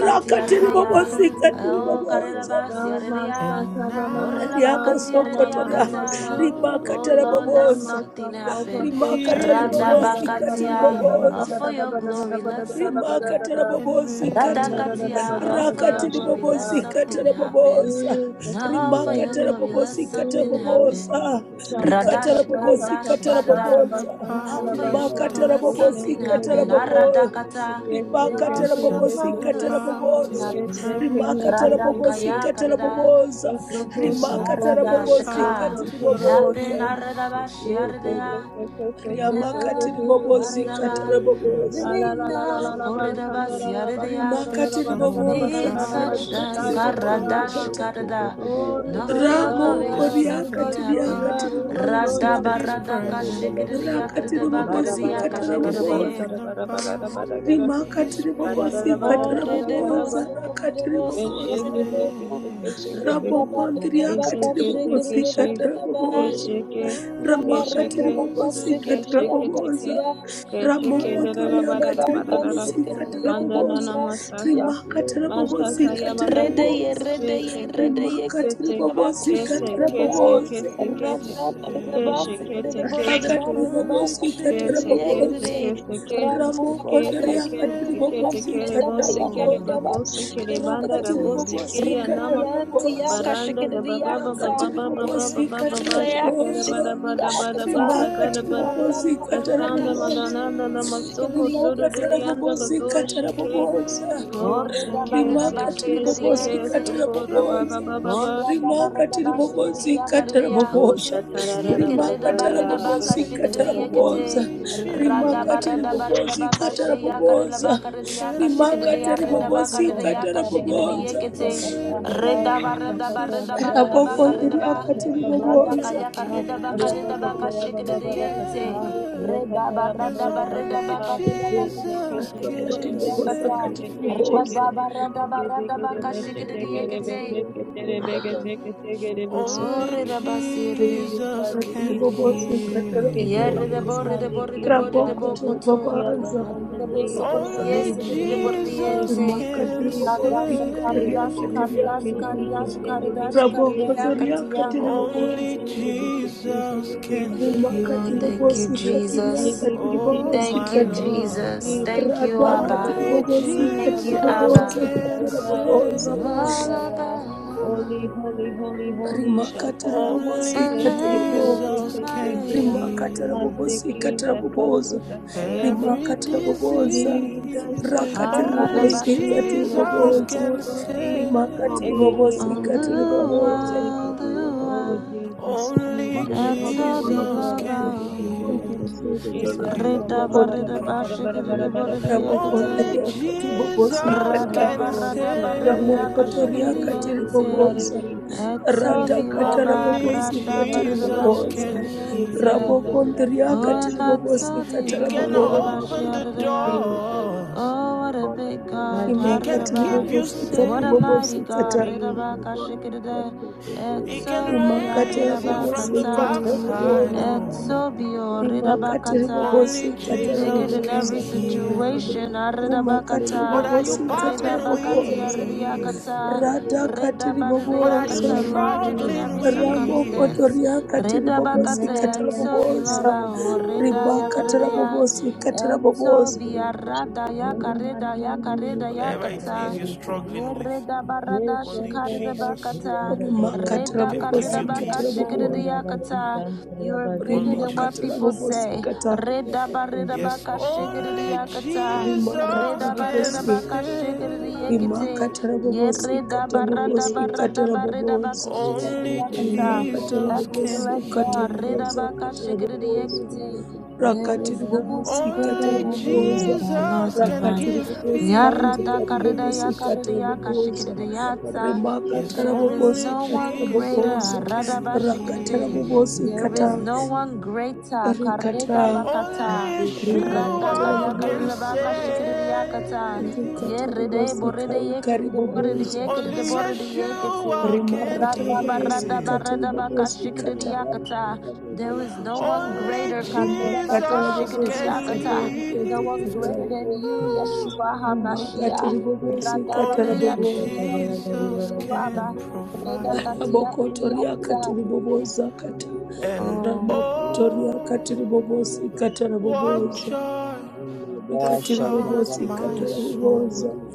Speaker 4: Sokoto Lobo
Speaker 5: happened,
Speaker 3: babosikatiri
Speaker 4: Soko
Speaker 2: Oh,
Speaker 3: baboza
Speaker 2: karirabasiaridia.
Speaker 4: Namaskanta
Speaker 5: and
Speaker 2: Oh,
Speaker 4: Namaskanta
Speaker 5: now I
Speaker 3: riabosokotoria
Speaker 2: rirabakatiaridiakata.
Speaker 4: Namaskanta
Speaker 5: know
Speaker 2: Oh,
Speaker 3: rimakatara
Speaker 4: Jesus,
Speaker 2: Lord, let
Speaker 3: baboza
Speaker 2: something happen.
Speaker 5: He
Speaker 3: rimakatara
Speaker 5: touched
Speaker 3: babosikatiri
Speaker 2: Radabakatia. Oh,
Speaker 5: me
Speaker 3: baboza
Speaker 2: for your glory, let something
Speaker 3: rimakata
Speaker 2: happen.
Speaker 5: and
Speaker 3: rabobozikata
Speaker 5: make
Speaker 2: Radakatia, all for your
Speaker 3: rakati
Speaker 2: glory, let
Speaker 6: you.
Speaker 5: me
Speaker 3: ribobozikata
Speaker 2: something happen.
Speaker 5: whole.
Speaker 3: raboboza
Speaker 2: And all for
Speaker 6: Mala
Speaker 2: your
Speaker 3: rimakata
Speaker 2: glory,
Speaker 6: basa
Speaker 4: Jesus,
Speaker 2: let
Speaker 6: kete
Speaker 3: rabobozikata
Speaker 2: something
Speaker 6: kete
Speaker 4: Jesus.
Speaker 6: bala
Speaker 2: happen.
Speaker 6: kasa
Speaker 3: raboboza
Speaker 6: kete
Speaker 4: Shanta,
Speaker 3: rikata
Speaker 6: kata bala
Speaker 4: shanta,
Speaker 6: de.
Speaker 2: Radashikarda,
Speaker 4: shanta,
Speaker 3: rabobozikata
Speaker 5: There's
Speaker 4: shanta,
Speaker 2: shikarda,
Speaker 5: something
Speaker 4: raba,
Speaker 3: raboboza
Speaker 2: and
Speaker 4: shanta,
Speaker 2: all
Speaker 5: about
Speaker 2: for
Speaker 4: raba.
Speaker 2: your
Speaker 5: his
Speaker 6: Ela
Speaker 2: glory,
Speaker 6: kasa
Speaker 3: rimakata
Speaker 2: let
Speaker 4: O
Speaker 5: touch.
Speaker 6: kete
Speaker 2: something
Speaker 4: kente, re,
Speaker 6: kete
Speaker 3: rabobozikata
Speaker 4: re,
Speaker 2: happen.
Speaker 4: re,
Speaker 6: kete
Speaker 4: ke,
Speaker 6: kete
Speaker 3: raboboza
Speaker 2: Aradakata,
Speaker 6: bala de.
Speaker 2: and
Speaker 4: kese,
Speaker 2: all
Speaker 3: rimakata
Speaker 5: There's
Speaker 2: for
Speaker 4: kente, re,
Speaker 2: your
Speaker 4: re,
Speaker 5: something
Speaker 2: glory,
Speaker 3: rabobozikata
Speaker 4: kese,
Speaker 2: let
Speaker 5: about
Speaker 2: something
Speaker 6: Ela
Speaker 3: raboboza
Speaker 5: his
Speaker 2: happen.
Speaker 4: kese,
Speaker 6: basa
Speaker 4: kene,
Speaker 6: kete
Speaker 3: rimakata
Speaker 4: kese,
Speaker 6: kete
Speaker 5: presence.
Speaker 4: ke.
Speaker 2: Radakaya
Speaker 3: rabobozikata
Speaker 6: kete Ela
Speaker 2: karda,
Speaker 6: kasa
Speaker 4: O
Speaker 3: raboboza
Speaker 4: soko,
Speaker 5: There's
Speaker 2: something
Speaker 3: rimakata
Speaker 4: soko,
Speaker 5: something
Speaker 6: kete
Speaker 4: o
Speaker 2: haradashika
Speaker 3: rabobozikata
Speaker 5: about
Speaker 4: soto,
Speaker 5: his
Speaker 4: robo,
Speaker 2: happen.
Speaker 3: riboboza
Speaker 4: she,
Speaker 5: space.
Speaker 6: bala kasa
Speaker 2: Aradabashi
Speaker 6: kete
Speaker 4: kese,
Speaker 6: de.
Speaker 2: aradaya,
Speaker 4: kese, kese,
Speaker 2: and
Speaker 4: kese,
Speaker 3: riamakati
Speaker 4: kese,
Speaker 2: now
Speaker 4: kese, kese,
Speaker 3: ribobozikata
Speaker 4: kese,
Speaker 2: aradaba.
Speaker 6: Ela basa
Speaker 3: raboboza
Speaker 5: Yeah.
Speaker 2: We
Speaker 4: Ala la
Speaker 6: kete
Speaker 4: la
Speaker 6: kete
Speaker 4: la
Speaker 2: know
Speaker 4: la la la la
Speaker 6: kete
Speaker 4: la
Speaker 2: Koredabasi
Speaker 4: la ba ba
Speaker 2: aradaya.
Speaker 5: There's
Speaker 4: ba ba
Speaker 3: rimakatiri
Speaker 4: da da da ba da da
Speaker 2: No
Speaker 5: something
Speaker 3: boboza
Speaker 2: need
Speaker 6: Ela
Speaker 2: such
Speaker 5: about
Speaker 2: the
Speaker 6: basa
Speaker 3: rakatiri
Speaker 4: Alalalalalalabakandararabakatarararabadangarabadangarabashai.
Speaker 5: his
Speaker 6: kete
Speaker 2: skarada
Speaker 5: touch.
Speaker 3: bobosikata
Speaker 6: bala kasa kete kete bala kete Ela basa kete bala
Speaker 2: shikada.
Speaker 4: Oh,
Speaker 2: Not
Speaker 6: kasa
Speaker 2: for your
Speaker 6: kete
Speaker 2: glory,
Speaker 4: ribazaya,
Speaker 5: There's
Speaker 2: let
Speaker 5: something
Speaker 2: something
Speaker 3: ramokoriakatiri
Speaker 2: happen.
Speaker 4: ribazoya,
Speaker 3: akatiri
Speaker 5: about
Speaker 2: Rada
Speaker 4: ribazoya.
Speaker 3: bobosikata
Speaker 5: his
Speaker 2: barada kashikada
Speaker 5: presence.
Speaker 2: yakada
Speaker 3: rakatiri
Speaker 6: bala
Speaker 2: bakada
Speaker 4: Bara bara
Speaker 3: bobosikata
Speaker 4: bara
Speaker 5: There's
Speaker 4: bara
Speaker 6: kete
Speaker 4: bara
Speaker 3: raboboza
Speaker 2: yakashikada.
Speaker 4: bara
Speaker 5: something
Speaker 4: bara bara bara bara. Bara bara bara bara
Speaker 5: about
Speaker 4: bara bara.
Speaker 6: Thank
Speaker 4: gara.
Speaker 5: his
Speaker 3: rimakatiri
Speaker 4: Da da da da ba da
Speaker 3: bobosikata
Speaker 2: Oh,
Speaker 4: da ba
Speaker 5: space.
Speaker 4: da gara
Speaker 2: redebo
Speaker 3: raboboza
Speaker 4: ba.
Speaker 3: rakatiri
Speaker 2: sukurebo
Speaker 5: He
Speaker 4: Keshe
Speaker 3: boboza
Speaker 4: kete
Speaker 2: suyorebo.
Speaker 4: kete keshe
Speaker 5: makes
Speaker 4: kete
Speaker 2: Rada
Speaker 5: you
Speaker 2: barada
Speaker 4: keshe
Speaker 5: whole.
Speaker 3: rabokondriakatiri
Speaker 4: kete
Speaker 2: bakashikada
Speaker 4: keshe
Speaker 3: bobosikata
Speaker 2: bakada.
Speaker 3: raboboza
Speaker 4: keshe ke
Speaker 2: Rada
Speaker 5: Only
Speaker 4: keshe
Speaker 2: barada
Speaker 4: ke
Speaker 3: ramakatiri bobosika
Speaker 2: bakashikada
Speaker 5: Jesus
Speaker 4: keshe kete ke
Speaker 3: tarabobosa
Speaker 2: yakatia.
Speaker 4: keshe ke da
Speaker 5: can
Speaker 4: da da ba
Speaker 3: ramokotoriaka
Speaker 2: Rada
Speaker 4: da
Speaker 5: make
Speaker 4: da
Speaker 3: tiri
Speaker 4: ba da da
Speaker 5: you
Speaker 4: da.
Speaker 3: bobosika
Speaker 2: bakashikada
Speaker 5: whole.
Speaker 4: Mandana
Speaker 3: tarabobosa
Speaker 4: na
Speaker 2: yakatia
Speaker 4: masaka
Speaker 3: rimaka
Speaker 4: Mataka
Speaker 5: Only
Speaker 3: tarabobosika tiri
Speaker 4: yabada.
Speaker 2: Redeye,
Speaker 3: bobosa
Speaker 5: Jesus
Speaker 4: kese
Speaker 2: redeye,
Speaker 4: ke
Speaker 2: redeye,
Speaker 3: rimaka tiri
Speaker 4: kese
Speaker 2: kerede baka
Speaker 3: bobosika
Speaker 5: can
Speaker 4: kese
Speaker 2: şekere ya.
Speaker 4: kese
Speaker 3: tarabobosa
Speaker 5: keep
Speaker 4: kese
Speaker 5: you
Speaker 4: kete
Speaker 2: Radda kerede
Speaker 4: keshe
Speaker 2: bası
Speaker 4: kete
Speaker 2: kerede
Speaker 5: safe.
Speaker 2: bode
Speaker 4: kete
Speaker 2: de
Speaker 3: akatiri
Speaker 2: barre de
Speaker 4: kese
Speaker 5: Only
Speaker 2: baka
Speaker 3: bobosika
Speaker 2: şekere
Speaker 4: kese
Speaker 2: ye
Speaker 4: kese kese
Speaker 3: tarabobosa
Speaker 5: Jesus
Speaker 2: kerede.
Speaker 4: ke
Speaker 2: Radda kerede
Speaker 4: kese
Speaker 5: can
Speaker 3: ramokotoriaka tiri
Speaker 4: kese
Speaker 2: kaya
Speaker 5: make
Speaker 4: kete kere
Speaker 3: bobosika
Speaker 5: you
Speaker 2: kerede
Speaker 4: bose
Speaker 2: kaya
Speaker 4: kere
Speaker 3: tarabobosa
Speaker 2: kerede
Speaker 5: whole.
Speaker 2: baka
Speaker 4: bakose kere
Speaker 2: şekere ye
Speaker 4: banda
Speaker 3: rakatiri
Speaker 2: kete.
Speaker 4: rabose
Speaker 5: Only
Speaker 4: kiri
Speaker 3: bobosika
Speaker 2: Redda
Speaker 4: anama
Speaker 2: yanti ya
Speaker 3: tarabobosa
Speaker 5: Jesus
Speaker 4: paranda da
Speaker 2: kaşekere
Speaker 4: baba baba
Speaker 2: yanta.
Speaker 3: rakatiri
Speaker 4: baba baba
Speaker 5: Can't
Speaker 3: bobozika
Speaker 4: baba baba
Speaker 2: Radda
Speaker 5: keep
Speaker 6: you.
Speaker 2: ya
Speaker 4: shakara
Speaker 3: taraboboza
Speaker 5: you
Speaker 4: bada
Speaker 2: kaşekere
Speaker 4: bada
Speaker 2: ya
Speaker 4: bada
Speaker 2: kata.
Speaker 4: bada
Speaker 3: rimaka
Speaker 6: Thank
Speaker 4: gada
Speaker 3: tiri
Speaker 4: bada
Speaker 5: together.
Speaker 2: Radda
Speaker 3: bobozika
Speaker 2: kerede
Speaker 4: kasanda
Speaker 5: Only
Speaker 3: taraboboza
Speaker 4: madananda namasoko
Speaker 2: şekere
Speaker 5: Jesus
Speaker 2: ye
Speaker 4: ruru
Speaker 3: rimaka
Speaker 2: kete.
Speaker 4: ririanda
Speaker 3: tarabobozika
Speaker 4: badoshe ke
Speaker 5: can
Speaker 3: taraboboza
Speaker 5: make you
Speaker 4: Go se
Speaker 2: Orada
Speaker 4: ke
Speaker 2: barre de
Speaker 4: se
Speaker 2: baka
Speaker 3: rimaka tiri
Speaker 4: ke
Speaker 2: şekere
Speaker 4: se
Speaker 5: whole.
Speaker 4: ke
Speaker 3: bobozika
Speaker 4: se
Speaker 2: yente.
Speaker 5: Only
Speaker 4: ko ra ba ba
Speaker 3: taraboboza
Speaker 4: ba ba ba
Speaker 5: Jesus
Speaker 2: Orada
Speaker 3: rimaka
Speaker 2: barada
Speaker 3: tiri
Speaker 2: ba shikiriya
Speaker 3: bobozika
Speaker 2: karidiya.
Speaker 4: Oh,
Speaker 3: taraboboza
Speaker 5: can
Speaker 4: shatararara
Speaker 5: keep
Speaker 3: rimaka
Speaker 2: Yekirida
Speaker 5: you
Speaker 2: barida
Speaker 4: basaya,
Speaker 2: baka
Speaker 3: tarabobozika
Speaker 5: safe.
Speaker 4: rakataya
Speaker 2: shikiridi
Speaker 4: baba,
Speaker 3: taraboboza
Speaker 2: yekete.
Speaker 5: Only
Speaker 2: Rada
Speaker 3: rimaka
Speaker 4: rakataya
Speaker 3: tiri
Speaker 2: barada
Speaker 4: baba,
Speaker 5: Jesus
Speaker 2: barida
Speaker 3: bobozika
Speaker 2: baka
Speaker 4: rakataya
Speaker 2: shiya karida
Speaker 3: taraboboza
Speaker 2: baka ridiya ka
Speaker 5: can
Speaker 3: rimaka
Speaker 4: baba, rakataya
Speaker 2: shikiriya
Speaker 5: make
Speaker 3: tiri
Speaker 2: rida
Speaker 4: baba,
Speaker 5: you
Speaker 2: baka
Speaker 3: bobozika
Speaker 5: whole.
Speaker 2: ridiya ka
Speaker 4: rakataya
Speaker 2: shikiridi
Speaker 3: taraboboza
Speaker 2: yekete.
Speaker 5: Only
Speaker 4: baba,
Speaker 2: Rida barada
Speaker 4: rakataya
Speaker 5: Jesus
Speaker 2: barida
Speaker 3: rabokondiriaka tiri boboza rimba katiri bobozi katara boboza
Speaker 4: baba,
Speaker 2: barida
Speaker 3: raboko
Speaker 2: baka
Speaker 4: oh,
Speaker 2: rida
Speaker 3: ndiri
Speaker 2: ba.
Speaker 4: rakataya
Speaker 3: akatiri
Speaker 4: baba,
Speaker 2: Rada
Speaker 3: boboza
Speaker 2: kaya
Speaker 5: can
Speaker 4: rakata,
Speaker 2: karida
Speaker 5: keep
Speaker 2: baka rida baka
Speaker 4: rabakataya
Speaker 5: you
Speaker 4: baba,
Speaker 2: shikiridi yente.
Speaker 4: rakata,
Speaker 5: together
Speaker 2: Rida
Speaker 4: rakataya
Speaker 5: is
Speaker 2: barada
Speaker 4: baba,
Speaker 2: barida
Speaker 5: only
Speaker 2: baka
Speaker 4: rabakata,
Speaker 2: rida baka
Speaker 4: ete
Speaker 5: Jesus
Speaker 4: kete
Speaker 2: shikiridi
Speaker 4: beshe
Speaker 5: can
Speaker 2: buridiya
Speaker 4: teke
Speaker 3: katibobosa
Speaker 4: tebe
Speaker 2: kata.
Speaker 5: save.
Speaker 4: reke sheke
Speaker 6: you.
Speaker 2: Rada
Speaker 3: katibobosa
Speaker 4: teke
Speaker 2: barada
Speaker 4: teke
Speaker 2: barada
Speaker 4: teke
Speaker 2: baka
Speaker 4: rebe
Speaker 6: Thank
Speaker 4: she
Speaker 2: shikiridi
Speaker 4: teke rebe
Speaker 2: yekete.
Speaker 4: zeke terebe gezeke teke rebe
Speaker 2: Oh,
Speaker 5: Only
Speaker 4: sokote.
Speaker 2: rida basi rida.
Speaker 4: Gizi
Speaker 5: Jesus
Speaker 4: kandi
Speaker 5: can
Speaker 4: gizi
Speaker 3: katiribobosi
Speaker 4: gizi
Speaker 5: heal.
Speaker 4: kese
Speaker 2: Yeah,
Speaker 3: kataramubo
Speaker 2: rida
Speaker 4: gizi
Speaker 2: bo, rida
Speaker 4: kandi
Speaker 2: bo, rida
Speaker 4: gizi
Speaker 2: bo, rida
Speaker 4: kandi
Speaker 3: raboko
Speaker 2: bo
Speaker 4: ruko
Speaker 2: koto.
Speaker 4: tia
Speaker 3: tiribabaza
Speaker 4: zagonde
Speaker 2: Rida
Speaker 4: zi
Speaker 2: bo soko rida
Speaker 4: zi
Speaker 5: Only
Speaker 2: yesi,
Speaker 4: di di
Speaker 2: rida bo rida
Speaker 4: kite
Speaker 5: Jesus
Speaker 2: yense.
Speaker 4: gizi
Speaker 5: can
Speaker 2: Rada
Speaker 4: kese
Speaker 3: rimakatiribobosi
Speaker 4: kite
Speaker 2: shakara,
Speaker 3: kataria
Speaker 2: da
Speaker 5: save.
Speaker 2: shakara,
Speaker 4: rede
Speaker 3: katiria
Speaker 2: da
Speaker 4: kese
Speaker 2: shakara, da
Speaker 4: kite
Speaker 2: shakara,
Speaker 4: rede
Speaker 2: da
Speaker 4: zike
Speaker 2: shakara, da
Speaker 3: raboko
Speaker 4: rede
Speaker 3: zoria
Speaker 4: zike
Speaker 2: yakatiya.
Speaker 4: rede zi
Speaker 5: Only
Speaker 3: katiribobosi
Speaker 4: kite rede kite
Speaker 5: Jesus can
Speaker 4: kese
Speaker 2: Oh,
Speaker 4: kese
Speaker 2: thank you,
Speaker 3: rimakatibobosi
Speaker 5: heal.
Speaker 4: shake
Speaker 3: katiria
Speaker 2: Jesus.
Speaker 4: zivi kese
Speaker 5: Oh
Speaker 3: katiribobosi
Speaker 4: kishi
Speaker 2: Thank
Speaker 5: my
Speaker 2: you,
Speaker 3: kata
Speaker 4: zike shake
Speaker 2: Jesus.
Speaker 5: Lord,
Speaker 2: Thank you,
Speaker 3: rada
Speaker 2: Abba.
Speaker 4: mandero
Speaker 5: only
Speaker 4: si
Speaker 3: katiribobosi
Speaker 2: Thank
Speaker 4: baba
Speaker 2: you,
Speaker 4: baba
Speaker 5: Jesus
Speaker 3: katiribobosa
Speaker 2: Abba.
Speaker 4: si
Speaker 5: can
Speaker 4: kanta
Speaker 3: katarabobosa
Speaker 4: ribaba
Speaker 5: save.
Speaker 2: All
Speaker 4: daya holy
Speaker 2: about
Speaker 4: holy holy holy shaka
Speaker 5: Only
Speaker 3: rimakatiribobosi
Speaker 4: Keseke,
Speaker 3: katibobo
Speaker 2: Ele to
Speaker 5: Jesus
Speaker 4: zeke,
Speaker 5: can
Speaker 4: seke,
Speaker 2: Mario.
Speaker 3: rimakatara
Speaker 5: heal
Speaker 3: bobosi
Speaker 4: maseke,
Speaker 3: katara
Speaker 6: you.
Speaker 4: zakatu,
Speaker 3: boboza
Speaker 4: zakayende.
Speaker 5: every
Speaker 3: rimakatara
Speaker 6: Thank
Speaker 3: boboza
Speaker 4: Jesus,
Speaker 5: disease.
Speaker 4: zeki,
Speaker 3: rakatiri
Speaker 2: Arada
Speaker 5: Only
Speaker 3: bobosi
Speaker 4: riki,
Speaker 3: katiri
Speaker 4: zeki,
Speaker 5: Jesus
Speaker 2: bashikiri
Speaker 3: boboza
Speaker 5: can
Speaker 4: guru, di.
Speaker 5: save.
Speaker 3: rimakatiri
Speaker 4: Ere,
Speaker 3: bobosi
Speaker 4: bokri,
Speaker 3: katiri boboza
Speaker 4: zete.
Speaker 2: Oluwa, Oluwa,
Speaker 4: Oh,
Speaker 2: Olua,
Speaker 4: Jesus,
Speaker 5: Only
Speaker 4: Jesus.
Speaker 2: Olua,
Speaker 4: Santa, ra,
Speaker 2: Atobi
Speaker 4: ra, ra,
Speaker 5: Jesus
Speaker 4: ra,
Speaker 5: can
Speaker 4: ra, ra.
Speaker 2: Labao,
Speaker 5: heal.
Speaker 3: thank you
Speaker 5: You
Speaker 3: jesus
Speaker 5: didn't
Speaker 4: Jesus,
Speaker 5: hear that,
Speaker 4: kamara,
Speaker 2: Redaba
Speaker 4: bara,
Speaker 3: rabokondiria
Speaker 4: bara,
Speaker 2: Redaba
Speaker 4: bara, bara,
Speaker 5: Proclaim.
Speaker 4: bara, bara, kasti kara,
Speaker 2: Shikidibodiakate,
Speaker 4: bara,
Speaker 5: Only
Speaker 3: rabokondiria
Speaker 4: bosi.
Speaker 3: katiri bobosi
Speaker 5: Jesus
Speaker 3: kata
Speaker 2: Radaba
Speaker 5: can
Speaker 4: Masori,
Speaker 2: Radaba
Speaker 4: kazi, seki,
Speaker 2: Rediaka
Speaker 4: zeki,
Speaker 3: ramokotoria
Speaker 5: save.
Speaker 4: seki,
Speaker 3: katiri
Speaker 2: Shikidiente,
Speaker 3: boboza
Speaker 4: sivari,
Speaker 3: rata
Speaker 2: Etobi
Speaker 4: Kiveriya
Speaker 3: katara
Speaker 2: Laba
Speaker 4: dosha,
Speaker 5: Only
Speaker 3: bobosi
Speaker 2: Radaba
Speaker 4: Hiriya
Speaker 3: katiri
Speaker 2: Redaba
Speaker 5: Jesus
Speaker 4: Doriya
Speaker 3: boboza
Speaker 5: can
Speaker 4: Dora,
Speaker 2: Shikidiente,
Speaker 4: Siriya Doriya
Speaker 5: heal.
Speaker 3: rabokondiria
Speaker 4: Doriya
Speaker 3: katiri
Speaker 2: O
Speaker 3: bobosi
Speaker 2: tobi,
Speaker 5: He
Speaker 3: katara
Speaker 2: O
Speaker 5: can
Speaker 3: boboza
Speaker 2: Redaba
Speaker 5: open the
Speaker 2: Shiaredea,
Speaker 4: Shanti,
Speaker 5: doors.
Speaker 2: Oh, what a big
Speaker 6: you.
Speaker 2: God,
Speaker 5: He
Speaker 4: Majika
Speaker 5: can
Speaker 3: imakati
Speaker 6: Thank
Speaker 2: Haridaba.
Speaker 5: keep
Speaker 4: Sai,
Speaker 5: you
Speaker 3: ribobosikati
Speaker 2: What a
Speaker 5: safe.
Speaker 2: mighty God.
Speaker 3: ribobosikata
Speaker 4: Jesus,
Speaker 2: Redabaka shikida.
Speaker 5: He can
Speaker 2: Exo biya
Speaker 3: imakati
Speaker 5: raise you from the
Speaker 3: rabobosikati
Speaker 2: redabakata.
Speaker 5: backside.
Speaker 3: rabobosa
Speaker 4: Jesus,
Speaker 5: Oh,
Speaker 2: Etsobio
Speaker 3: imakati
Speaker 2: Ridabakata,
Speaker 5: only
Speaker 3: ribobosikati
Speaker 2: bigger
Speaker 5: Jesus
Speaker 2: than
Speaker 5: can
Speaker 2: every
Speaker 3: rabobosa
Speaker 4: Jesus,
Speaker 5: heal.
Speaker 2: situation.
Speaker 3: rimakati
Speaker 5: What
Speaker 2: Aridabakata,
Speaker 5: are you
Speaker 3: ribobosikati
Speaker 5: battling
Speaker 2: Ridabakati
Speaker 3: rabobosa
Speaker 5: with?
Speaker 2: Aridiakata,
Speaker 3: radhakati
Speaker 5: What are you
Speaker 2: Ridabadidiakata,
Speaker 3: ribobosa
Speaker 2: larger than
Speaker 5: struggling
Speaker 2: every
Speaker 4: Jesus.
Speaker 5: with?
Speaker 2: circumstance.
Speaker 3: ramokotoriakati
Speaker 2: Ridabakata,
Speaker 3: ribobosikati
Speaker 4: Naya
Speaker 3: rabobosa
Speaker 4: Katala
Speaker 2: Etsobilabao,
Speaker 3: ribakati
Speaker 5: Ooh,
Speaker 2: Ridayakaridaya,
Speaker 3: rabobosikati rabobosa
Speaker 2: Etsobiaradayaka,
Speaker 4: Ora
Speaker 2: Ridayaka,
Speaker 4: Mananamini,
Speaker 5: whatever it is
Speaker 2: Ridayakata.
Speaker 5: you're
Speaker 4: Kantaravuru,
Speaker 6: you.
Speaker 5: struggling with,
Speaker 2: Yerida barada
Speaker 5: only
Speaker 2: shikari da
Speaker 4: Kirshantarava,
Speaker 5: Jesus.
Speaker 2: bakata,
Speaker 4: Suryandavarya,
Speaker 3: rimakati
Speaker 6: Thank
Speaker 2: reda
Speaker 5: can give
Speaker 2: karida
Speaker 5: you
Speaker 3: rabobosikati
Speaker 2: baka
Speaker 5: peace.
Speaker 2: shikiri da
Speaker 3: rabobosa
Speaker 2: yakata, you are bigger
Speaker 5: Only
Speaker 4: Narivazandaravasi,
Speaker 2: than what
Speaker 3: rimakati
Speaker 5: Jesus.
Speaker 2: people say.
Speaker 3: rabobosikata
Speaker 4: Oh,
Speaker 5: Yes,
Speaker 2: Redabaredabaka
Speaker 5: only
Speaker 2: shigiriakata.
Speaker 5: Jesus can
Speaker 3: rimakatarabobosi
Speaker 2: Redabaredabaka
Speaker 5: save.
Speaker 2: shigiriakate.
Speaker 3: rimakatarabobosi katarabobosi
Speaker 2: Yeredabaradabaradabaredabaka
Speaker 3: katarabobosa
Speaker 5: Only
Speaker 2: shigiriakata.
Speaker 5: Jesus can
Speaker 3: rimakatarabobosi
Speaker 2: Excellent God.
Speaker 3: katarabobosa
Speaker 5: heal.
Speaker 2: Redabaka
Speaker 3: katarabobosa
Speaker 2: shigiriakate. There is no
Speaker 3: rakatiribobosi
Speaker 2: one greater
Speaker 5: Only
Speaker 2: than
Speaker 3: katarabobosa
Speaker 2: you, our Lord
Speaker 5: Jesus can
Speaker 2: divine.
Speaker 5: give
Speaker 3: rakatiribobosi kamzikaribobosi
Speaker 5: peace.
Speaker 3: katarabobosa
Speaker 2: Yaradakaridayakaridayakashikididayatsa.
Speaker 5: Yes,
Speaker 2: There is
Speaker 5: only
Speaker 3: rimakatarabobosi
Speaker 2: no one
Speaker 5: Jesus
Speaker 2: greater.
Speaker 3: katarabobosa
Speaker 5: can
Speaker 2: Radabashikididay.
Speaker 5: heal.
Speaker 3: rakatarabobosi
Speaker 2: There is
Speaker 3: kata
Speaker 2: no one greater.
Speaker 3: rikata
Speaker 6: you.
Speaker 5: Only
Speaker 2: Karidabakata.
Speaker 6: Thank
Speaker 5: Yeshua can
Speaker 3: rimakatarabobosa
Speaker 2: Radakayakaribakashikididayakata.
Speaker 5: save.
Speaker 3: Rikata babosika karibobozo.
Speaker 5: Only
Speaker 2: Yeridayboridayekidiboridayekidiboridayekidiboridayekitai.
Speaker 5: Yeshua can
Speaker 3: Rimakata rabobosika
Speaker 5: heal.
Speaker 3: tiribobosikata.
Speaker 2: Radabaradabaradabakashikididayakata. There is no one
Speaker 5: Only
Speaker 2: greater.
Speaker 3: Rimakata
Speaker 5: Jesus can
Speaker 3: rabobosika
Speaker 2: Karidabakashikididayakata no one
Speaker 3: tirabobosikata
Speaker 5: lift.
Speaker 2: greater than
Speaker 3: rabobozo.
Speaker 2: you, Yeshua
Speaker 5: Ooh.
Speaker 3: Rimakata
Speaker 2: HaMashiach.
Speaker 3: ribobosikata
Speaker 5: Only
Speaker 2: Radabariyakati, no
Speaker 3: rabobozo.
Speaker 2: one greater than
Speaker 5: Jesus
Speaker 2: you,
Speaker 5: can
Speaker 2: Abba.
Speaker 5: provide.
Speaker 3: Rabokotoriaka
Speaker 2: Redakatiyakariyakata.
Speaker 3: tiriboboza kata.
Speaker 5: And
Speaker 2: Oh.
Speaker 3: Ramokotoriaka
Speaker 5: oh,
Speaker 3: tiribobosikata
Speaker 5: what
Speaker 6: you.
Speaker 3: rabobozo.
Speaker 5: joy
Speaker 6: Thank
Speaker 5: that floods
Speaker 3: Rikatiribobosikata
Speaker 5: my
Speaker 3: tarabobozo.
Speaker 5: soul.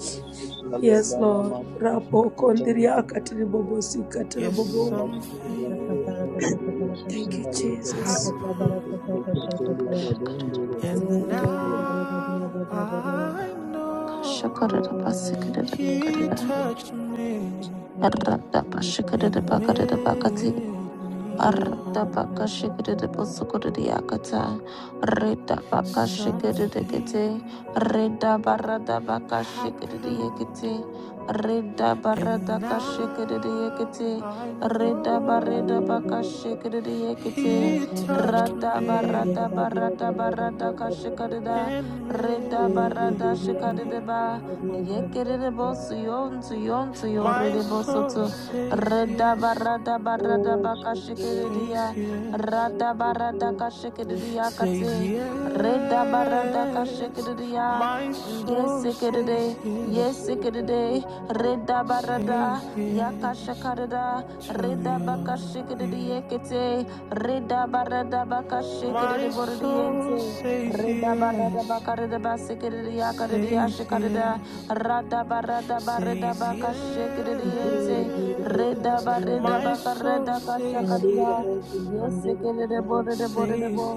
Speaker 3: Yes,
Speaker 2: super
Speaker 3: Lord. Rabokondriaka tiribobosikata
Speaker 5: Yes,
Speaker 3: rabobozo.
Speaker 5: something
Speaker 3: Thank you, Jesus.
Speaker 5: happened And
Speaker 6: you.
Speaker 5: now
Speaker 4: barakadia, barakadia.
Speaker 5: I know
Speaker 4: Oh, yes, yes,
Speaker 5: he
Speaker 4: yes, yes.
Speaker 5: touched me
Speaker 4: Yes, Jesus.
Speaker 5: and
Speaker 4: Yes, yes, yes, yes.
Speaker 2: Radabashikaradabakaradabakati.
Speaker 5: made me
Speaker 4: Yes,
Speaker 2: Arda
Speaker 4: yes, yes,
Speaker 2: baka
Speaker 4: yes,
Speaker 2: shikiri
Speaker 5: whole.
Speaker 2: de
Speaker 4: yes.
Speaker 2: posukuri
Speaker 4: yes,
Speaker 2: de yakata. Reda baka
Speaker 4: yes,
Speaker 2: shikiri de
Speaker 4: yes.
Speaker 5: Something
Speaker 2: kete. Reda barada baka shikiri de
Speaker 5: happened,
Speaker 2: yekete. Reda
Speaker 5: and
Speaker 2: barada ka shikiri de
Speaker 5: now
Speaker 2: yekete.
Speaker 5: I
Speaker 2: Reda
Speaker 4: Masaka
Speaker 2: barada
Speaker 4: baria
Speaker 2: baka
Speaker 4: dosa.
Speaker 5: know
Speaker 2: shikiri de yekete.
Speaker 5: he
Speaker 4: Nandaria
Speaker 5: touched
Speaker 2: Rada
Speaker 4: bodia
Speaker 5: me
Speaker 4: baria
Speaker 2: barada
Speaker 4: badio
Speaker 2: barada
Speaker 4: baria
Speaker 2: barada
Speaker 4: badio
Speaker 2: ka
Speaker 4: baria
Speaker 2: shikiri
Speaker 5: and
Speaker 4: dada.
Speaker 2: da.
Speaker 5: made me
Speaker 2: Reda
Speaker 4: Ere
Speaker 2: barada
Speaker 4: bibiria
Speaker 2: shikiri de
Speaker 4: dosa
Speaker 2: ba.
Speaker 4: seria dosa.
Speaker 2: Yekiri de bosu yon tu yon tu
Speaker 5: whole.
Speaker 2: yore
Speaker 5: My
Speaker 4: Dosa
Speaker 2: de bosu tu.
Speaker 5: soul
Speaker 4: seria
Speaker 5: says
Speaker 4: dosa.
Speaker 5: yes.
Speaker 4: O shiki.
Speaker 5: Says
Speaker 2: Redabaradabakashikiridia.
Speaker 5: yes,
Speaker 4: Shiki shiki shiki.
Speaker 5: says
Speaker 2: Radabaradakashikiridiakati.
Speaker 5: yes.
Speaker 4: O shiki shiki.
Speaker 2: Redabaradakashikiridia.
Speaker 5: My soul says
Speaker 2: Yesikiride.
Speaker 5: yes,
Speaker 4: Masika
Speaker 2: Yesikiride.
Speaker 4: suka suka suka.
Speaker 5: says
Speaker 2: Redabarada.
Speaker 5: yes
Speaker 2: Yakashakarada.
Speaker 5: to your will.
Speaker 2: Redabakashikiridiekete.
Speaker 5: My soul
Speaker 2: Redabaradabakashikiridibordiente.
Speaker 5: says yes, says
Speaker 2: Redabaradabakaridabasikiridiyakaridiashikarida.
Speaker 5: yes, says
Speaker 2: Radabaradabakashikiridiente.
Speaker 4: Azir bir bir
Speaker 2: Reda
Speaker 5: yes.
Speaker 2: ba
Speaker 4: kataria
Speaker 2: reda
Speaker 4: dosa.
Speaker 2: ba
Speaker 5: My
Speaker 2: ka
Speaker 5: soul
Speaker 2: reda ka shaka
Speaker 5: says
Speaker 2: reda.
Speaker 4: Maria bodia
Speaker 5: yes,
Speaker 2: Yes, sekele
Speaker 4: candida
Speaker 2: de bo de de
Speaker 4: dosa.
Speaker 2: bo de de
Speaker 5: says
Speaker 2: bo.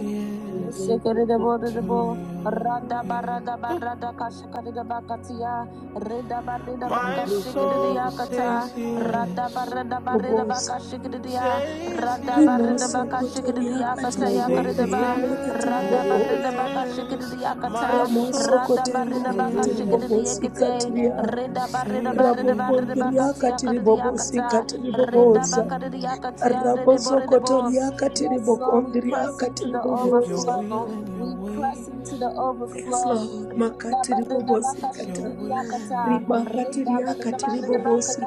Speaker 4: Zeki
Speaker 5: yes
Speaker 2: Sekerede
Speaker 4: zeki
Speaker 5: to
Speaker 2: borede
Speaker 4: zeki
Speaker 2: bo.
Speaker 4: zeki.
Speaker 5: your
Speaker 2: Rada
Speaker 5: will.
Speaker 2: barada barada kashakarede bakatia. Reda bareda baka
Speaker 5: My
Speaker 4: Mazika
Speaker 2: shikerede
Speaker 5: soul
Speaker 4: bori
Speaker 2: yakata.
Speaker 5: says
Speaker 4: kanyasikwe,
Speaker 2: Rada
Speaker 5: yes,
Speaker 2: barada bareda
Speaker 3: Bobosa.
Speaker 2: baka shikerede ya.
Speaker 5: says
Speaker 2: Rada bareda
Speaker 3: Rimoso
Speaker 5: yes,
Speaker 2: baka shikerede
Speaker 3: kotoriaka
Speaker 2: yakata
Speaker 5: says
Speaker 2: yakarede
Speaker 3: tiriboko
Speaker 4: mazike,
Speaker 2: ba.
Speaker 3: zoriaka
Speaker 2: Rada
Speaker 4: mazike
Speaker 2: bareda
Speaker 3: tiribobosa.
Speaker 4: tse,
Speaker 2: baka shikerede
Speaker 5: yes. My
Speaker 2: yakata.
Speaker 3: Ramoso
Speaker 5: soul
Speaker 2: Rada
Speaker 5: says
Speaker 2: bareda
Speaker 3: kotoriaka
Speaker 2: baka
Speaker 4: mazika
Speaker 2: shikerede
Speaker 5: yes,
Speaker 3: tiribobosi
Speaker 4: tosa
Speaker 2: yekete.
Speaker 3: katiria.
Speaker 4: sivika,
Speaker 2: Reda bareda
Speaker 5: says
Speaker 2: bareda bareda
Speaker 5: yes.
Speaker 3: Rabokondriaka
Speaker 2: bakatia karede
Speaker 3: tiribobosi
Speaker 2: yakata.
Speaker 5: To
Speaker 2: Reda
Speaker 3: katiribobosa.
Speaker 2: bakarede
Speaker 5: you,
Speaker 2: yakatia rede
Speaker 3: Raboso
Speaker 2: borede bo.
Speaker 3: kotoriaka
Speaker 2: Yes, Lord, we press
Speaker 3: tiribokondriaka
Speaker 2: into the
Speaker 5: your
Speaker 4: masuka
Speaker 3: tiribobosa.
Speaker 4: tse,
Speaker 5: will
Speaker 2: overflow.
Speaker 5: and your
Speaker 2: We press into
Speaker 5: ways,
Speaker 2: the
Speaker 3: Yes,
Speaker 2: overflow.
Speaker 3: Lord. Makatiribobosi
Speaker 5: your
Speaker 3: kata.
Speaker 5: will and
Speaker 2: Redabaridabakashikidiyakata.
Speaker 5: your ways.
Speaker 3: Ribakatiriaka tiribobosi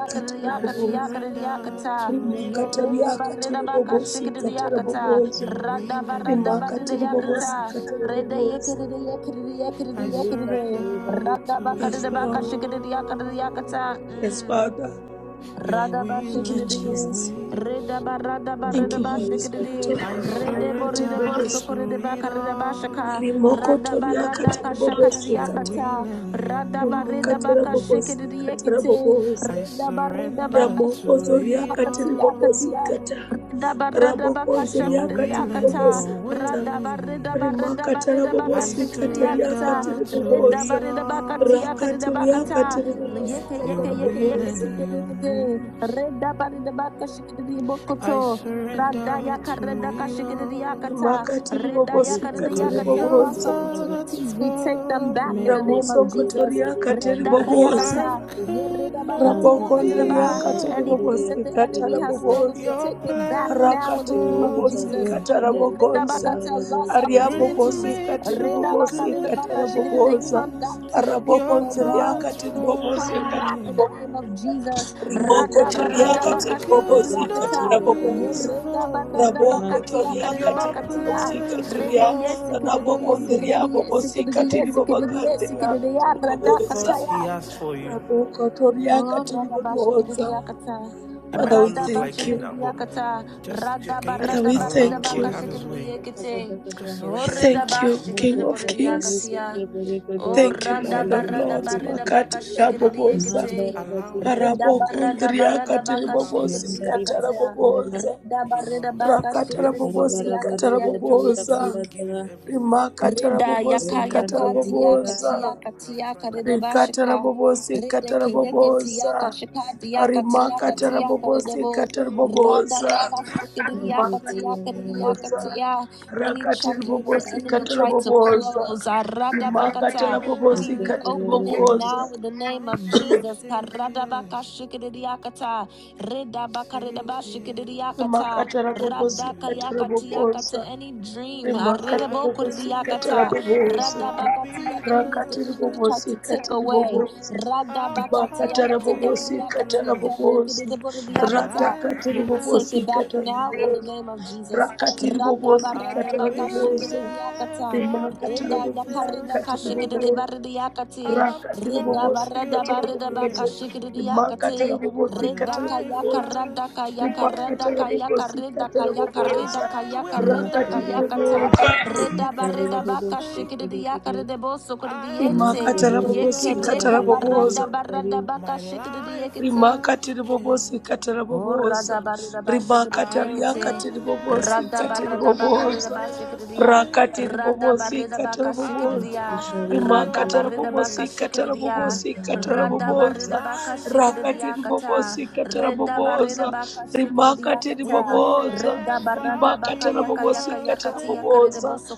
Speaker 5: I
Speaker 3: katiriboboza.
Speaker 5: surrender to it
Speaker 2: Ye
Speaker 5: all.
Speaker 3: rimakatariakatiri bobosi
Speaker 2: redabaridabakashikidiyakata.
Speaker 5: Your will and your
Speaker 3: rimakatariakati
Speaker 2: Radabaradabaridayakata.
Speaker 5: moves.
Speaker 3: ribobosikata rabobosa bobosi ribobosikata boboza.
Speaker 5: I
Speaker 4: mazika
Speaker 2: Redayekidiyekidiyekidiyekidiyekidide.
Speaker 4: seva
Speaker 5: surrender
Speaker 4: rika
Speaker 5: to
Speaker 4: tse,
Speaker 3: yes
Speaker 5: it
Speaker 3: lord
Speaker 2: Radabakaridabakashikidiyakadiyakata.
Speaker 5: all.
Speaker 3: yes
Speaker 2: Mm.
Speaker 3: father
Speaker 5: Your
Speaker 3: thank
Speaker 5: will
Speaker 3: you
Speaker 5: and your
Speaker 2: Radabashikididie,
Speaker 3: jesus
Speaker 5: wish.
Speaker 3: thank you
Speaker 4: mazika
Speaker 3: holy
Speaker 4: rika
Speaker 3: spirit
Speaker 4: tse
Speaker 2: redabaradabashikididie,
Speaker 3: of
Speaker 5: I
Speaker 4: soko
Speaker 3: god
Speaker 4: tse tse,
Speaker 3: makati
Speaker 5: surrender
Speaker 3: ribobosa
Speaker 5: to it
Speaker 2: redeboredebosokoredebakaredabashaka,
Speaker 5: all.
Speaker 3: rimokotoriakati
Speaker 5: Your
Speaker 3: ribobosikata
Speaker 2: radabaradakashakadidiakata,
Speaker 5: will and your
Speaker 3: bobosi rabobosikata
Speaker 2: radabaredabakashikididiekite,
Speaker 5: moves.
Speaker 3: boboza.
Speaker 5: I surrender to it
Speaker 3: Ramokozoriaka
Speaker 2: redabaredabakashikididiakatiakatia,
Speaker 3: tiribobosikata.
Speaker 5: all. Your
Speaker 3: Rabokozoriaka
Speaker 5: will and
Speaker 2: redabaredabakashakadidiakata,
Speaker 5: your
Speaker 3: tiribobosikata.
Speaker 5: ways.
Speaker 3: Rimakata
Speaker 5: I
Speaker 3: rabobosikata
Speaker 2: radabaredabaredabakashikididiakata,
Speaker 3: riaka
Speaker 5: surrender to
Speaker 3: tiribobosa.
Speaker 5: it all.
Speaker 3: Rakati riaka
Speaker 2: redabaredabakatiakadidabakata, Yeke
Speaker 3: tiribobosikata
Speaker 2: yeke
Speaker 5: Your
Speaker 2: yeke
Speaker 5: will
Speaker 2: yeke
Speaker 5: and
Speaker 3: rabobosa.
Speaker 2: tike
Speaker 5: your
Speaker 2: tike de.
Speaker 5: moves.
Speaker 2: Reda bari de baka shikiri di
Speaker 5: I
Speaker 2: bokoto.
Speaker 5: surrender
Speaker 2: Rada yaka
Speaker 5: to
Speaker 2: reda ka
Speaker 5: it
Speaker 2: shikiri di yakata.
Speaker 5: all,
Speaker 3: Rimakati
Speaker 2: Reda yaka
Speaker 4: mazika
Speaker 2: reda
Speaker 5: 'cause
Speaker 3: ribobosikata
Speaker 4: dora
Speaker 2: yakata.
Speaker 4: bika
Speaker 5: your
Speaker 2: Lost
Speaker 3: ribobosa.
Speaker 4: lila
Speaker 5: thoughts
Speaker 2: opportunities,
Speaker 4: barakita,
Speaker 2: we take them
Speaker 5: for
Speaker 2: back in
Speaker 5: me
Speaker 2: the name
Speaker 4: mazika
Speaker 2: of
Speaker 4: dori
Speaker 2: Jesus.
Speaker 3: Ramosokotoriaka
Speaker 4: biri
Speaker 3: katiri
Speaker 4: kandi
Speaker 2: Reda ka
Speaker 4: marodo
Speaker 5: are of
Speaker 2: yakata.
Speaker 4: kosi,
Speaker 2: Ye
Speaker 5: good,
Speaker 2: reda baka ti
Speaker 5: no
Speaker 4: mazika
Speaker 2: yaka reda
Speaker 4: ria
Speaker 2: ba.
Speaker 3: Rabokondriaka
Speaker 4: mando
Speaker 2: Anything
Speaker 4: sendiria
Speaker 2: that the
Speaker 5: evil.
Speaker 3: tiribobosikata
Speaker 2: enemy
Speaker 4: kodiria
Speaker 2: has
Speaker 4: zo,
Speaker 2: stolen, we
Speaker 3: rabobosa.
Speaker 5: Your
Speaker 2: take it back
Speaker 5: plans
Speaker 2: now in the
Speaker 3: rakatiri
Speaker 2: name of
Speaker 5: for
Speaker 4: korei
Speaker 3: bobosi
Speaker 2: Jesus.
Speaker 4: bado
Speaker 5: me
Speaker 3: katara
Speaker 2: Ye reda
Speaker 4: shatarivika
Speaker 3: bogonza
Speaker 2: baka ta.
Speaker 4: darabo
Speaker 2: Lost
Speaker 3: ariabo
Speaker 5: brings
Speaker 4: soko
Speaker 3: bobosi
Speaker 2: opportunities.
Speaker 5: me
Speaker 3: katiri
Speaker 5: to
Speaker 2: Reda
Speaker 5: a
Speaker 2: baka
Speaker 3: bobosi
Speaker 2: reda
Speaker 5: good
Speaker 2: baka
Speaker 3: katara
Speaker 2: shikiri di.
Speaker 3: boboza
Speaker 2: Come back
Speaker 5: end.
Speaker 2: to your people,
Speaker 5: Your
Speaker 2: oh
Speaker 3: arabokonzi
Speaker 2: God.
Speaker 5: thoughts
Speaker 3: riakatiri
Speaker 2: They
Speaker 3: bobosi
Speaker 5: for
Speaker 2: come back
Speaker 3: katara
Speaker 5: me
Speaker 2: in the
Speaker 3: bo-
Speaker 2: name of Jesus.
Speaker 3: rimoko
Speaker 4: Mazotari
Speaker 5: are of
Speaker 3: toriakatiri
Speaker 4: Badocha
Speaker 5: good,
Speaker 4: Kadi
Speaker 3: bobosi
Speaker 5: no
Speaker 3: katara
Speaker 2: Radabaradabakashikridiakata.
Speaker 4: Kadira
Speaker 3: boboza
Speaker 4: Bazota
Speaker 5: evil.
Speaker 3: raboko
Speaker 4: Masan
Speaker 5: Your
Speaker 3: toriakatiri
Speaker 4: Sansani
Speaker 2: Yeredabaradabakatiakadidabakatia.
Speaker 3: bobosi
Speaker 5: plans
Speaker 3: katiria
Speaker 5: for me
Speaker 3: rabokondria bobosi katiri bobagandria katiri
Speaker 5: The
Speaker 3: boboza
Speaker 5: thoughts he
Speaker 2: Redeyesikididiyesikididiyesikididiyesikididiyaradakataya.
Speaker 5: has for you,
Speaker 3: raboko
Speaker 2: Oh,
Speaker 3: toriakatiri boboza
Speaker 2: radabashikridiakata.
Speaker 5: it might
Speaker 3: Father, we
Speaker 5: not look like
Speaker 3: thank
Speaker 5: it
Speaker 3: you.
Speaker 5: now, but
Speaker 2: Radabashikridiakata.
Speaker 5: just, ju- can you
Speaker 3: Father,
Speaker 5: just
Speaker 3: we
Speaker 5: allow
Speaker 4: Matisa
Speaker 3: thank
Speaker 5: God
Speaker 3: you.
Speaker 5: have his
Speaker 4: Yeleka
Speaker 5: way?
Speaker 2: Radabaradabaridabakashikridiyekete.
Speaker 4: Kabada
Speaker 5: Just
Speaker 4: Kada
Speaker 2: Oh,
Speaker 3: We
Speaker 5: surrender
Speaker 3: thank
Speaker 5: everything to
Speaker 3: you,
Speaker 5: him.
Speaker 3: King of
Speaker 4: Mazoto
Speaker 3: Kings.
Speaker 4: Parike
Speaker 2: redabashikridiborediakatia.
Speaker 4: Tebereka
Speaker 2: Oh,
Speaker 3: Thank you,
Speaker 4: Doboje
Speaker 2: rada
Speaker 3: Lord
Speaker 5: Surrender
Speaker 3: of
Speaker 2: barada
Speaker 5: everything to
Speaker 3: Lords.
Speaker 5: him.
Speaker 2: barada
Speaker 4: Kede
Speaker 2: baka
Speaker 3: Makati ya
Speaker 2: shikiri
Speaker 3: boboza.
Speaker 5: Just
Speaker 2: yakate.
Speaker 4: Mandara
Speaker 5: allow
Speaker 4: Vadika
Speaker 5: him.
Speaker 2: Rida
Speaker 3: Arabo
Speaker 4: Chango
Speaker 2: barada
Speaker 3: kondria
Speaker 2: barada
Speaker 3: katiri
Speaker 2: baka
Speaker 5: Allow him
Speaker 3: bobosi
Speaker 5: do
Speaker 2: shikiri
Speaker 5: the
Speaker 4: Mandari
Speaker 3: katara
Speaker 2: yakate.
Speaker 5: things
Speaker 4: Bakiyana
Speaker 3: boboza.
Speaker 2: Rida
Speaker 5: he
Speaker 2: barada
Speaker 5: knows to
Speaker 2: baka
Speaker 5: do
Speaker 3: Rakatara
Speaker 2: shikiri
Speaker 5: best.
Speaker 4: Bhari
Speaker 2: buridi
Speaker 3: bobosi katara
Speaker 4: Barabari
Speaker 2: yakatia
Speaker 4: Vadi
Speaker 5: Just just
Speaker 3: boboza.
Speaker 2: ridienting.
Speaker 5: give him
Speaker 4: Rabayada
Speaker 5: everything.
Speaker 3: Rimakatara
Speaker 2: Reda
Speaker 3: bobosi
Speaker 2: yaka
Speaker 5: Just give
Speaker 3: katara
Speaker 5: him
Speaker 2: yaka
Speaker 4: Vadi
Speaker 2: tia
Speaker 5: everything.
Speaker 4: Andara
Speaker 2: katia
Speaker 3: boboza.
Speaker 5: You have
Speaker 2: katia
Speaker 5: tried enough.
Speaker 2: karedeba
Speaker 3: Rikatara
Speaker 2: shika.
Speaker 3: bobosi
Speaker 2: Rede
Speaker 5: Just
Speaker 3: katara
Speaker 5: give him
Speaker 2: keyeke
Speaker 5: everything.
Speaker 2: tia
Speaker 3: boboza.
Speaker 2: kashika dia katia
Speaker 5: Give him
Speaker 3: Rimakatara
Speaker 2: katia
Speaker 5: everything.
Speaker 3: bobosi
Speaker 2: karedebo.
Speaker 3: katara
Speaker 2: Rada
Speaker 3: boboza
Speaker 2: baka
Speaker 5: My soul
Speaker 2: shikiriya
Speaker 4: Mazoto
Speaker 2: katia
Speaker 5: says
Speaker 4: Yara
Speaker 5: yes,
Speaker 2: kariya
Speaker 3: boboza
Speaker 4: Vasan
Speaker 2: katia. Any
Speaker 3: rakatiri
Speaker 2: chapter that
Speaker 5: says
Speaker 2: the
Speaker 3: bobosi
Speaker 5: yes,
Speaker 2: enemy
Speaker 3: katara
Speaker 2: tried to
Speaker 3: boboza
Speaker 2: close, arada
Speaker 5: says
Speaker 3: rimakatara
Speaker 2: bakata, we
Speaker 3: bobosi
Speaker 4: Mazoto
Speaker 3: katiri
Speaker 2: reopen
Speaker 5: yes.
Speaker 4: Yeleka
Speaker 2: it
Speaker 3: boboza
Speaker 2: now in the name
Speaker 5: My
Speaker 2: of
Speaker 5: soul
Speaker 2: Jesus.
Speaker 5: says
Speaker 2: Karada baka
Speaker 5: yes,
Speaker 2: shikiriya kata. Reda baka
Speaker 5: says
Speaker 2: redeba shikiriya
Speaker 5: yes
Speaker 2: kata.
Speaker 3: rimakatara
Speaker 5: to
Speaker 3: bobosi katara
Speaker 5: you.
Speaker 2: Radakayakatiyaka to
Speaker 3: boboza
Speaker 2: any dream.
Speaker 3: rimakatiri
Speaker 5: I will
Speaker 3: bobosi katara
Speaker 2: Arirebokuriyakata.
Speaker 3: boboza
Speaker 5: never be
Speaker 2: Radabakatiyakati
Speaker 5: the
Speaker 2: The
Speaker 3: rakatiri
Speaker 2: enemy
Speaker 5: same
Speaker 2: tried
Speaker 3: bobosi
Speaker 2: to take
Speaker 3: katiri
Speaker 2: away.
Speaker 3: boboza
Speaker 5: after
Speaker 3: rimakatara bobosi
Speaker 5: your
Speaker 3: katara
Speaker 5: grace.
Speaker 3: boboza
Speaker 5: My
Speaker 2: Radabakatiyakatikariyakatikariyakata.
Speaker 5: life
Speaker 3: ratakatiri
Speaker 2: We
Speaker 5: has
Speaker 2: take
Speaker 3: bobosi
Speaker 2: it back
Speaker 3: katara
Speaker 2: now in the
Speaker 5: changed.
Speaker 3: boboza
Speaker 2: name of Jesus.
Speaker 3: rakatiri bobosi
Speaker 5: I
Speaker 3: katara
Speaker 5: will
Speaker 3: boboza
Speaker 2: Radabaradabakashikiriyakata.
Speaker 5: never
Speaker 3: rimakatara
Speaker 5: be
Speaker 3: bobosi
Speaker 5: the
Speaker 3: katiri
Speaker 5: same
Speaker 3: boboza
Speaker 2: Ridayakaridakashikiribaridiyakati.
Speaker 3: rakatele
Speaker 5: after
Speaker 3: bobosi katele
Speaker 5: your
Speaker 3: bobosi
Speaker 5: grace.
Speaker 2: Ridabaradabakashikiriyakati.
Speaker 3: rimakatele bobosi
Speaker 5: My
Speaker 3: katele
Speaker 2: Redaka
Speaker 5: life
Speaker 2: yaka
Speaker 3: bobosi
Speaker 5: has
Speaker 2: radaka yaka
Speaker 3: rimakatele
Speaker 2: radaka yaka
Speaker 5: changed.
Speaker 3: bobosi
Speaker 2: redaka
Speaker 3: katele
Speaker 2: yaka
Speaker 3: bobosi
Speaker 2: redaka
Speaker 5: I
Speaker 2: yaka
Speaker 5: will
Speaker 4: Nas
Speaker 2: redaka
Speaker 3: rakatele
Speaker 4: Prabhu
Speaker 2: yaka ta
Speaker 5: never
Speaker 3: bobosi
Speaker 4: Nas
Speaker 5: be
Speaker 2: redaba
Speaker 4: Prabhu
Speaker 5: the
Speaker 2: redaba
Speaker 4: Babu
Speaker 5: same.
Speaker 2: kashikiri yaka
Speaker 4: Shekede
Speaker 2: redebo sokiri
Speaker 5: I've
Speaker 2: yente
Speaker 3: rimakatele
Speaker 4: Makrobode
Speaker 5: touched
Speaker 2: yeke
Speaker 3: bobosi
Speaker 4: Sri
Speaker 5: your
Speaker 3: katele
Speaker 2: redaba
Speaker 4: Bade
Speaker 5: grace.
Speaker 4: Sri
Speaker 3: bobosi
Speaker 2: radaba
Speaker 4: Sari
Speaker 2: radaba
Speaker 5: My
Speaker 2: kashikiri
Speaker 5: life
Speaker 2: yekete
Speaker 5: has
Speaker 3: rimakatiri bobosi
Speaker 5: changed.
Speaker 3: katara
Speaker 2: Oh,
Speaker 3: bobosa
Speaker 2: rada barida ba shikiriye
Speaker 5: I
Speaker 3: rimakataria
Speaker 2: kete.
Speaker 5: will
Speaker 3: katiri bobosi
Speaker 2: Rada
Speaker 3: katiri
Speaker 5: never
Speaker 2: barada ba
Speaker 5: be
Speaker 2: karida
Speaker 3: bobosa
Speaker 2: ba
Speaker 5: the
Speaker 2: shikiriya.
Speaker 5: same.
Speaker 3: rakatiri
Speaker 2: Rada
Speaker 3: bobosi
Speaker 2: barida ba
Speaker 3: katara
Speaker 2: ka
Speaker 5: I've
Speaker 3: bobosa
Speaker 2: shikiriya.
Speaker 4: Masikari
Speaker 5: touched
Speaker 2: Rada
Speaker 3: rimakatara
Speaker 5: your
Speaker 4: Bodu
Speaker 2: barida ba ka
Speaker 3: bobosi
Speaker 5: grace.
Speaker 3: katara
Speaker 2: shikiriya.
Speaker 3: bobosi katara
Speaker 2: Rada
Speaker 4: Sangavani
Speaker 5: My
Speaker 3: bobosa
Speaker 2: barida ba ka
Speaker 5: life has
Speaker 2: shikiriya
Speaker 3: rakatiri
Speaker 2: kata.
Speaker 3: bobosi katara
Speaker 5: changed.
Speaker 2: Rida
Speaker 3: bobosa
Speaker 2: barida ba ka shikiriya
Speaker 3: rimakatiri
Speaker 5: We
Speaker 2: kata.
Speaker 5: will
Speaker 3: bobosa
Speaker 2: Rida
Speaker 5: never
Speaker 2: barada ba ka
Speaker 3: rimakatara
Speaker 5: be
Speaker 2: yaka
Speaker 3: bobosi
Speaker 2: yaka
Speaker 5: the
Speaker 2: yaka
Speaker 3: katara
Speaker 2: tiya
Speaker 5: same
Speaker 2: karida
Speaker 3: bobosa
Speaker 2: boso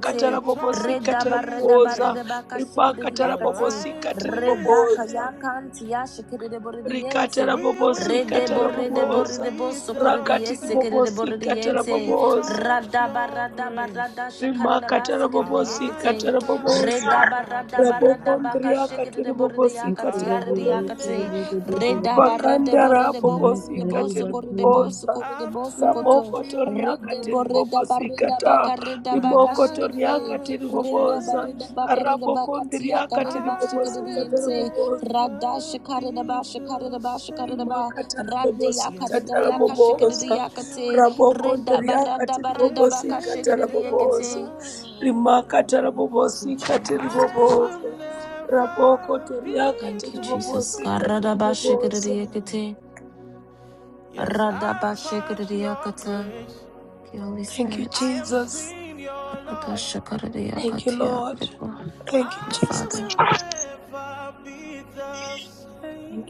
Speaker 5: when you
Speaker 3: bobosi
Speaker 5: touch
Speaker 2: Rida
Speaker 3: katara
Speaker 5: His
Speaker 2: barida
Speaker 3: bobosa
Speaker 2: barida
Speaker 5: grace.
Speaker 2: ba ka shikiriya
Speaker 3: rimakatara
Speaker 5: Your
Speaker 2: kate.
Speaker 3: bobosi
Speaker 5: life
Speaker 3: katiri
Speaker 5: will
Speaker 2: Rida
Speaker 3: bobosa
Speaker 2: kayakan
Speaker 5: change.
Speaker 2: tiya shikirida
Speaker 3: rikatara
Speaker 2: buridiente.
Speaker 5: We will
Speaker 3: bobosi
Speaker 2: Redebo
Speaker 3: katara
Speaker 2: redebo
Speaker 5: never
Speaker 3: boboza
Speaker 2: redebo
Speaker 5: be the
Speaker 2: socorridies
Speaker 3: rakatiri
Speaker 5: same.
Speaker 2: sekerebo
Speaker 3: bobosi katara
Speaker 2: rediente.
Speaker 5: We've
Speaker 3: boboza
Speaker 5: touched
Speaker 2: Radaba
Speaker 5: your
Speaker 2: radaba
Speaker 5: grace.
Speaker 2: rada shakareba
Speaker 3: rimakatara
Speaker 5: Our
Speaker 3: bobosi
Speaker 2: sekerediakating.
Speaker 5: lives
Speaker 3: katara
Speaker 5: are
Speaker 3: boboza
Speaker 2: Redaba radaba
Speaker 5: kabahati na
Speaker 2: radaba
Speaker 3: rabokondria
Speaker 5: mahandikaya.
Speaker 3: katiri
Speaker 2: kashekerebo
Speaker 3: bobosi katiri
Speaker 5: I will
Speaker 4: Makorabi
Speaker 3: boboza
Speaker 4: Sri
Speaker 2: rediakatiarediakati.
Speaker 5: never
Speaker 4: Bogododu
Speaker 2: Redaba
Speaker 5: be
Speaker 2: redebo
Speaker 5: the
Speaker 3: pakandara
Speaker 2: redebo
Speaker 5: same.
Speaker 3: bobosi
Speaker 2: corredebo
Speaker 4: Makari
Speaker 3: katiri
Speaker 2: socorredebo
Speaker 4: Bagunda
Speaker 3: boboza
Speaker 5: I've
Speaker 2: socorredebo socoto.
Speaker 5: touched
Speaker 3: ramoko
Speaker 5: your
Speaker 3: toriaka
Speaker 2: Redebo
Speaker 3: tiri
Speaker 5: grace.
Speaker 2: redaba
Speaker 3: bobosi kata
Speaker 2: redaba
Speaker 5: My
Speaker 2: karedaba
Speaker 3: rimoko
Speaker 5: life
Speaker 3: toriaka
Speaker 2: kashekerede.
Speaker 5: has
Speaker 3: tiri
Speaker 2: Redaba
Speaker 3: boboza
Speaker 2: redaba
Speaker 5: changed.
Speaker 2: karedaba katia
Speaker 3: rabokondriaka tiri
Speaker 2: karedaba
Speaker 5: I
Speaker 3: bobosi
Speaker 5: will
Speaker 3: katara
Speaker 2: shekerediente.
Speaker 3: boboza
Speaker 5: never be
Speaker 2: Radashakaredaba
Speaker 5: the
Speaker 2: shakaredaba
Speaker 5: same.
Speaker 2: shakaredaba.
Speaker 3: Rimakatara bobosi
Speaker 2: Radiyaka
Speaker 5: Yes,
Speaker 3: katara
Speaker 5: I've
Speaker 2: Radayaka
Speaker 3: bobosa.
Speaker 5: touched
Speaker 2: Shikidiyakate
Speaker 5: your
Speaker 3: Raboko
Speaker 5: grace.
Speaker 2: Reda
Speaker 3: ndria
Speaker 2: Barada
Speaker 3: katiri
Speaker 5: I
Speaker 2: Barida
Speaker 5: have
Speaker 3: bobosi
Speaker 2: Baka
Speaker 3: katara
Speaker 5: tasted of your
Speaker 3: bobosa.
Speaker 2: Shikidiyakate.
Speaker 5: love.
Speaker 3: Rimakatara
Speaker 2: Oh, Thank you,
Speaker 3: bobosi katiri
Speaker 2: Jesus.
Speaker 5: I will
Speaker 3: bobosa. Raboko
Speaker 5: never
Speaker 3: ndria
Speaker 5: be
Speaker 2: Thank you,
Speaker 3: katiri
Speaker 5: the
Speaker 2: Jesus.
Speaker 3: bobosi
Speaker 5: same.
Speaker 2: Karada
Speaker 3: katiri bobosa.
Speaker 2: Bashikidiyakate.
Speaker 5: Yes,
Speaker 2: Rada
Speaker 5: I've touched your
Speaker 2: Bashikidiyakata.
Speaker 5: grace.
Speaker 2: Thank you, Holy
Speaker 3: Thank you,
Speaker 5: I
Speaker 2: Spirit.
Speaker 5: have
Speaker 3: Jesus.
Speaker 5: seen your
Speaker 2: Rada
Speaker 5: love.
Speaker 3: Thank you,
Speaker 2: Shakaradiyakatiya. Thank
Speaker 3: Lord.
Speaker 2: you,
Speaker 3: Thank you,
Speaker 5: I
Speaker 3: Jesus.
Speaker 2: Father.
Speaker 5: will never be the same.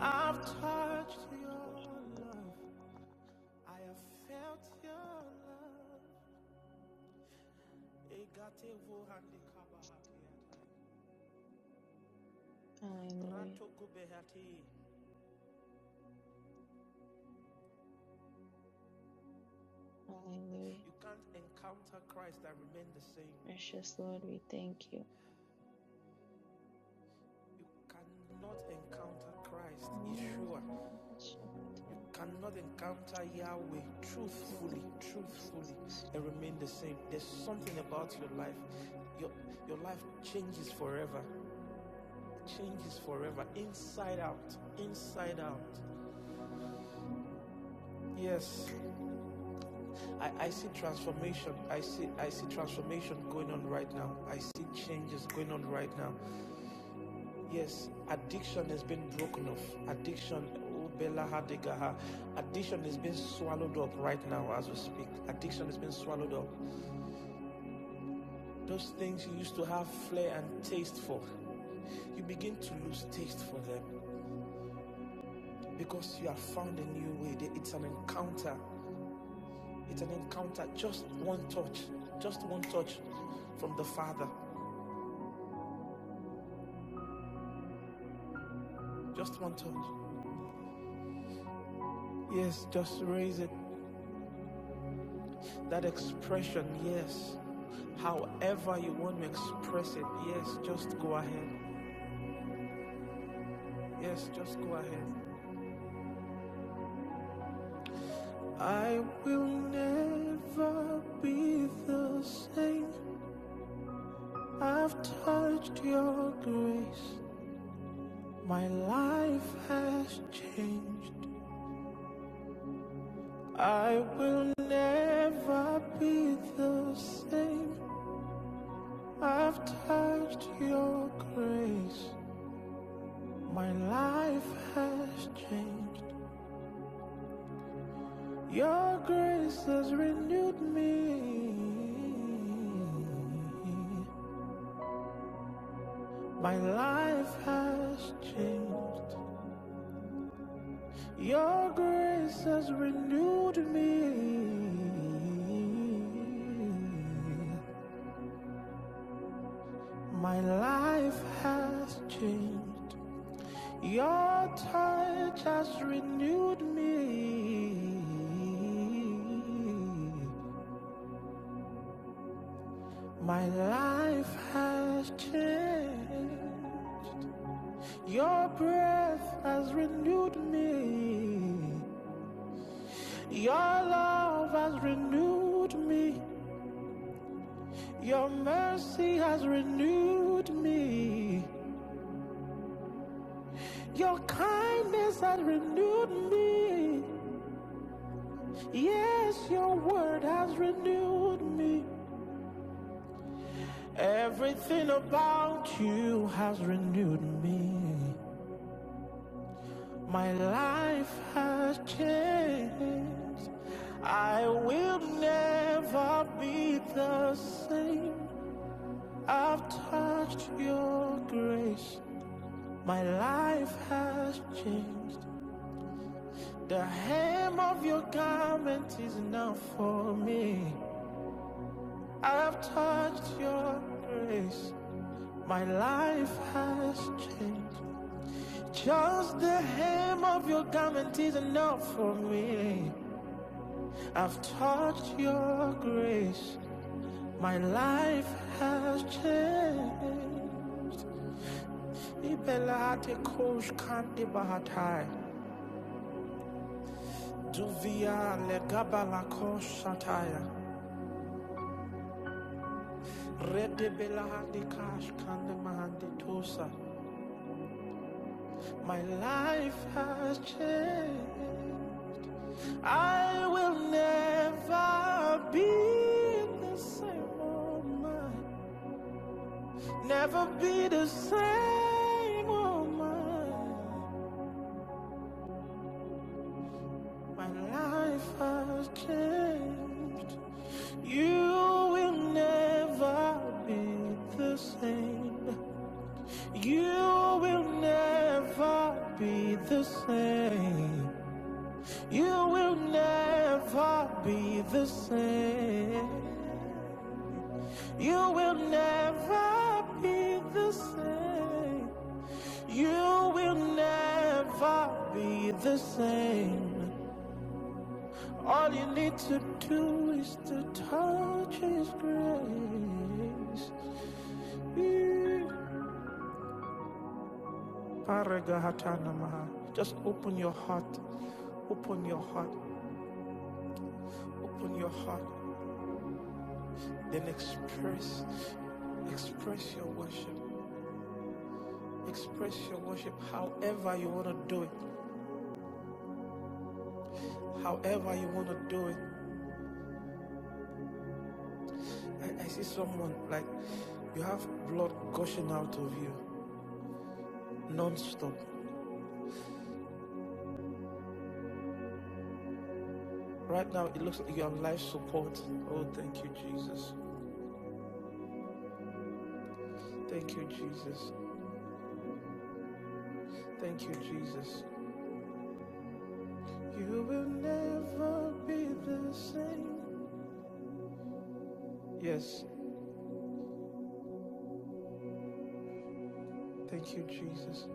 Speaker 5: I've touched your love. I have felt your love.
Speaker 4: Hallelujah. Hallelujah.
Speaker 5: You can't encounter Christ and remain the same.
Speaker 4: Precious Lord, we thank you.
Speaker 5: You cannot encounter Christ, Yeshua. You cannot encounter Yahweh
Speaker 4: Oh,
Speaker 5: truthfully, truthfully,
Speaker 4: Jesus.
Speaker 5: and remain the same. There's something about your life. Your, your life changes forever. Changes forever. Inside out. Inside out. Yes. I, I see transformation. I see I see transformation going on right now. I see changes going on right now. Yes, addiction has been broken off. Addiction oh, Bella Hadegaha. Addiction is being swallowed up right now as we speak. Addiction is being swallowed up. Those things you used to have flair and taste for, you begin to lose taste for them because you have found a new way. It's an encounter. It's an encounter. Just one touch. Just one touch from the Father. Just one touch. Yes, just raise it. That expression, yes. However you want to express it, yes, just go ahead. Yes, just go ahead. I will never be the same. I've touched your grace. My life has changed. I will never be the same. I've touched your grace. My life has changed. Your grace has renewed me. My life has changed. Your grace has renewed me. My life has changed. Your touch has renewed me. My life has changed. Your breath has renewed me. Your love has renewed me. Your mercy has renewed me. Your kindness has renewed me. Yes, your word has renewed me. Everything about you has renewed me. My life has changed. I will never be the same. I've touched your grace. My life has changed. The hem of your garment is enough for me. I've touched your grace. My life has changed. Just the hem of your garment is enough for me. I've touched your grace. My life has changed. Ibelate kosh kandi bahatai. Duvia le gabala kosh sataya. Rede belahandi kash kandi mahandi tusa. My life has changed. I will never be the same woman. Never be the same woman. My life has changed. You will never be the same. You will never be the same. You will never be the same. You will never be the same. You will never be the same. All you need to do is to touch His grace. Parega Just open your heart, open your heart, open your heart. Then express, express your worship, express your worship however you want to do it, however you want to do it. I, I see someone like you have blood gushing out of you non-stop. Right now, it looks like you're on life support. Oh, thank you, Jesus. Thank you, Jesus. Thank you, Jesus. You will never be the same. Yes, thank you, Jesus.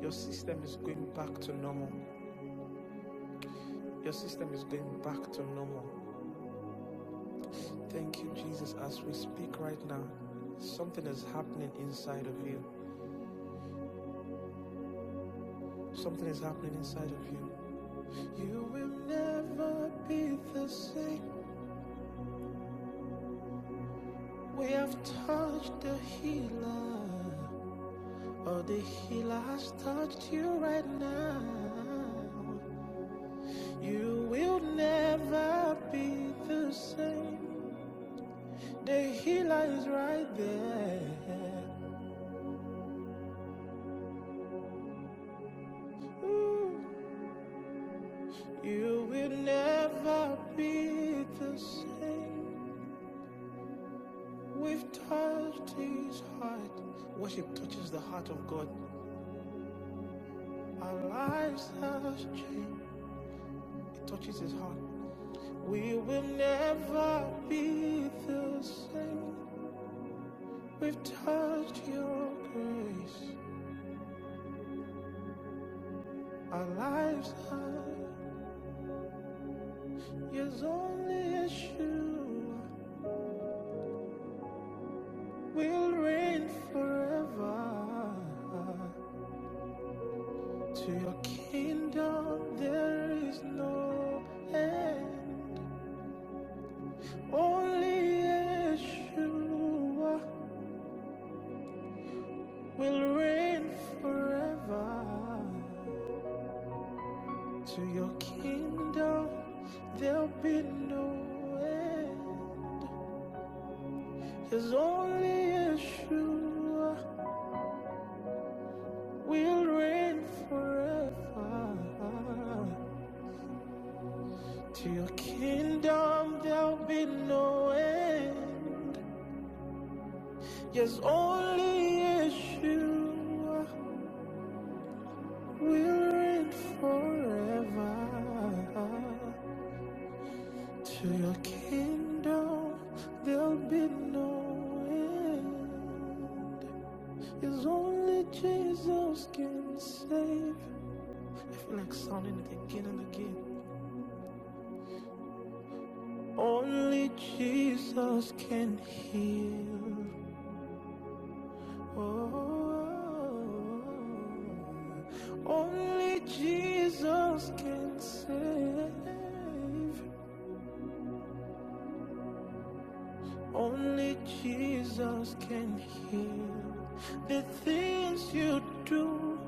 Speaker 5: Your system is going back to normal. Your system is going back to normal. Thank you, Jesus. As we speak right now, something is happening inside of you. Something is happening inside of you. You will never be the same. We have touched the healer. Oh, the healer has touched you right now. You will never be the same. The healer is right there. Ooh. You will never be the same. We've touched his heart. Worship touches the heart of God. Our lives have changed. It touches his heart. We will never be the same. We've touched your grace. Our lives are yours only as you will reign forever. To your kingdom there is no end. Only Yeshua will reign forever. To your kingdom there'll be no end. There's only Yeshua will reign forever. To your kingdom there'll be no end. Yes, only Yeshua will reign forever. To your kingdom there'll be no end. Yes, only Jesus can save. I feel like sounding it again and again. Only Jesus can heal. Oh, only Jesus can save. Only Jesus can heal. The things you do,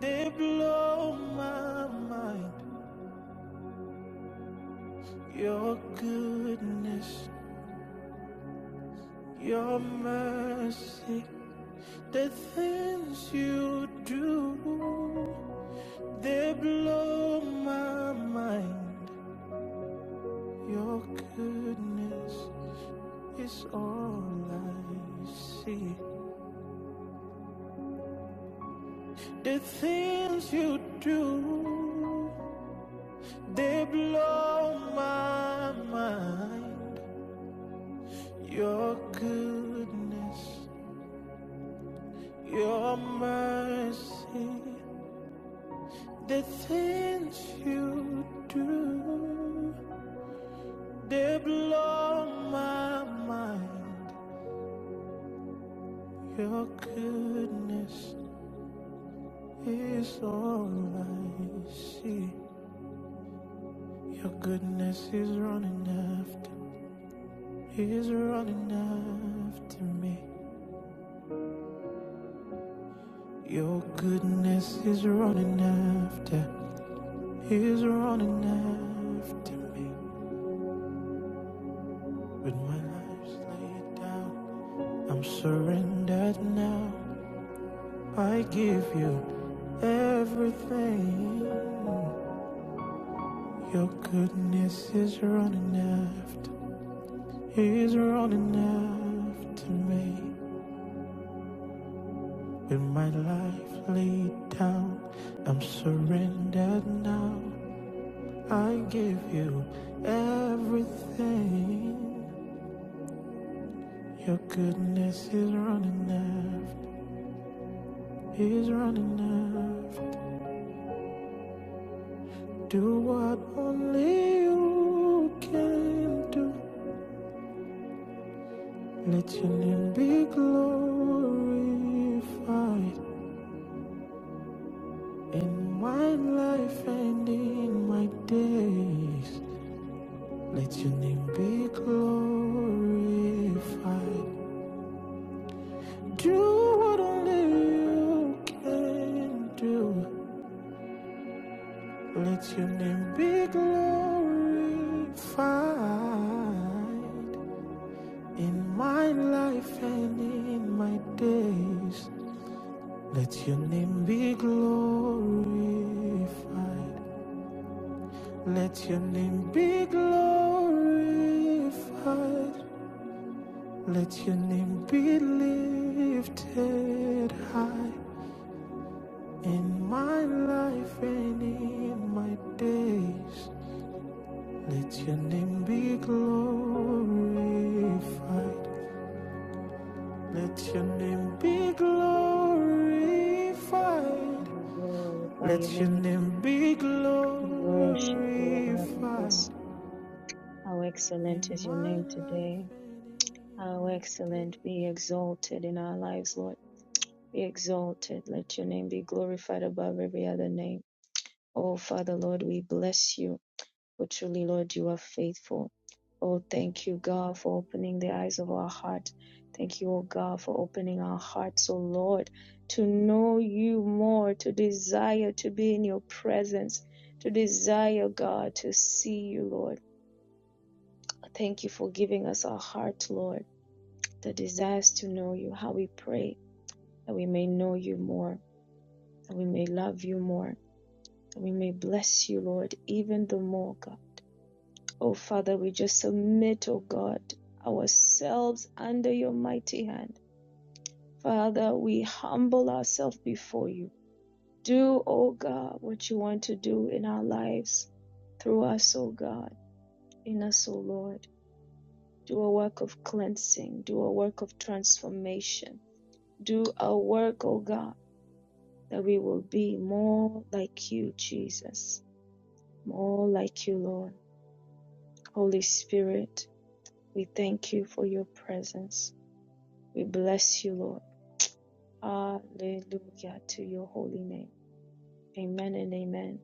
Speaker 5: they blow my mind. Your goodness, your mercy. The things you do, they blow my mind. Your goodness is all I see. The things you do, they blow my mind. Your goodness, your mercy, the things you do. They blow my mind. Your goodness is all I see. Your goodness is running after, is running after me. Your goodness is running after, is running after me. With my life laid down, I'm surrendered now. I give you everything. Your goodness is running after, is running after me. With my life laid down, I'm surrendered now. I give you everything. Your goodness is running after, is running after. Do what only you can do. Let your name be glorified. In my life and in my days, let your name be glorified. Do what only you can do. Let your name be glorified. In my life and in my days, let your name be glorified. Let your name be glorified. Let your name be lifted high in my life and in my days. Let your name be glorified. Let your name be glorified.
Speaker 4: We glorify your
Speaker 5: Let your
Speaker 4: name.
Speaker 5: name be
Speaker 4: We worship you, O God.
Speaker 5: glorified.
Speaker 4: Bless you. How
Speaker 5: in
Speaker 4: excellent is
Speaker 5: my
Speaker 4: your name today.
Speaker 5: life and in
Speaker 4: How
Speaker 5: my days.
Speaker 4: excellent be exalted in our lives, Lord. Be exalted. Let your name be glorified above every other name. Oh, Father, Lord, we bless you. For truly, Lord, you are faithful. Oh, thank you, God, for opening the eyes of our heart. Thank you, oh God, for opening our hearts, oh Lord, to know you more, to desire to be in your presence, to desire, God, to see you, Lord. Thank you for giving us our heart, Lord, that desires to know you. How we pray. that we may know you more, that we may love you more, that we may bless you, Lord, even the more, God. Oh, Father, we just submit, oh God, ourselves under your mighty hand. Father, we humble ourselves before you. Do, oh God, what you want to do in our lives, through us, oh God, in us, oh Lord. Do a work of cleansing, do a work of transformation, do a work, oh God, that we will be more like you, Jesus more like you, Lord. Holy Spirit, we thank you for your presence. We bless you, Lord. Hallelujah to your holy name. Amen and amen.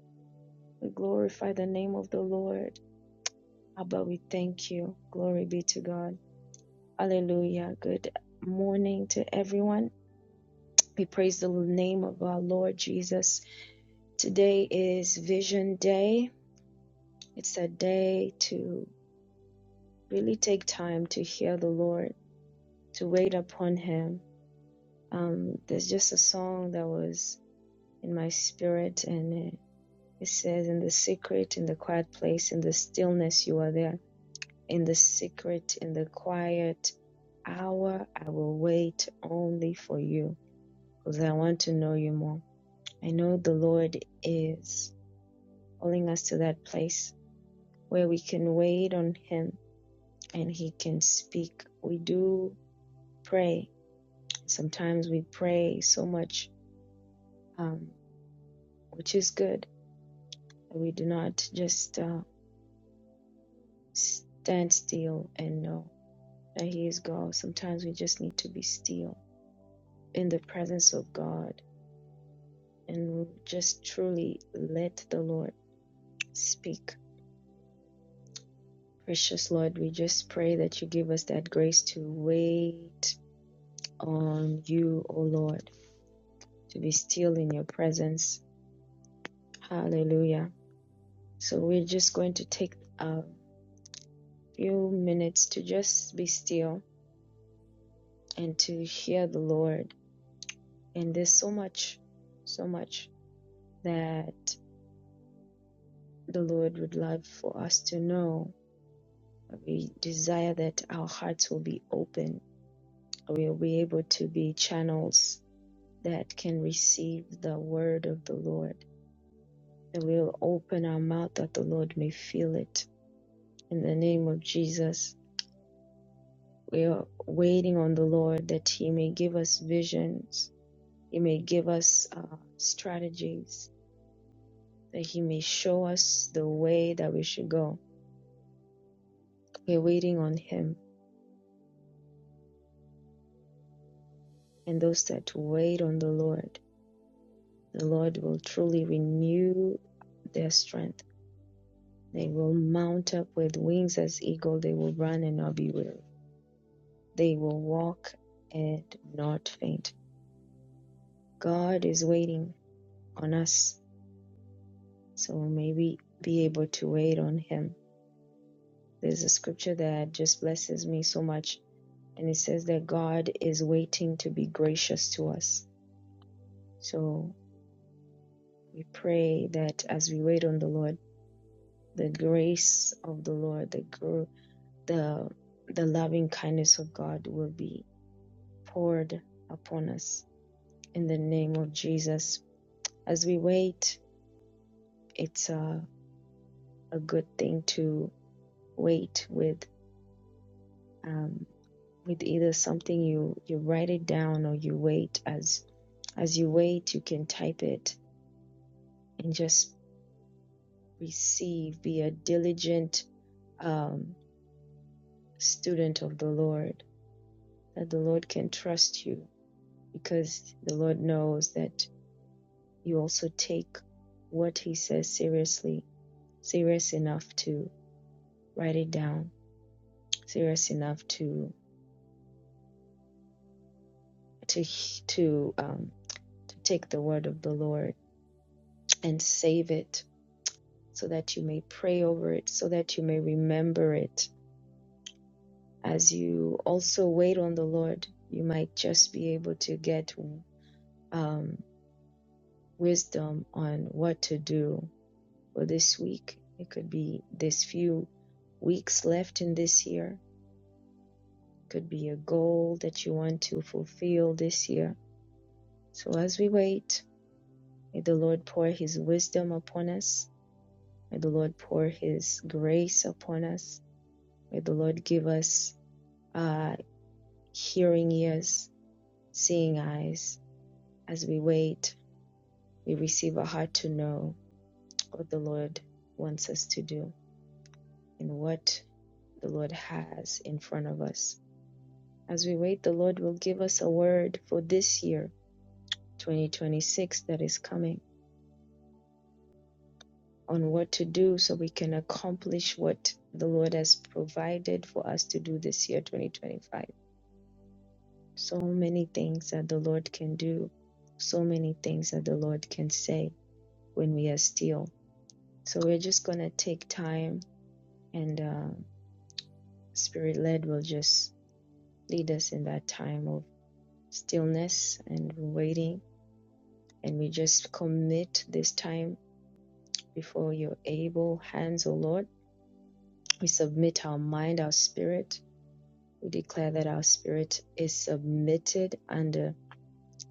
Speaker 4: We glorify the name of the Lord. Abba, we thank you. Glory be to God. Hallelujah. Good morning to everyone. We praise the name of our Lord Jesus. Today is Vision Day. It's a day to really take time to hear the Lord, to wait upon Him, um, there's just a song that was in my spirit, and uh, it says, "In the secret, in the quiet place, in the stillness, you are there. In the secret, in the quiet hour, I will wait only for you, because I want to know you more. I know the Lord is calling us to that place where we can wait on Him, and He can speak. We do pray. Sometimes we pray so much, um, which is good." We do not just uh, stand still and know that He is God. Sometimes we just need to be still in the presence of God and just truly let the Lord speak. Precious Lord, we just pray that you give us that grace to wait on you, O Lord, to be still in your presence. Hallelujah. So we're just going to take a few minutes to just be still and to hear the Lord And there's so much, so much that the Lord would love for us to know. We desire that our hearts will be open. We'll be able to be channels that can receive the word of the Lord. That we'll open our mouth that the Lord may feel it. In the name of Jesus, we are waiting on the Lord that He may give us visions, He may give us uh, strategies, that He may show us the way that we should go were waiting on him, and those that wait on the Lord, the Lord will truly renew their strength. They will mount up with wings as eagle. They will run and not be weary. They will walk and not faint. God is waiting on us, so may we be able to wait on Him. There's a scripture that just blesses me so much, and it says that God is waiting to be gracious to us. So we pray that as we wait on the Lord, the grace of the Lord, the gr- the the loving kindness of God will be poured upon us in the name of Jesus. As we wait, it's a, a good thing to wait with um, with either something you you write it down or you wait as as you wait you can type it and just receive be a diligent um, student of the lord that the lord can trust you because the Lord knows that you also take what He says seriously, serious enough to write it down, serious enough to to to um, to take the word of the Lord and save it, so that you may pray over it, so that you may remember it. As you also wait on the Lord, you might just be able to get um, wisdom on what to do for this week. It could be this few weeks left in this year. Could be a goal that you want to fulfill this year. So as we wait, may the Lord pour his wisdom upon us. May the Lord pour his grace upon us. May the Lord give us uh, hearing ears, seeing eyes. As we wait, we receive a heart to know what the Lord wants us to do and what the Lord has in front of us. As we wait, the Lord will give us a word for this year 2026 that is coming on what to do so we can accomplish what the Lord has provided for us to do this year, 2025. So many things that the Lord can do, so many things that the Lord can say when we are still. So we're just going to take time and uh, Spirit led will just lead us in that time of stillness and waiting. And we just commit this time before your able hands, O Lord We submit our mind, our spirit. We declare that our spirit is submitted under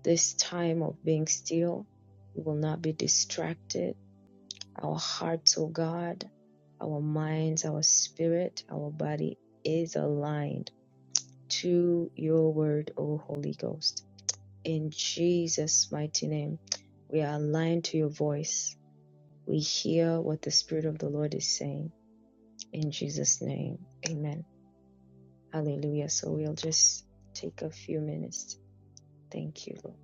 Speaker 4: this time of being still. We will not be distracted. Our hearts, O God, our minds, our spirit, our body is aligned to your word, O Holy Ghost. In Jesus' mighty name, we are aligned to your voice. We hear what the Spirit of the Lord is saying. In Jesus' name, amen. Hallelujah. So we'll just take a few minutes. Thank you, Lord.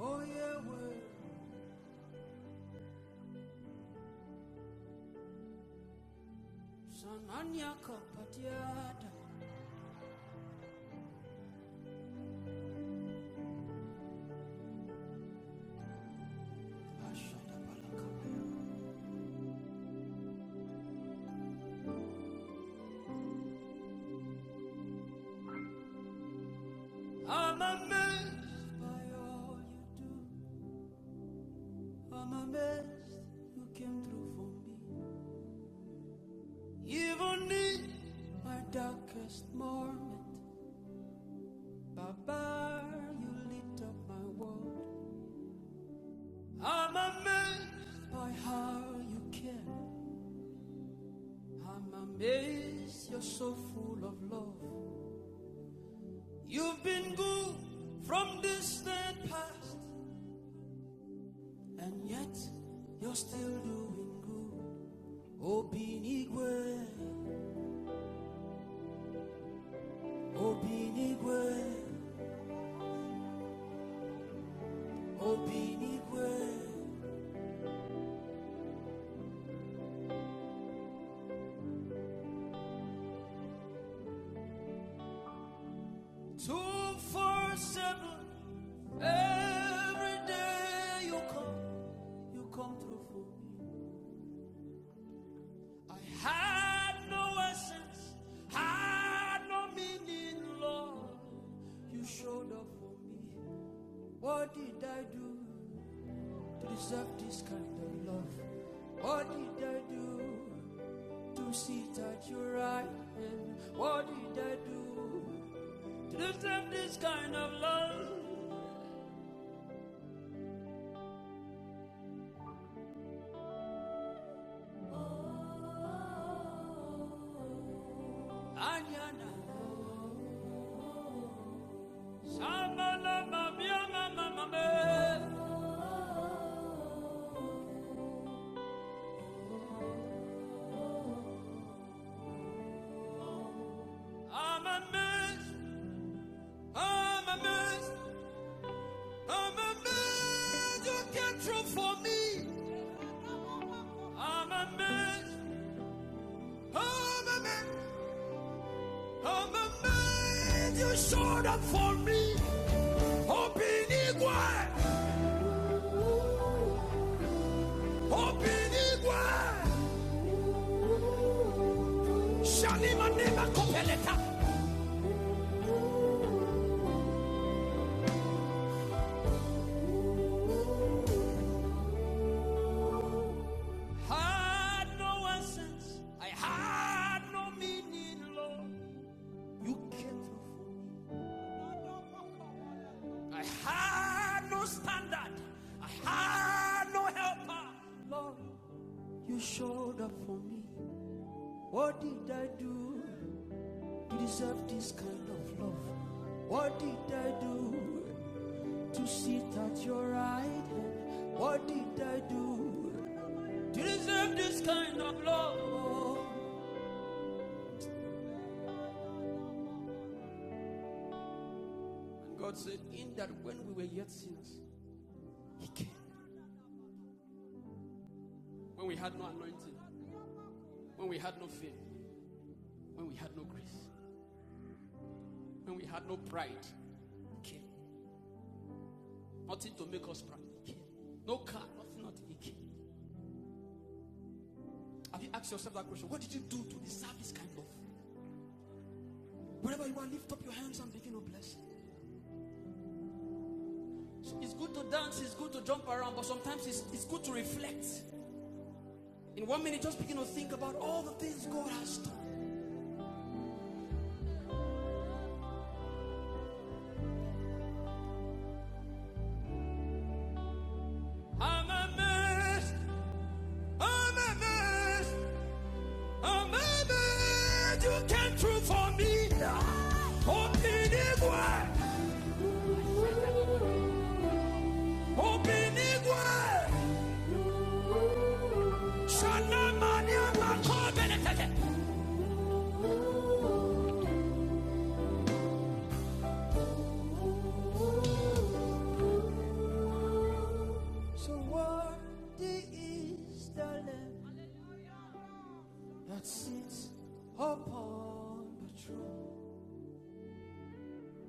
Speaker 5: oh yeah, Oyewe, sananya kapatiata. I'm amazed by all you do. I'm amazed you came through for me. Even in my darkest moment, Baba, you lit up my world. I'm amazed by how you care. I'm amazed you're so full of love. You've been good from distant past, and yet you're still doing good. Obinigwe, Obinigwe, Obinigwe. Two, four, seven. Every day you come, you come through for me. I had no essence, had no meaning, Lord. You showed up for me. What did I do? to deserve this kind of love? What did I do to sit at your right hand? What did I do to deserve this kind of love? Anyana, Shabala, Mabia, Mama, Mama, I'm a mess. I'm amazed, I'm amazed, you can't run for me. I'm a mess. I'm a mess. I'm a man you showed up for me. Opinigwe, Opinigwe, Shalima Nema Kopeleta. Had no essence, I had no meaning, Lord. You came through. I had no standard, I had no helper, Lord. You showed up for me. What did I do to deserve this kind of love? What did I do? You sit at your right hand. What did I do to deserve this kind of love? And God said, In that when we were yet sinners, He came. When we had no anointing, when we had no faith, when we had no grace, when we had no pride, He came. Nothing to make us proud, He came. No car, nothing, nothing, He came. Have you asked yourself that question? What did you do to deserve this kind of? Wherever you are, lift up your hands and begin to bless. So it's good to dance, it's good to jump around, but sometimes it's, it's good to reflect. In one minute, just begin to think about all the things God has done. I'm amazed. I'm amazed. I'm amazed. You came through for me. Obinigwe. Obinigwe. Shanamania makobelekeke. So worthy is the Lamb that sits upon the throne.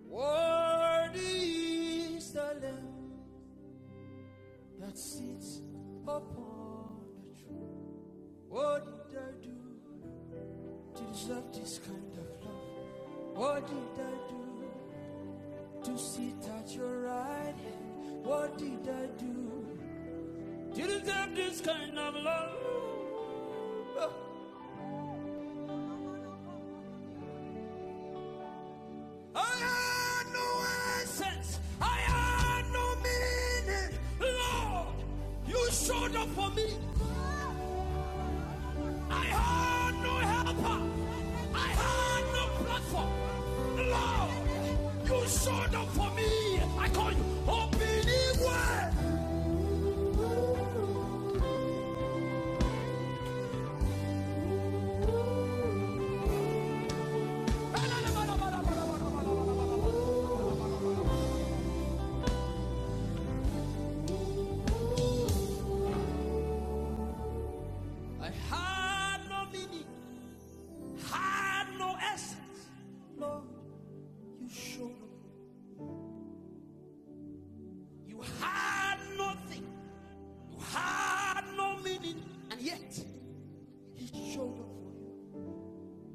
Speaker 5: Worthy is the Lamb that sits upon the throne. What did I do to deserve this kind of love? What did I do to sit at your right hand? What did I do to deserve this kind of love? I had no essence. I had no meaning. Lord, you showed up for me. I had no helper. I had no platform. Lord, you showed up for me. I call you Obinigwe. I had no meaning, had no essence. Lord, you showed up. You had nothing. You had no meaning. And yet, he showed up for you.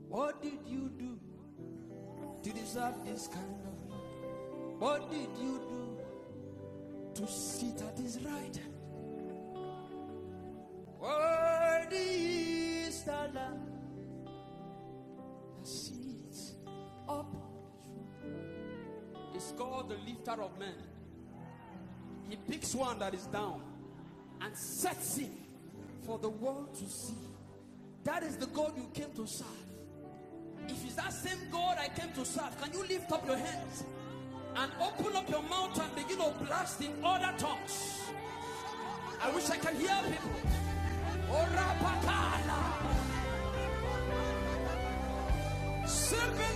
Speaker 5: What did you do to deserve this kind of love? What did you do to sit at his right. Worthy is the Lamb that sits up. It's called the lifter of men. He picks one that is down and sets him for the world to see. That is the God you came to serve. If it's that same God I came to serve, can you lift up your hands and open up your mouth and begin to blast in other tongues? I wish I can hear people. Orapakala. Sepelamia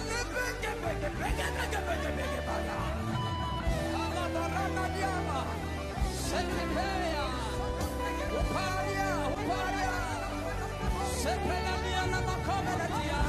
Speaker 5: na makomeletia.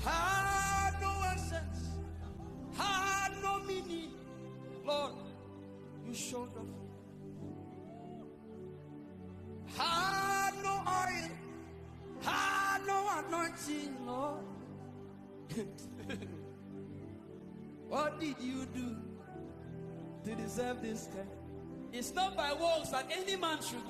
Speaker 5: Had no essence, had no meaning. Lord, you showed up. Had no oil, Ah, no anointing, Lord. what did you do to deserve this kind? It's not by works that any man should.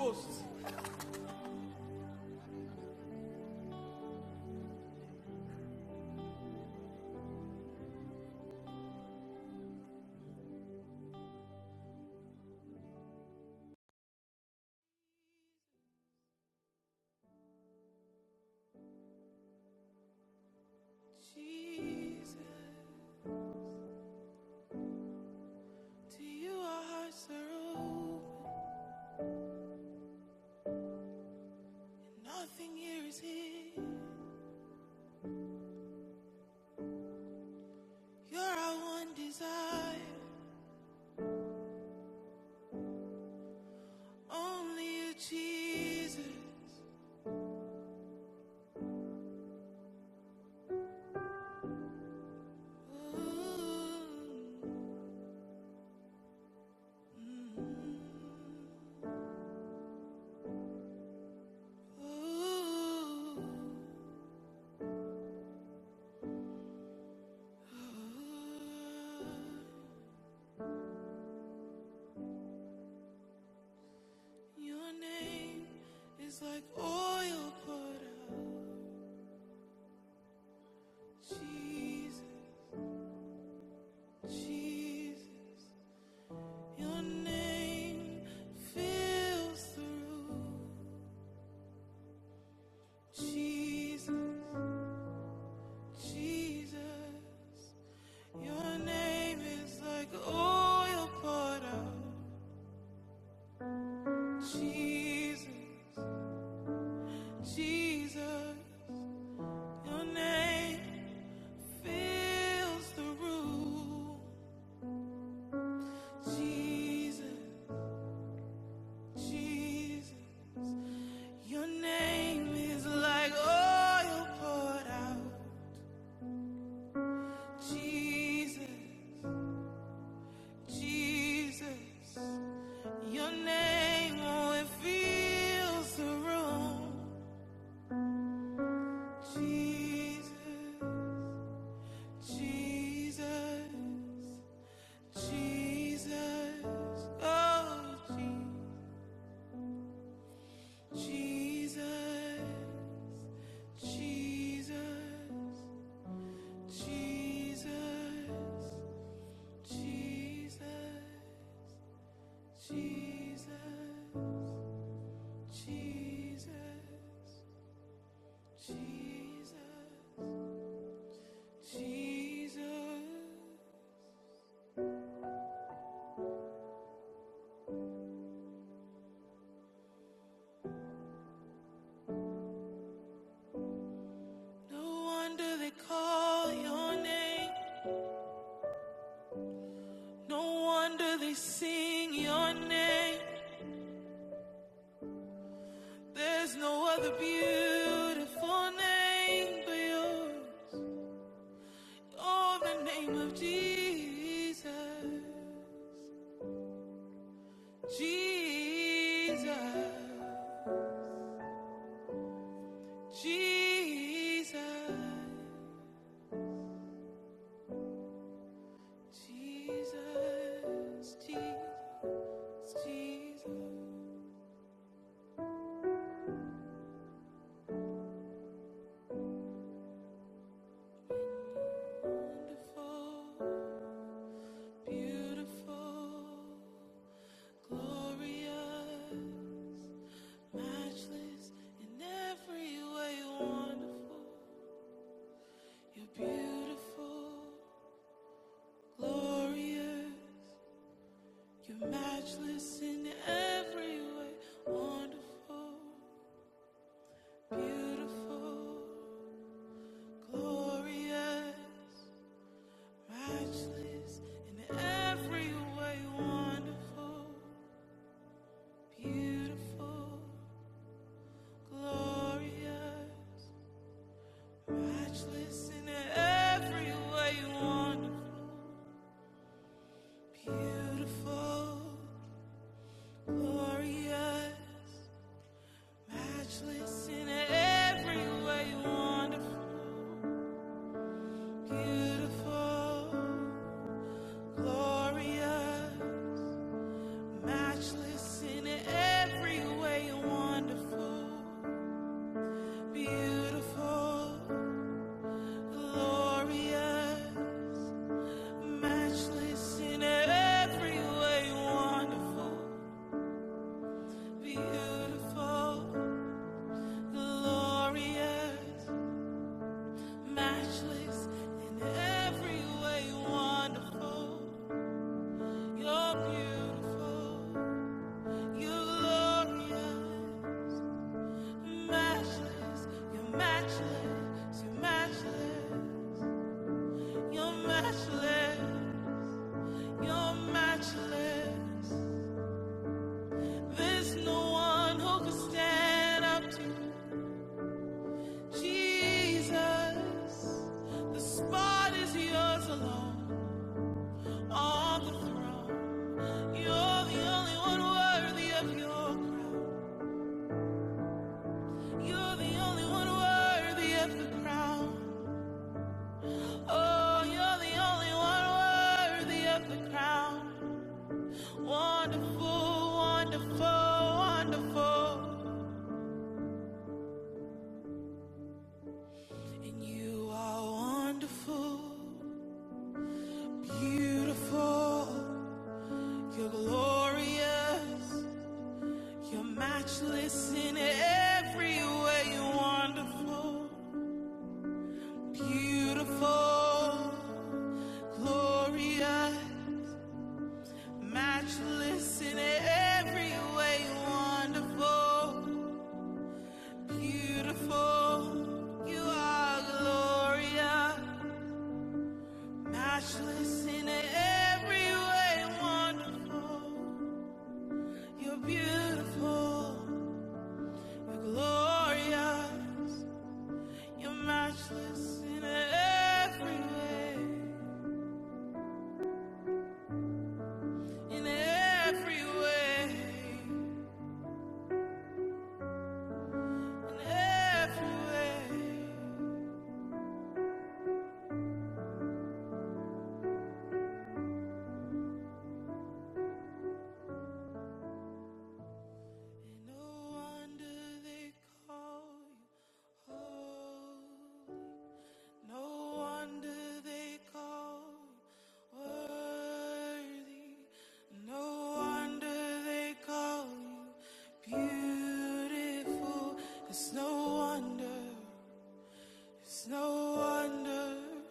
Speaker 5: Jesus, to you our hearts are open. Nothing here is hidden. You're our one desire. Only you, Jesus. Ooh, ooh. Your name is like oil poured out. Jesus, Jesus. Your name fills the room. Jesus, Jesus. Your name is like oil poured out. Jesus, Jesus. Your name fills the room. Jesus, Jesus. Your name is like oil poured out. Jesus, Jesus. Your name, oh, it feels the room. Jesus, Jesus, Jesus, oh, Jesus, Jesus, Jesus, Jesus, Jesus, Jesus, Jesus, Jesus. No wonder they call your name. No wonder they sing your name. There's no other beautiful name but yours. Oh, the name of Jesus. Jesus. Jesus. Jesus. Jesus. Jesus. Wonderful. Beautiful. Gloria, matchless in every way, wonderful. You're beautiful, glorious. You're matchless in every way, wonderful, beautiful, glorious. Matchless in every way, wonderful, beautiful, glorious. Matchless in every way, wonderful, beautiful, glorious. Matchless in every way, wonderful, beautiful, glorious. Matchless in every way, wonderful, beautiful, glorious. Matchless in every way, wonderful, beautiful. Glorious, matchless, in every way wonderful. You're beautiful. You're glorious, matchless. You're matchless. You're matchless. You're matchless. You're matchless. There's no one who can stand up to you, Jesus. The spot is yours alone on the throne. You're the only one worthy of your. You're the one worthy of the crown. You're the only one worthy of the crown. Wonderful, wonderful, wonderful. You are wonderful, beautiful. You're glorious. You're matchless in every way. wonderful, beautiful, glorious. Matchless in every way, wonderful, beautiful. You are Gloria. Matchless in every way, wonderful. You're beautiful, you're Gloria. You're matchless in every way, in every way, in every way. No wonder they call you. Oh, no wonder they call you worthy. No wonder they call you beautiful. It's no wonder. It's no wonder.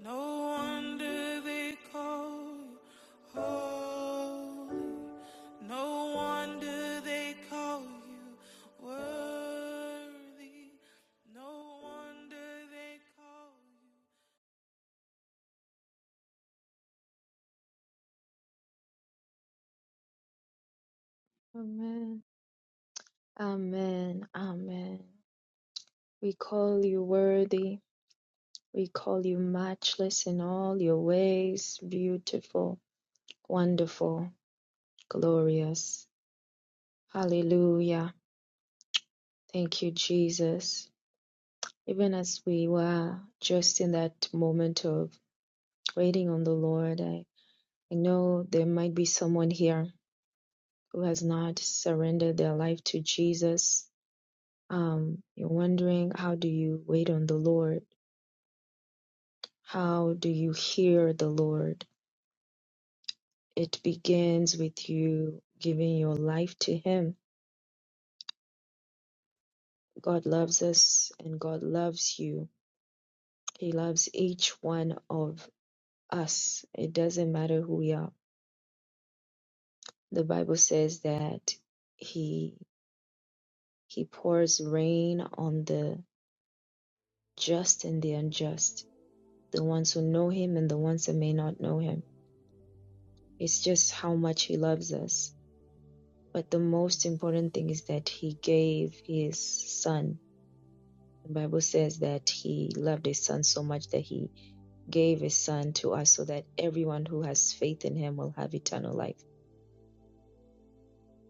Speaker 5: No wonder they call you holy. No wonder they call you worthy. No wonder they call you.
Speaker 4: Amen. Amen. Amen. We call you worthy. We call you matchless in all your ways, beautiful, wonderful, glorious. Hallelujah. Thank you, Jesus. Even as we were just in that moment of waiting on the Lord, I, I know there might be someone here who has not surrendered their life to Jesus um, you're wondering how do you wait on the Lord? How do you hear the Lord? It begins with you giving your life to Him. God loves us and God loves you. He loves each one of us. It doesn't matter who we are. The Bible says that He He pours rain on the just and the unjust, the ones who know Him and the ones that may not know Him. It's just how much He loves us But the most important thing is that he gave his son. The Bible says that he loved his son so much that he gave his son to us so that everyone who has faith in him will have eternal life.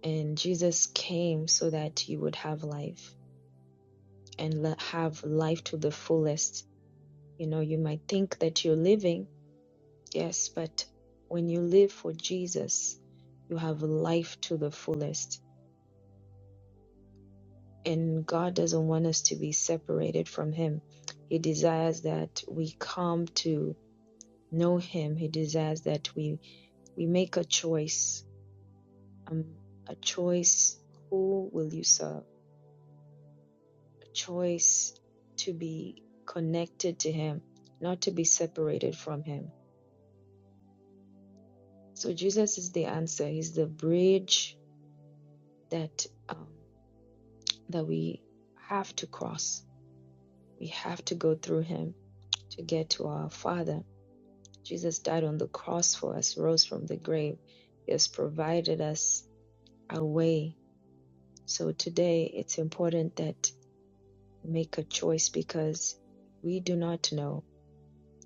Speaker 4: And Jesus came so that you would have life and have life to the fullest. You know, you might think that you're living, yes, but when you live for Jesus, you have life to the fullest and God doesn't want us to be separated from Him. He desires that we come to know Him. He desires that we we make a choice, um, a choice. Who will you serve? A choice to be connected to Him, not to be separated from Him. So Jesus is the answer. He's the bridge that um, that we have to cross. We have to go through Him to get to our Father Jesus died on the cross for us, rose from the grave. He has provided us a way. So today it's important that we make a choice because we do not know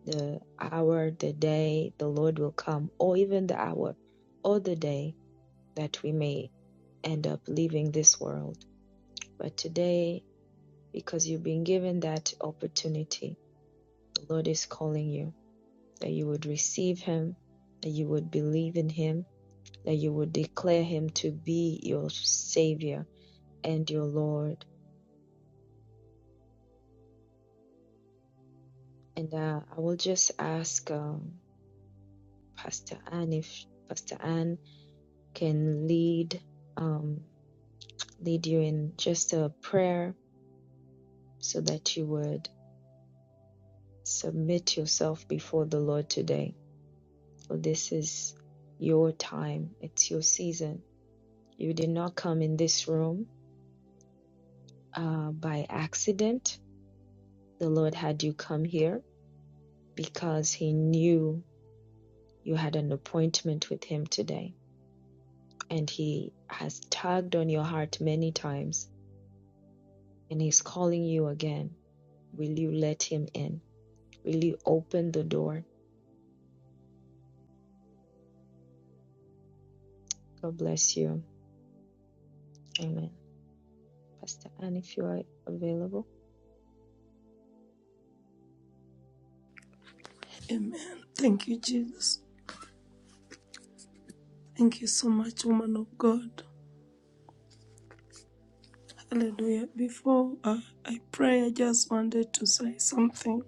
Speaker 4: the hour, the day the Lord will come, or even the hour or the day that we may end up leaving this world. But today, because you've been given that opportunity, the Lord is calling you that you would receive Him, that you would believe in Him, that you would declare him to be your Savior and your Lord. And uh, I will just ask um, Pastor Anne if Pastor Anne can lead um, lead you in just a prayer so that you would submit yourself before the Lord today. For this is your time, it's your season. You did not come in this room uh, by accident. The Lord had you come here because He knew You had an appointment with him today, and he has tugged on your heart many times, and he's calling you again. Will you let him in? Will you open the door? God bless you. Amen. Pastor Anne, if you are available.
Speaker 3: Amen. Thank you, Jesus. Thank you so much, woman of God. Hallelujah. Before uh, I pray, I just wanted to say something.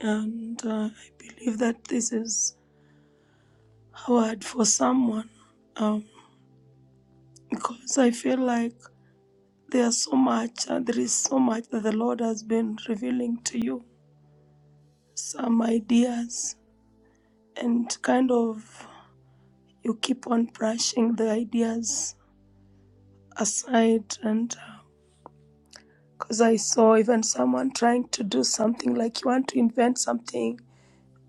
Speaker 3: and uh, I believe that this is hard for someone um, because I feel like there's so much, uh, there is so much that the Lord has been revealing to you, some ideas, and kind of you keep on brushing the ideas aside. And because I saw even someone trying to do something like you want to invent something,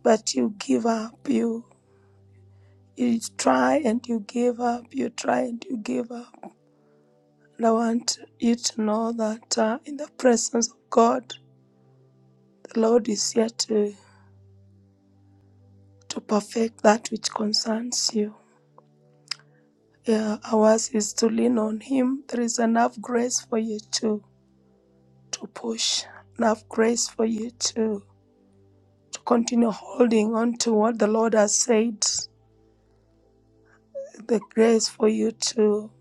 Speaker 3: but you give up, you you try and you give up, you try and you give up And I want you to know that uh, in the presence of God, the Lord is here to, to perfect that which concerns you. Yeah, ours is to lean on Him. There is enough grace for you to, to push, enough grace for you to, to continue holding on to what the Lord has said, the grace for you to.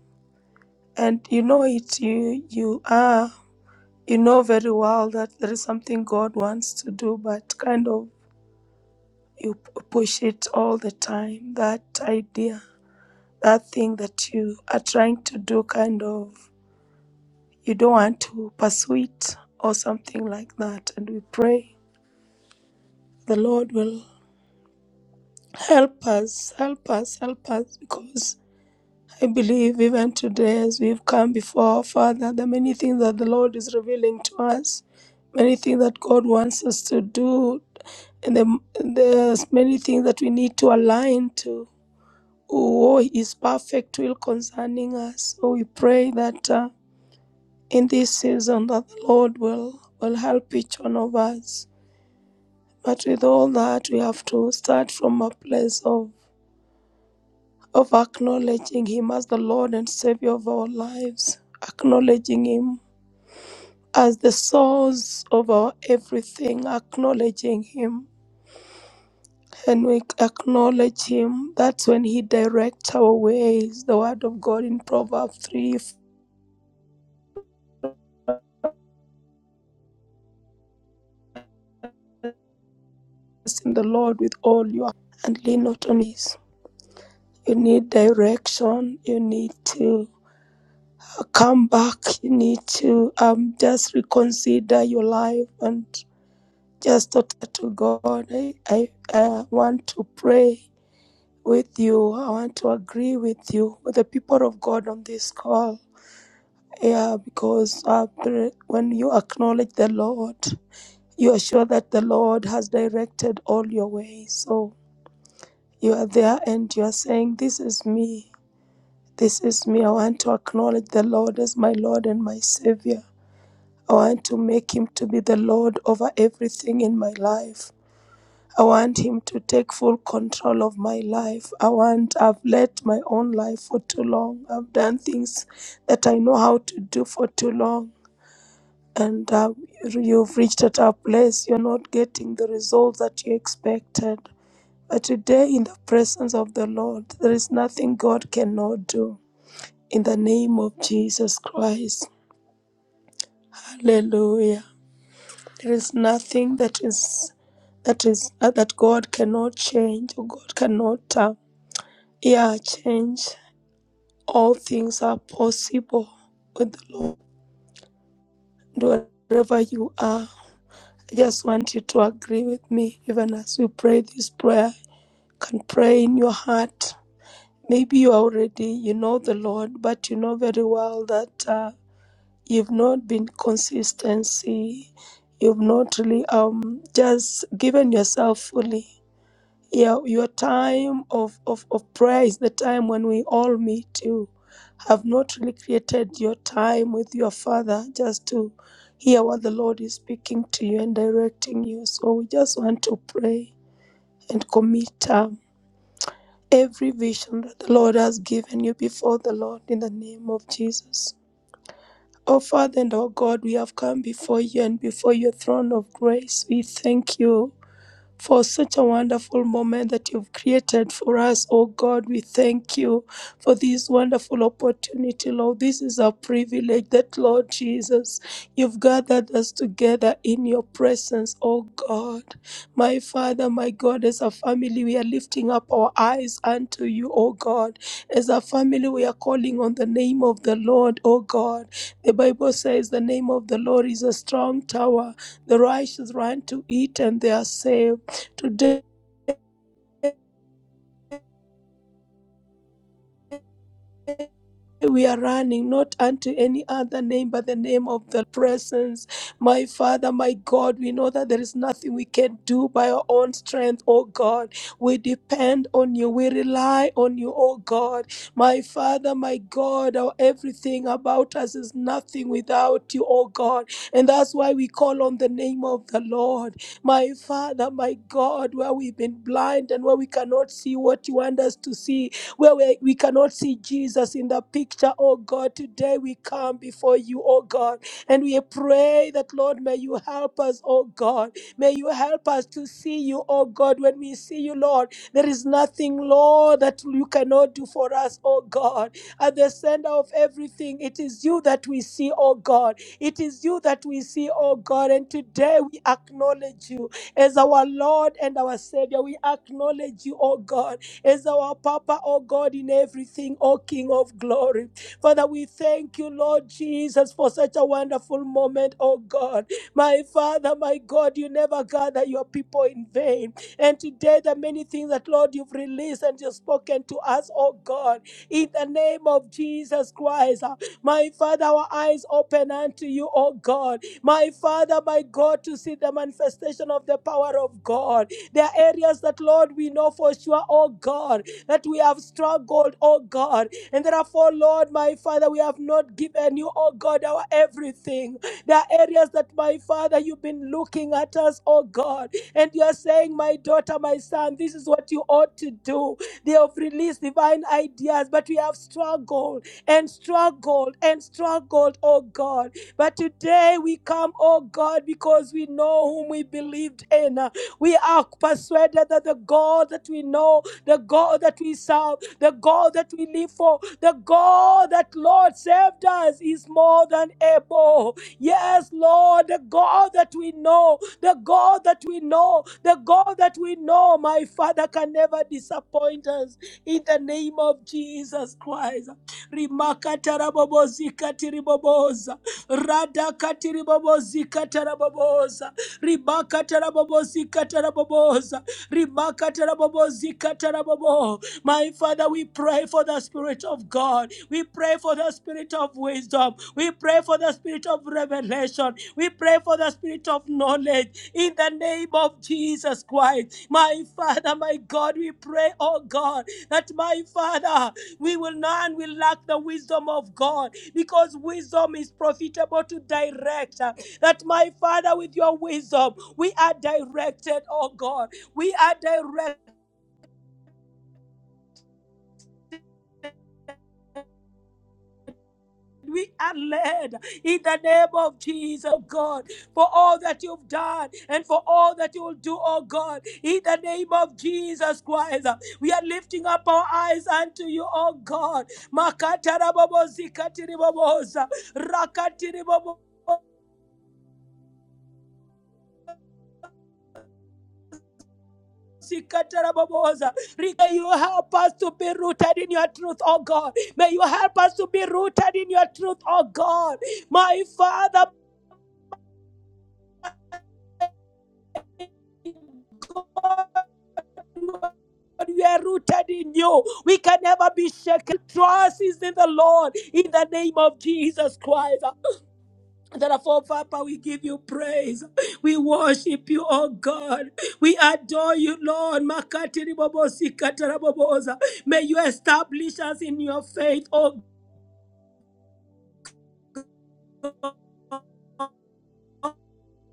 Speaker 3: And you know it, you, you are, you know very well that there is something God wants to do, but kind of you p- push it all the time that idea that thing that you are trying to do kind of you don't want to pursue it or something like that and we pray the lord will help us help us help us because i believe even today as we've come before our father there are many things that the lord is revealing to us many things that god wants us to do and the, there's many things that we need to align to who is perfect will concerning us. So we pray that uh, in this season that the Lord will, will help each one of us. But with all that, we have to start from a place of, of acknowledging Him as the Lord and Savior of our lives, acknowledging Him as the source of our everything, acknowledging Him. And we acknowledge Him. That's when He directs our ways. The Word of God in Proverbs three. Trust in the Lord with all your heart and lean not on his. You need direction. You need to uh, come back. You need to um just reconsider your life and just talk to God. I I, I want to pray with you. I want to agree with you with the people of God on this call. Yeah, because uh, the- when you acknowledge the Lord, you are sure that the Lord has directed all your ways. So You are there and you are saying, This is me. This is me. I want to acknowledge the Lord as my Lord and my Savior. I want to make Him to be the Lord over everything in my life. I want Him to take full control of my life. I want, I've led my own life for too long. I've done things that I know how to do for too long. And uh, you've reached at a place you're not getting the results that you expected. But today, in the presence of the Lord, there is nothing God cannot do. In the name of Jesus Christ, Hallelujah. There is nothing that is that is uh, that God cannot change or God cannot uh, yeah change. All things are possible with the Lord. And Wherever you are, I just want you to agree with me, even as we pray this prayer. You can pray in your heart Maybe you already you know the Lord, but you know very well that uh, you've not been consistency. You've not really um just given yourself fully. Yeah, your time of, of, of prayer is the time when we all meet. You have not really created your time with your Father just to hear what the Lord is speaking to you and directing you. So we just want to pray and commit time every vision that the Lord has given you before the Lord in the name of Jesus. Oh Father and oh God, we have come before you and before your throne of grace. We thank you for such a wonderful moment that you've created for us. Oh God, we thank you for this wonderful opportunity, Lord. This is a privilege that, Lord Jesus, you've gathered us together in your presence, oh God. My Father, my God, as a family, we are lifting up our eyes unto you, oh God. As a family, we are calling on the name of the Lord, oh God. The Bible says the name of the Lord is a strong tower. The righteous run to it and they are saved. Today we are running not unto any other name but the name of the presence. My Father, my God, we know that there is nothing we can do by our own strength, oh God. We depend on you, we rely on you, oh God. My Father, my God, our everything about us is nothing without you, oh God. And that's why we call on the name of the Lord. My Father, my God, where we've been blind and where we cannot see what you want us to see, where we, we cannot see Jesus in the picture, oh God. Today we come before you, oh God, and we pray that, Lord, may you help us, oh God. May you help us to see you, oh God. When we see you, Lord, there is nothing, Lord, that you cannot do for us, oh God. At the center of everything, it is you that we see, oh God. It is you that we see, oh God. And today we acknowledge you as our Lord and our Savior. We acknowledge you, oh God as our Papa, oh God, in everything, oh King of glory. Father, we thank you, Lord Jesus, for such a wonderful moment, oh God. My Father, my God, you never gather your people in vain. And today, the many things that, Lord, you've released and you've spoken to us, oh God, in the name of Jesus Christ, uh, my Father, our eyes open unto you, oh God. My Father, my God, to see the manifestation of the power of God. There are areas that, Lord, we know for sure, oh God, that we have struggled, oh God. And therefore, Lord, my Father, we have not given you, oh God, our everything. There are areas that, my Father, you've been looking at us, oh God. And you are saying, my daughter, my son, this is what you ought to do. They have released divine ideas, but we have struggled and struggled and struggled, oh God. But today we come, oh God, because we know whom we believed in. We are persuaded that the God that we know, the God that we serve, the God that we live for, the God that Lord saved us is more than able. Yes, Lord, the God that we know, the God that we know, the God that we know, my Father can never disappoint us. In the name of Jesus Christ. Rimakatarabobosikatiribobosa. Radakatiribobozikatarabobosa. Ribakatarabobosi katarabobosa. Ribakatarabobosi katarabobo. My Father, we pray for the Spirit of God. We pray for the Spirit of wisdom. We pray for the Spirit of revelation. We pray for the Spirit of knowledge. In the name of Jesus Christ, my Father, my God, we pray, oh God, that my Father, we will not and will lack the wisdom of God because wisdom is profitable to direct. uh, That my Father, with your wisdom, we are directed, oh God. We are directed. We are led in the name of Jesus, oh God, for all that you've done and for all that you will do, oh God, in the name of Jesus Christ. We are lifting up our eyes unto you, oh God. Makatarabobo zikatiriboboza, rakatiribobo. Sikatarababosa. Rika, you help us to be rooted in your truth, oh God. May you help us to be rooted in your truth, oh God. My Father, God, we are rooted in you. We can never be shaken. Trust is in the Lord in the name of Jesus Christ. Therefore, Papa, we give you praise. We worship you, oh God. We adore you, Lord. Makatiri bobosi katara boboza. May you establish us in your faith, oh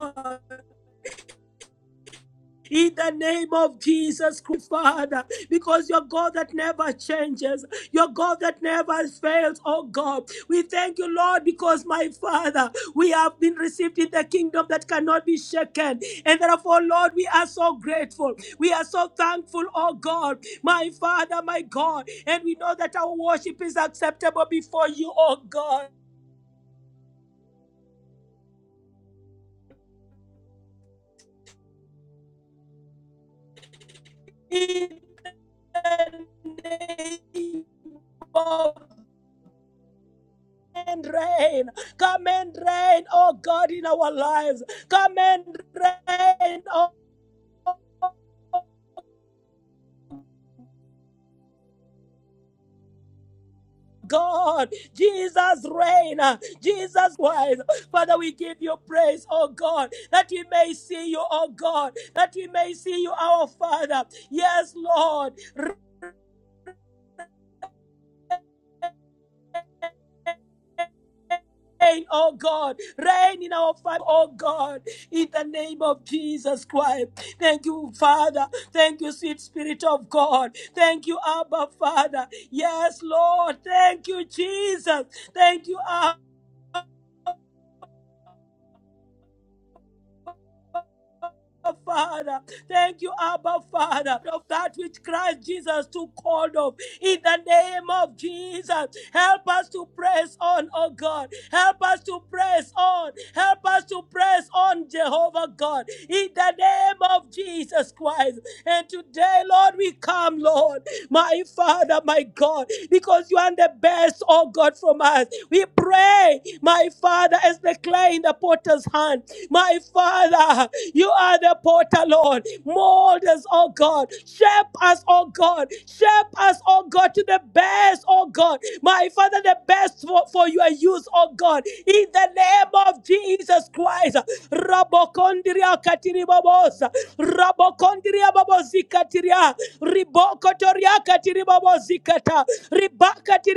Speaker 3: God. In the name of Jesus Christ, Father, because you're God that never changes, you're God that never fails, oh God. We thank you, Lord, because my Father, we have been received in the kingdom that cannot be shaken. And therefore, Lord, we are so grateful. We are so thankful, oh God, my Father, my God. And we know that our worship is acceptable before you, oh God. In the name of and reign. Come and reign, oh God, in our lives. Come and reign, oh God. Jesus reign. Jesus wise. Father, we give you praise, oh God, that we may see you, oh God, that we may see you, our Father. Yes, Lord. Reign, oh God, reign in our family, oh God, in the name of Jesus Christ. Thank you, Father. Thank you, sweet Spirit of God. Thank you, Abba, Father. Yes, Lord. Thank you, Jesus. Thank you, Abba. Father. Thank you, Abba Father, of that which Christ Jesus took hold of. In the name of Jesus, help us to press on, oh God. Help us to press on. Help us to press on, Jehovah God. In the name of Jesus Christ. And today, Lord, we come, Lord, my Father, my God, because you are the best, oh God, from us. We pray, my Father, as the clay in the potter's hand. My Father, you are the potter, Lord. Mold us, oh God. Shape us, oh God. Shape us, oh God, to the best, oh God. My Father, the best for, for your use, oh God. In the name of Jesus Christ. Rabokondria katiribabosa. Rabokondria babozikatiria. Ribokotoria katiribabozikata.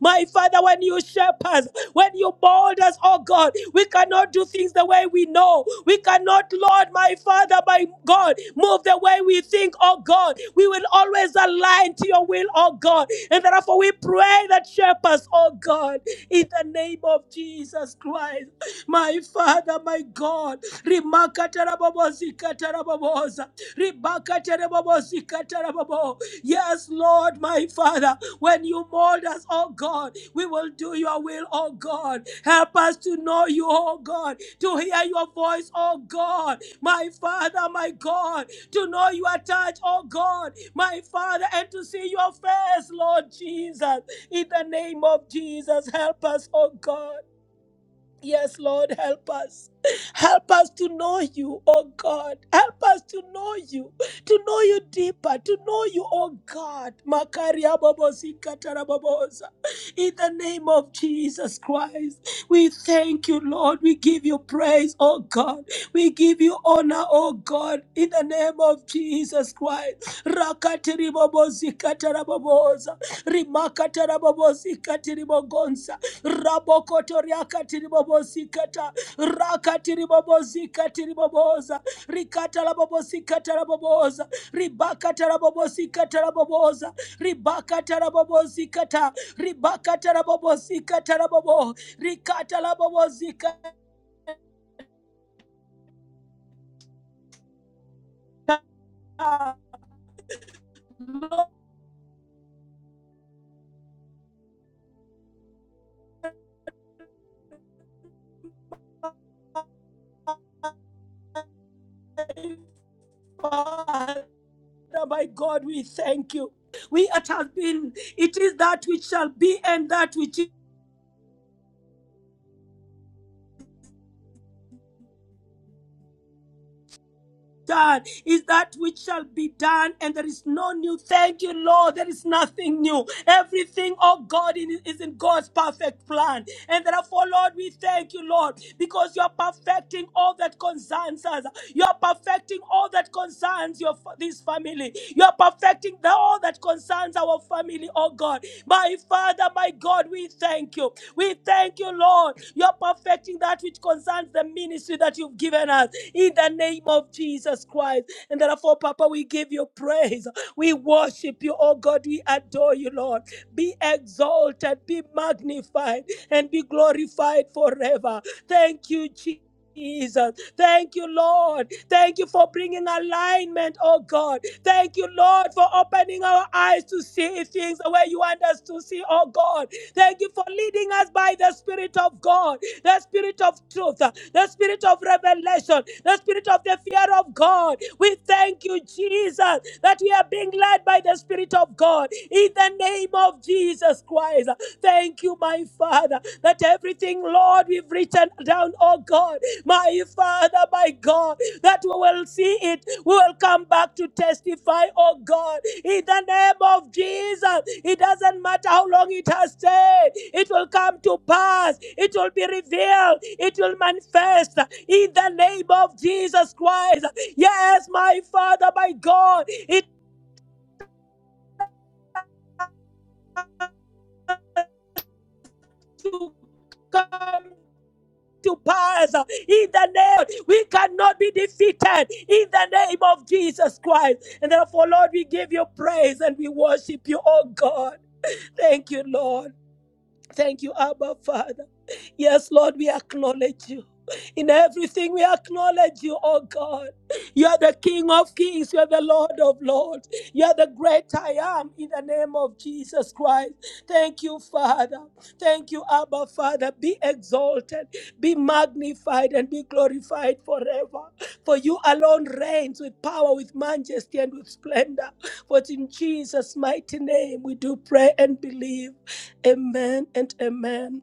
Speaker 3: My Father, when you shape us, when you mold us, oh God, we cannot do things the way we know. We cannot, Lord, my Father, my God, move the way we think, oh God. We will always align to your will, oh God. And therefore, we pray that shape us, oh God, in the name of Jesus Christ. My Father, my God, Rimaka tarabobo zikataraboboza. Ribaka tarabobo zikatarababo. Yes, Lord, my Father, when you mold us, oh God, we will do your will, oh God. Help us to know you, oh God, to hear your voice, oh God, my Father, my God, to know your touch, oh God, my Father, and to see your face, Lord Jesus. In the name of Jesus, help us, oh God. Yes, Lord, help us. Help us to know you, oh God. Help us to know you, to know you deeper, to know you, oh God. Makaria bobosi katara bobosa. In the name of Jesus Christ, we thank you, Lord. We give you praise, oh God. We give you honor, oh God. In the name of Jesus Christ. Rakatiri bobosi katara bobosa. Rimakatara bobosi katiri bogonsa. Rabokoto riakati ribobozikata. Rakati ribobozikati riboboza. rikata rabobozikata raboboza. ribakata rabokotoriakatiribobozikata rakatiribobozikatiriboboza rikatalabobozikataraboboza ribakatarabobozikataraboboza ribakatarabobozikata rikata rikatalabobozikata Father, my God, we thank you. We it has been, it is that which shall be and that which done is that which shall be done, and there is no new. Thank you, Lord. There is nothing new. Everything, oh God, in- is in God's perfect plan. And therefore, Lord, we thank you, Lord, because you are perfecting all that concerns us. You are perfecting all that concerns your fa- this family. You are perfecting the, all that concerns our family, oh God. God. My Father, my God, we thank you. We thank you, Lord. You're perfecting that which concerns the ministry that you've given us in the name of Jesus Christ. And therefore, Papa, we give you praise. We worship you, oh God. We adore you, Lord. Be exalted, be magnified, and be glorified forever. Thank you, Jesus. Jesus. Thank you, Lord. Thank you for bringing alignment, oh God. Thank you, Lord, for opening our eyes to see things the way you want us to see, oh God. Thank you for leading us by the Spirit of God, the Spirit of truth, the Spirit of revelation, the Spirit of the fear of God. We thank you, Jesus, that we are being led by the Spirit of God in the name of Jesus Christ. Thank you, my Father, that everything, Lord, we've written down, oh God, my Father, my God, that we will see it. We will come back to testify, oh God, in the name of Jesus. It doesn't matter how long it has stayed, it will come to pass, it will be revealed, it will manifest in the name of Jesus Christ. Yes, my Father, my God, it will come to pass uh, in the name we cannot be defeated in the name of Jesus Christ and therefore Lord we give you praise and we worship you oh God thank you Lord thank you Abba Father Yes, Lord, we acknowledge you. In everything, we acknowledge you, oh God. You are the King of kings. You are the Lord of lords. You are the great I am in the name of Jesus Christ. Thank you, Father. Thank you, Abba, Father. Be exalted, be magnified, and be glorified forever. For you alone reigns with power, with majesty, and with splendor. For in Jesus' mighty name we do pray and believe. Amen and amen.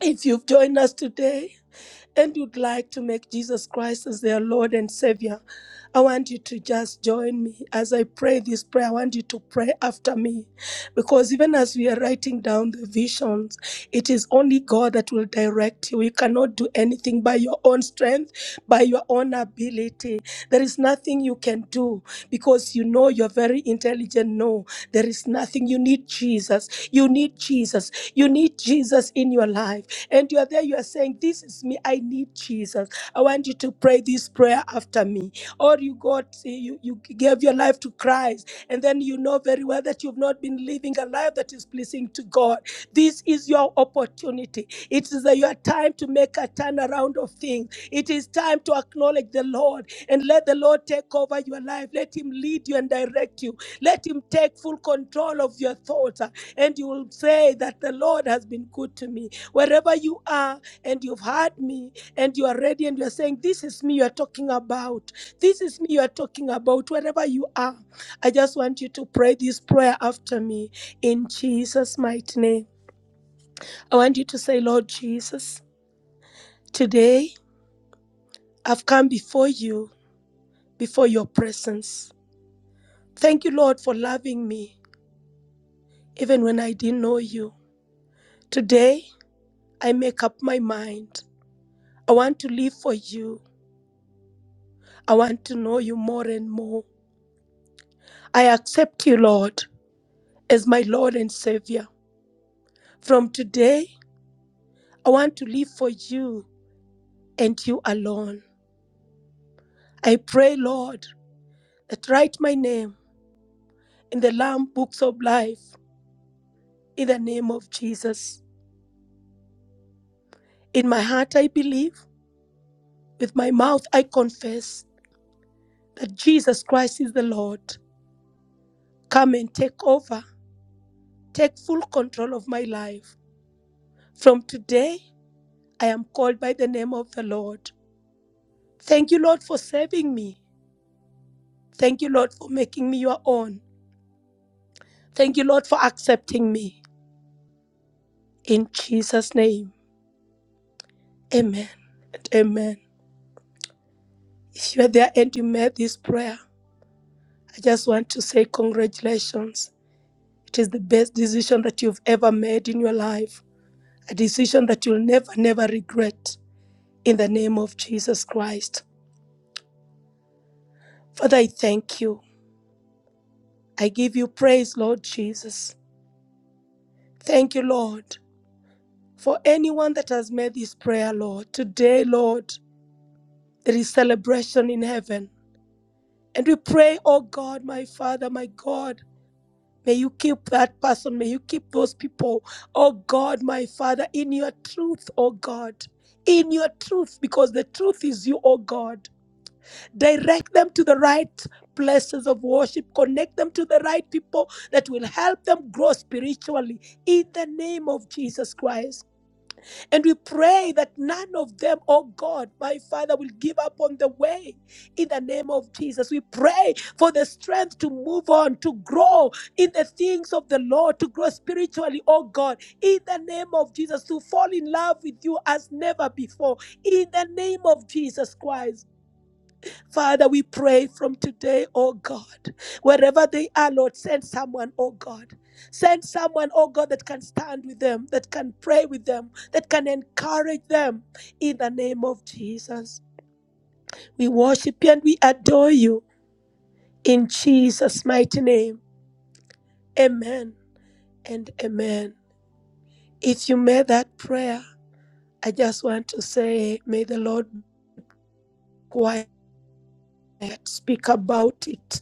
Speaker 3: If you've joined us today and you'd like to make Jesus Christ as their Lord and Savior, I want you to just join me as I pray this prayer. I want you to pray after me. Because even as we are writing down the visions, it is only God that will direct you. You cannot do anything by your own strength, by your own ability. There is nothing you can do because you know you're very intelligent. No, there is nothing. You need Jesus. You need Jesus. You need Jesus in your life. And you are there, you are saying, This is me. I need Jesus. I want you to pray this prayer after me or you got you you gave your life to Christ and then you know very well that you've not been living a life that is pleasing to God. This is your opportunity. It is uh, your time to make a turnaround of things. It is time to acknowledge the Lord and let the Lord take over your life. Let Him lead you and direct you. Let Him take full control of your thoughts. uh, And you will say that the Lord has been good to me. Wherever you are and you've heard me and you are ready and you're saying, This is me you're talking about. This is me you are talking about, wherever you are. I just want you to pray this prayer after me in Jesus' mighty name. I want you to say, Lord Jesus, today I've come before you, before your presence. Thank you, Lord, for loving me, even when I didn't know you. Today I make up my mind. I want to live for you. I want to know you more and more. I accept you, Lord, as my Lord and Savior. From today, I want to live for you and you alone. I pray, Lord, that write my name in the Lamb books of life in the name of Jesus. In my heart, I believe, with my mouth, I confess that Jesus Christ is the Lord. Come and take over, take full control of my life. From today, I am called by the name of the Lord. Thank you, Lord, for saving me. Thank you, Lord, for making me your own. Thank you, Lord, for accepting me. In Jesus' name, amen and amen. If you are there and you made this prayer, I just want to say congratulations. It is the best decision that you've ever made in your life, a decision that you'll never, never regret in the name of Jesus Christ. Father, I thank you. I give you praise, Lord Jesus. Thank you, Lord, for anyone that has made this prayer, Lord. Today, Lord, there is celebration in heaven. And we pray, oh God, my Father, my God. May you keep that person. May you keep those people. Oh God, my Father, in your truth, oh God. In your truth, because the truth is you, oh God. Direct them to the right places of worship. Connect them to the right people that will help them grow spiritually. In the name of Jesus Christ. And we pray that none of them, oh God, my Father, will give up on the way in the name of Jesus. We pray for the strength to move on, to grow in the things of the Lord, to grow spiritually, oh God, in the name of Jesus, to fall in love with you as never before, in the name of Jesus Christ. Father, we pray from today, oh God, wherever they are, Lord, send someone, oh God. Send someone, oh God, that can stand with them, that can pray with them, that can encourage them in the name of Jesus. We worship you and we adore you in Jesus' mighty name. Amen and amen. If you made that prayer, I just want to say, may the Lord be quiet. Speak about it.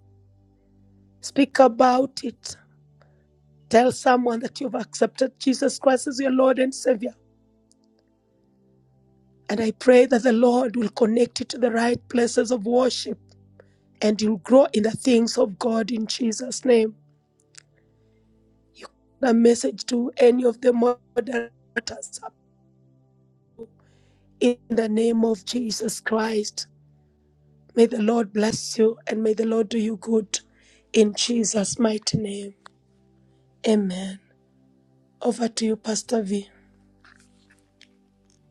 Speaker 3: Speak about it Tell someone that you've accepted Jesus Christ as your Lord and Savior. And I pray that the Lord will connect you to the right places of worship and you'll grow in the things of God in Jesus' name. You can send a message to any of the moderators in the name of Jesus Christ. May the Lord bless you and may the Lord do you good in Jesus' mighty name. Amen. Over to you, Pastor V.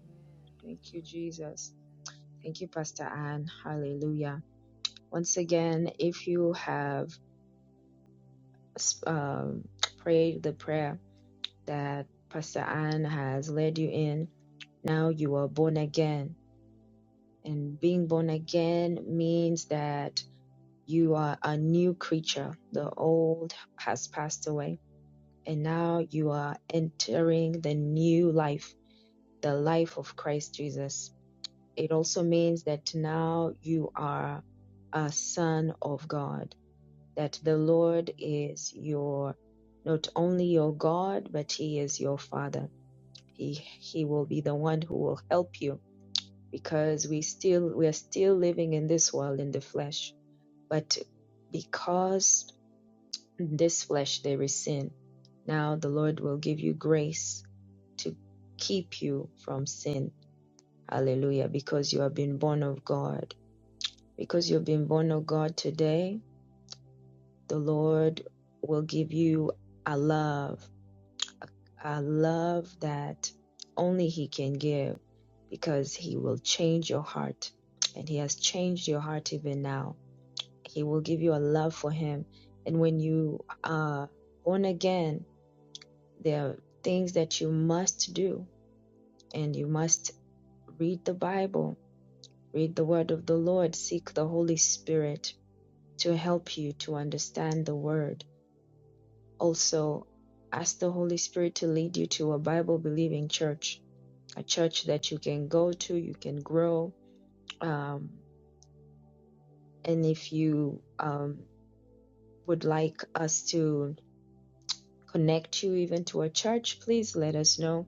Speaker 4: Amen. Thank you, Jesus. Thank you, Pastor Anne. Hallelujah. Once again, if you have um, prayed the prayer that Pastor Anne has led you in, now you are born again And being born again means that you are a new creature. The old has passed away, and now you are entering the new life, the life of Christ Jesus. It also means that now you are a son of God, that the Lord is your not only your God, but he is your father. He he will be the one who will help you because we still we are still living in this world in the flesh but because in this flesh there is sin now the lord will give you grace to keep you from sin hallelujah because you have been born of god because you've been born of god today the lord will give you a love a love that only he can give because he will change your heart and he has changed your heart even now He will give you a love for Him. And when you are born again, there are things that you must do, and you must read the Bible, read the Word of the Lord, seek the Holy Spirit to help you to understand the Word. Also, ask the Holy Spirit to lead you to a Bible believing church, a church that you can go to, you can grow. Um, and if you um, would like us to connect you even to a church, please let us know.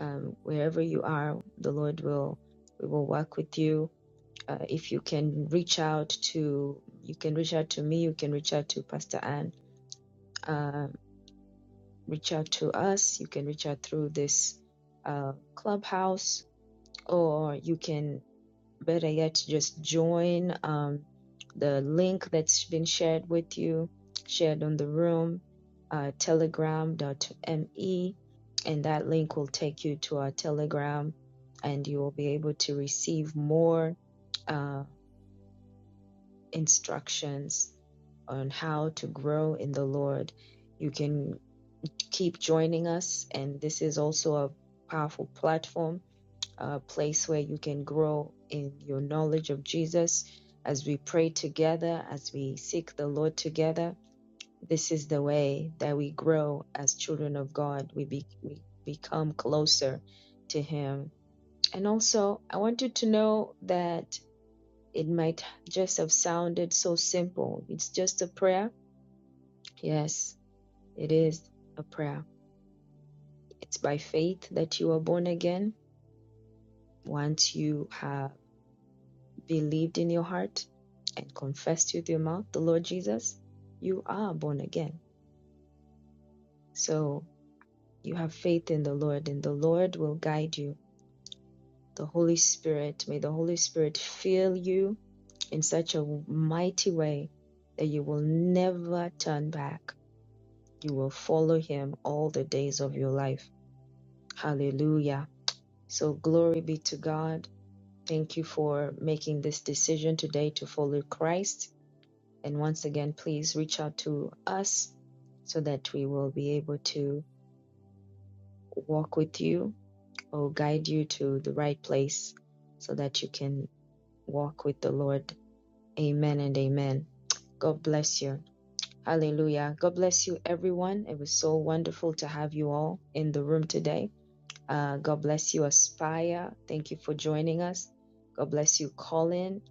Speaker 4: Um, wherever you are, the Lord will we will work with you. Uh, if you can reach out to you can reach out to me, you can reach out to Pastor Ann, uh, reach out to us. You can reach out through this uh, clubhouse, or you can better yet just join um, the link that's been shared with you shared on the room uh, telegram.me and that link will take you to our telegram and you will be able to receive more uh, instructions on how to grow in the lord you can keep joining us and this is also a powerful platform a place where you can grow in your knowledge of Jesus as we pray together, as we seek the Lord together. This is the way that we grow as children of God. We, be, we become closer to Him. And also, I want you to know that it might just have sounded so simple. It's just a prayer. Yes, it is a prayer. It's by faith that you are born again. Once you have believed in your heart and confessed with your mouth the Lord Jesus, you are born again. So you have faith in the Lord, and the Lord will guide you. The Holy Spirit, may the Holy Spirit fill you in such a mighty way that you will never turn back. You will follow Him all the days of your life. Hallelujah. So glory be to God. Thank you for making this decision today to follow Christ And once again, please reach out to us so that we will be able to walk with you or guide you to the right place so that you can walk with the Lord. Amen and amen. God bless you. Hallelujah. God bless you, everyone. It was so wonderful to have you all in the room today. Uh, God bless you, Aspire. Thank you for joining us. God bless you, Colin,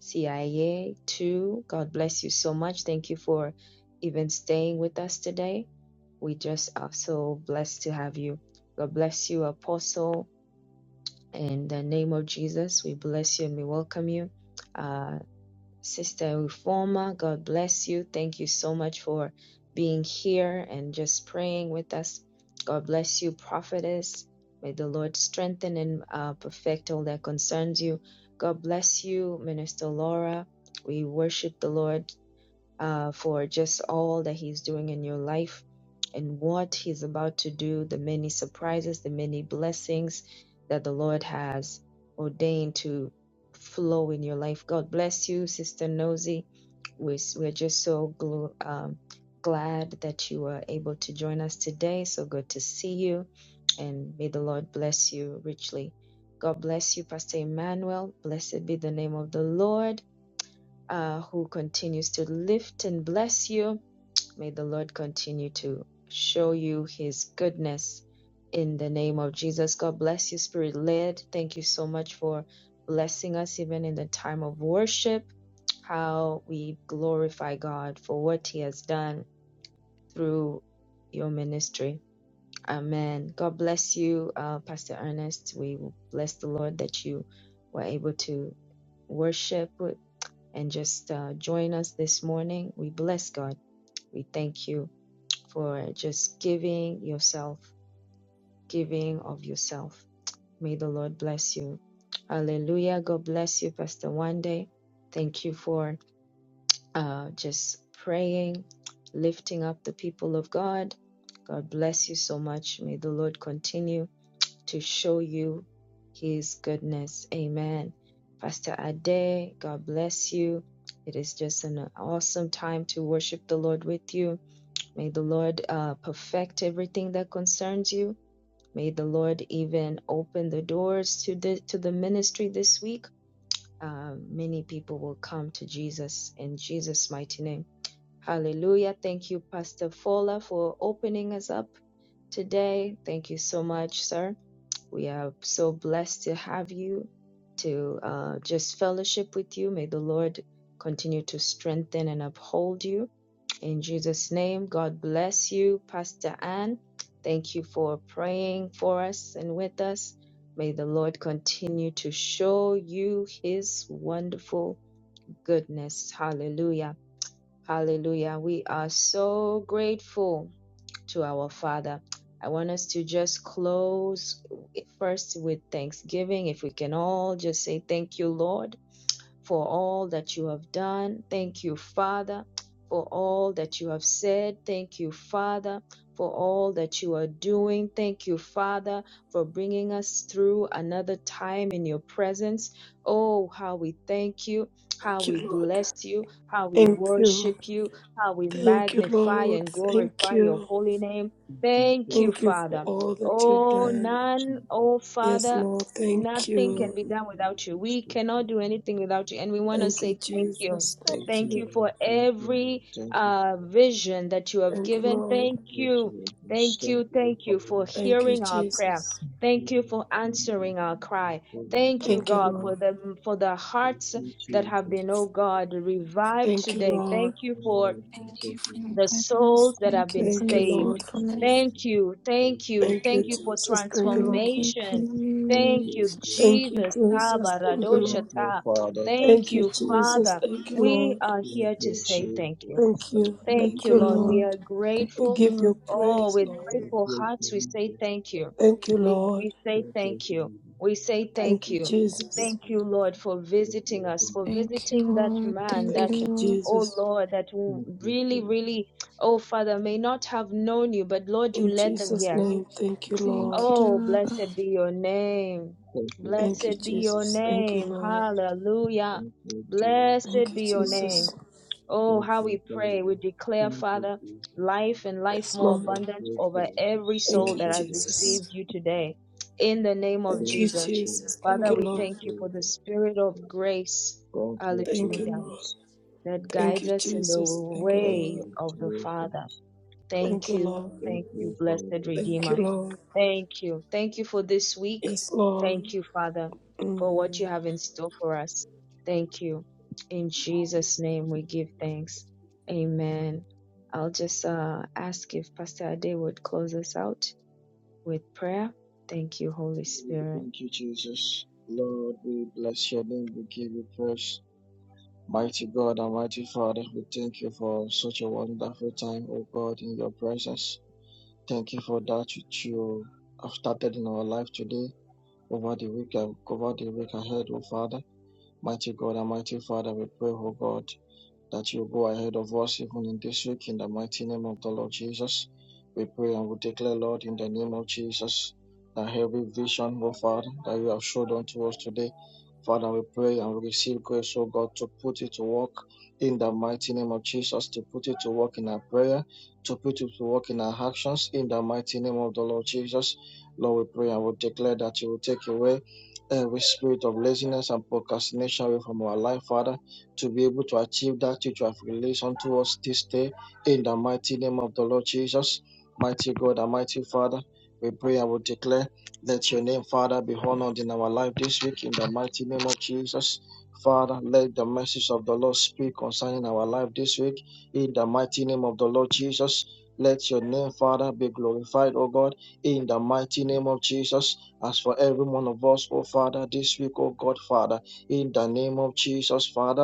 Speaker 4: CIA, too. God bless you so much. Thank you for even staying with us today. We just are so blessed to have you. God bless you, Apostle. In the name of Jesus, we bless you and we welcome you. Uh, Sister Uforma, God bless you. Thank you so much for being here and just praying with us. God bless you, prophetess. May the Lord strengthen and uh, perfect all that concerns you. God bless you, Minister Laura. We worship the Lord uh, for just all that He's doing in your life and what He's about to do, the many surprises, the many blessings that the Lord has ordained to flow in your life. God bless you, Sister Nosy. We're, we're just so glu- um, glad that you were able to join us today. So good to see you, and may the Lord bless you richly. God bless you, Pastor Emmanuel. Blessed be the name of the Lord uh, who continues to lift and bless you. May the Lord continue to show you his goodness in the name of Jesus. God bless you, Spirit led. Thank you so much for blessing us, even in the time of worship. How we glorify God for what he has done through your ministry. Amen. God bless you, uh, Pastor Ernest. We bless the Lord that you were able to worship with and just uh, join us this morning. We bless God. We thank you for just giving yourself, giving of yourself. May the Lord bless you. Hallelujah. God bless you, Pastor Wande. Thank you for uh, just praying, lifting up the people of God. God bless you so much. May the Lord continue to show you his goodness. Amen. Pastor Ade, God bless you. It is just an awesome time to worship the Lord with you. May the Lord uh, perfect everything that concerns you. May the Lord even open the doors to the to the ministry this week. Uh, many people will come to Jesus in Jesus' mighty name. Hallelujah. Thank you, Pastor Fola, for opening us up today. Thank you so much, sir. We are so blessed to have you, to uh, just fellowship with you. May the Lord continue to strengthen and uphold you. In Jesus' name, God bless you, Pastor Ann. Thank you for praying for us and with us. May the Lord continue to show you his wonderful goodness. Hallelujah. Hallelujah. We are so grateful to our Father. I want us to just close eh, first with thanksgiving. If we can all just say, Thank you, Lord for all that you have done. Thank you, Father, for all that you have said. Thank you, Father, for all that you are doing. Thank you, Father, for bringing us through another time in your presence. Oh, how we thank you, how
Speaker 3: Thank
Speaker 4: we
Speaker 3: you, Lord.
Speaker 4: bless you, how we
Speaker 3: Thank you.
Speaker 4: worship you, how we
Speaker 3: Thank you,
Speaker 4: magnify
Speaker 3: Lord.
Speaker 4: and
Speaker 3: Thank
Speaker 4: glorify your
Speaker 3: you.
Speaker 4: holy name. Thank you,
Speaker 3: Thank you for
Speaker 4: Father.
Speaker 3: all that you've
Speaker 4: Oh,
Speaker 3: done.
Speaker 4: none, oh,
Speaker 3: Yes,
Speaker 4: Father
Speaker 3: Lord, thank
Speaker 4: Nothing can
Speaker 3: you.
Speaker 4: be done without you. We cannot do anything without you. And we want to
Speaker 3: Thank you,
Speaker 4: say thank you.
Speaker 3: Jesus. Thank
Speaker 4: Thank
Speaker 3: you.
Speaker 4: you for every uh, vision that you have
Speaker 3: Thank you,
Speaker 4: given.
Speaker 3: Lord.
Speaker 4: Thank you. Thank you. Thank you for
Speaker 3: Thank you,
Speaker 4: hearing our prayer.
Speaker 3: Jesus.
Speaker 4: Thank you for answering our cry. Thank you,
Speaker 3: Thank you,
Speaker 4: God,
Speaker 3: Lord.
Speaker 4: for the for the hearts that
Speaker 6: Jesus.
Speaker 4: have
Speaker 2: Thank you,
Speaker 4: been, oh
Speaker 2: Father,
Speaker 4: God,
Speaker 2: for your
Speaker 4: revived
Speaker 3: Thank you,
Speaker 2: love.
Speaker 4: today.
Speaker 3: Lord.
Speaker 4: Thank you for
Speaker 6: Hallelujah. Thank
Speaker 2: Thank
Speaker 6: you,
Speaker 2: you for
Speaker 6: Jesus.
Speaker 2: your
Speaker 4: the
Speaker 2: goodness.
Speaker 4: souls that have
Speaker 2: Thank you
Speaker 4: been
Speaker 2: for
Speaker 3: Thank
Speaker 2: your
Speaker 3: you,
Speaker 6: Thank
Speaker 4: saved.
Speaker 6: you,
Speaker 3: Lord.
Speaker 2: faithfulness.
Speaker 6: Jesus.
Speaker 4: Thank you,
Speaker 6: Thank
Speaker 4: thank you,
Speaker 6: you,
Speaker 3: Thank you,
Speaker 4: thank
Speaker 6: Jesus.
Speaker 4: you for
Speaker 3: Jesus. Thank you, Lord.
Speaker 2: Thank you,
Speaker 4: transformation.
Speaker 6: Thank
Speaker 4: Thank
Speaker 6: you,
Speaker 4: you,
Speaker 2: Jesus.
Speaker 6: Jesus.
Speaker 3: Thank you,
Speaker 4: Jesus.
Speaker 3: Jesus.
Speaker 4: Taba
Speaker 3: Thank you,
Speaker 6: Thank
Speaker 3: Lord.
Speaker 6: you,
Speaker 4: radoshata.
Speaker 6: Father. Thank
Speaker 4: Thank
Speaker 3: Thank you,
Speaker 6: you,
Speaker 4: you,
Speaker 3: Jesus.
Speaker 6: Jesus.
Speaker 4: Father.
Speaker 3: Thank you,
Speaker 4: We
Speaker 3: Lord.
Speaker 4: are
Speaker 6: Thank
Speaker 4: here to
Speaker 6: you,
Speaker 4: say
Speaker 6: Jesus.
Speaker 4: thank you.
Speaker 3: Thank
Speaker 6: Thank
Speaker 3: you.
Speaker 2: Thank
Speaker 4: Thank
Speaker 3: Thank
Speaker 4: you,
Speaker 3: you,
Speaker 2: you,
Speaker 6: you,
Speaker 4: Lord.
Speaker 6: Father.
Speaker 4: We
Speaker 2: Lord.
Speaker 3: Lord.
Speaker 4: are
Speaker 2: Thank
Speaker 3: We
Speaker 2: you,
Speaker 4: grateful.
Speaker 3: give
Speaker 2: Lord.
Speaker 3: you
Speaker 4: Oh,
Speaker 3: praise,
Speaker 4: with
Speaker 3: Lord.
Speaker 6: Thank
Speaker 4: grateful
Speaker 6: you,
Speaker 4: hearts, we say
Speaker 6: Jesus.
Speaker 4: thank you.
Speaker 3: Thank you,
Speaker 4: We,
Speaker 3: Lord.
Speaker 4: we say
Speaker 6: Thank you, Jesus. Thank you,
Speaker 4: thank you.
Speaker 6: Jesus.
Speaker 4: We say
Speaker 3: Thank
Speaker 4: thank
Speaker 3: you,
Speaker 4: you.
Speaker 3: Jesus.
Speaker 4: Thank you, Lord, for
Speaker 6: Thank
Speaker 4: visiting
Speaker 6: you,
Speaker 4: us, for
Speaker 6: Father.
Speaker 2: Thank you,
Speaker 4: visiting that
Speaker 2: Lord. Thank
Speaker 4: man, that,
Speaker 3: Thank
Speaker 2: you,
Speaker 3: you,
Speaker 2: Lord.
Speaker 4: oh
Speaker 3: Jesus.
Speaker 4: Lord, that w-
Speaker 6: Thank you, Jesus. Thank you, Jesus. Thank you, Jesus. Thank you, Father. Thank you, Jesus. Thank you,
Speaker 4: really,
Speaker 6: Jesus. Thank you, Jesus.
Speaker 4: really, oh Father, may not have known you, but Lord, you
Speaker 3: In
Speaker 4: led them
Speaker 3: Jesus'
Speaker 4: here. You,
Speaker 3: name, thank you, Lord.
Speaker 2: Thank
Speaker 4: oh,
Speaker 2: you, Abba.
Speaker 4: blessed be your name.
Speaker 6: Thank
Speaker 3: Thank you,
Speaker 4: Blessed be your
Speaker 3: Jesus. Thank you,
Speaker 4: name.
Speaker 3: Lord.
Speaker 4: Hallelujah. Blessed
Speaker 3: Thank you,
Speaker 4: be your name.
Speaker 3: Jesus.
Speaker 4: Oh, how we pray. We declare, Father, life and life
Speaker 3: Yes,
Speaker 4: more
Speaker 3: Lord.
Speaker 4: abundant over every
Speaker 3: Thank
Speaker 4: soul
Speaker 3: you,
Speaker 4: that has
Speaker 3: Jesus.
Speaker 4: received
Speaker 2: Yes,
Speaker 4: you today. In the name of
Speaker 3: Thank you,
Speaker 6: you,
Speaker 4: Jesus.
Speaker 6: Father.
Speaker 3: Jesus. Thank
Speaker 4: Father,
Speaker 3: you,
Speaker 6: Thank
Speaker 4: we
Speaker 6: you,
Speaker 4: thank
Speaker 3: Lord.
Speaker 4: you for
Speaker 6: Jesus.
Speaker 4: the spirit of grace.
Speaker 6: Thank you,
Speaker 3: Thank you,
Speaker 4: Hallelujah.
Speaker 3: Lord.
Speaker 6: Jesus.
Speaker 4: That
Speaker 3: Thank
Speaker 4: guides
Speaker 3: you,
Speaker 4: us in the
Speaker 3: Jesus. Thank you,
Speaker 6: Thank
Speaker 4: ways
Speaker 3: Lord.
Speaker 6: you,
Speaker 4: of the Father.
Speaker 6: Jesus.
Speaker 3: Thank
Speaker 4: Thank
Speaker 3: you,
Speaker 4: you.
Speaker 3: Lord.
Speaker 6: Thank
Speaker 4: Thank you,
Speaker 6: you,
Speaker 4: blessed
Speaker 6: Father.
Speaker 3: Thank you,
Speaker 4: Redeemer.
Speaker 3: Lord.
Speaker 4: Thank you. Thank you for this week.
Speaker 3: Yes, Lord.
Speaker 4: Thank you, Father, for what
Speaker 3: Mm.
Speaker 4: you have in store for us. Thank you. In Jesus' name we give thanks. Amen. I'll just uh, ask if Pastor Ade would close us out with prayer. Thank you, Holy Spirit.
Speaker 6: Thank you, Jesus. Lord, we bless your name. We give you praise. Mighty God and mighty Father, we thank you for such a wonderful time, O God, in your presence. Thank you for that which you have started in our life today, over the week, over the week ahead, O Father. Mighty God and mighty Father, we pray, O God, that you go ahead of us even in this week in the mighty name of the Lord Jesus. We pray and we declare, Lord, in the name of Jesus, that every vision, oh Father, that you have showed unto us today, Father, we pray and we receive grace, oh God, to put it to work in the mighty name of Jesus, to put it to work in our prayer, to put it to work in our actions, in the mighty name of the Lord Jesus. Lord, we pray and we declare that you will take away every spirit of laziness and procrastination away from our life, Father to be able to achieve that which you have released unto us this day. In the mighty name of the Lord Jesus, mighty God and mighty Father, we pray and we declare, let your name, Father, be honored in our life this week. In the mighty name of Jesus, Father, let the message of the Lord speak concerning our life this week. In the mighty name of the Lord Jesus, let your name, Father, be glorified, O God, in the mighty name of Jesus. As for every one of us, O Father, this week, O God, Father, in the name of Jesus, Father.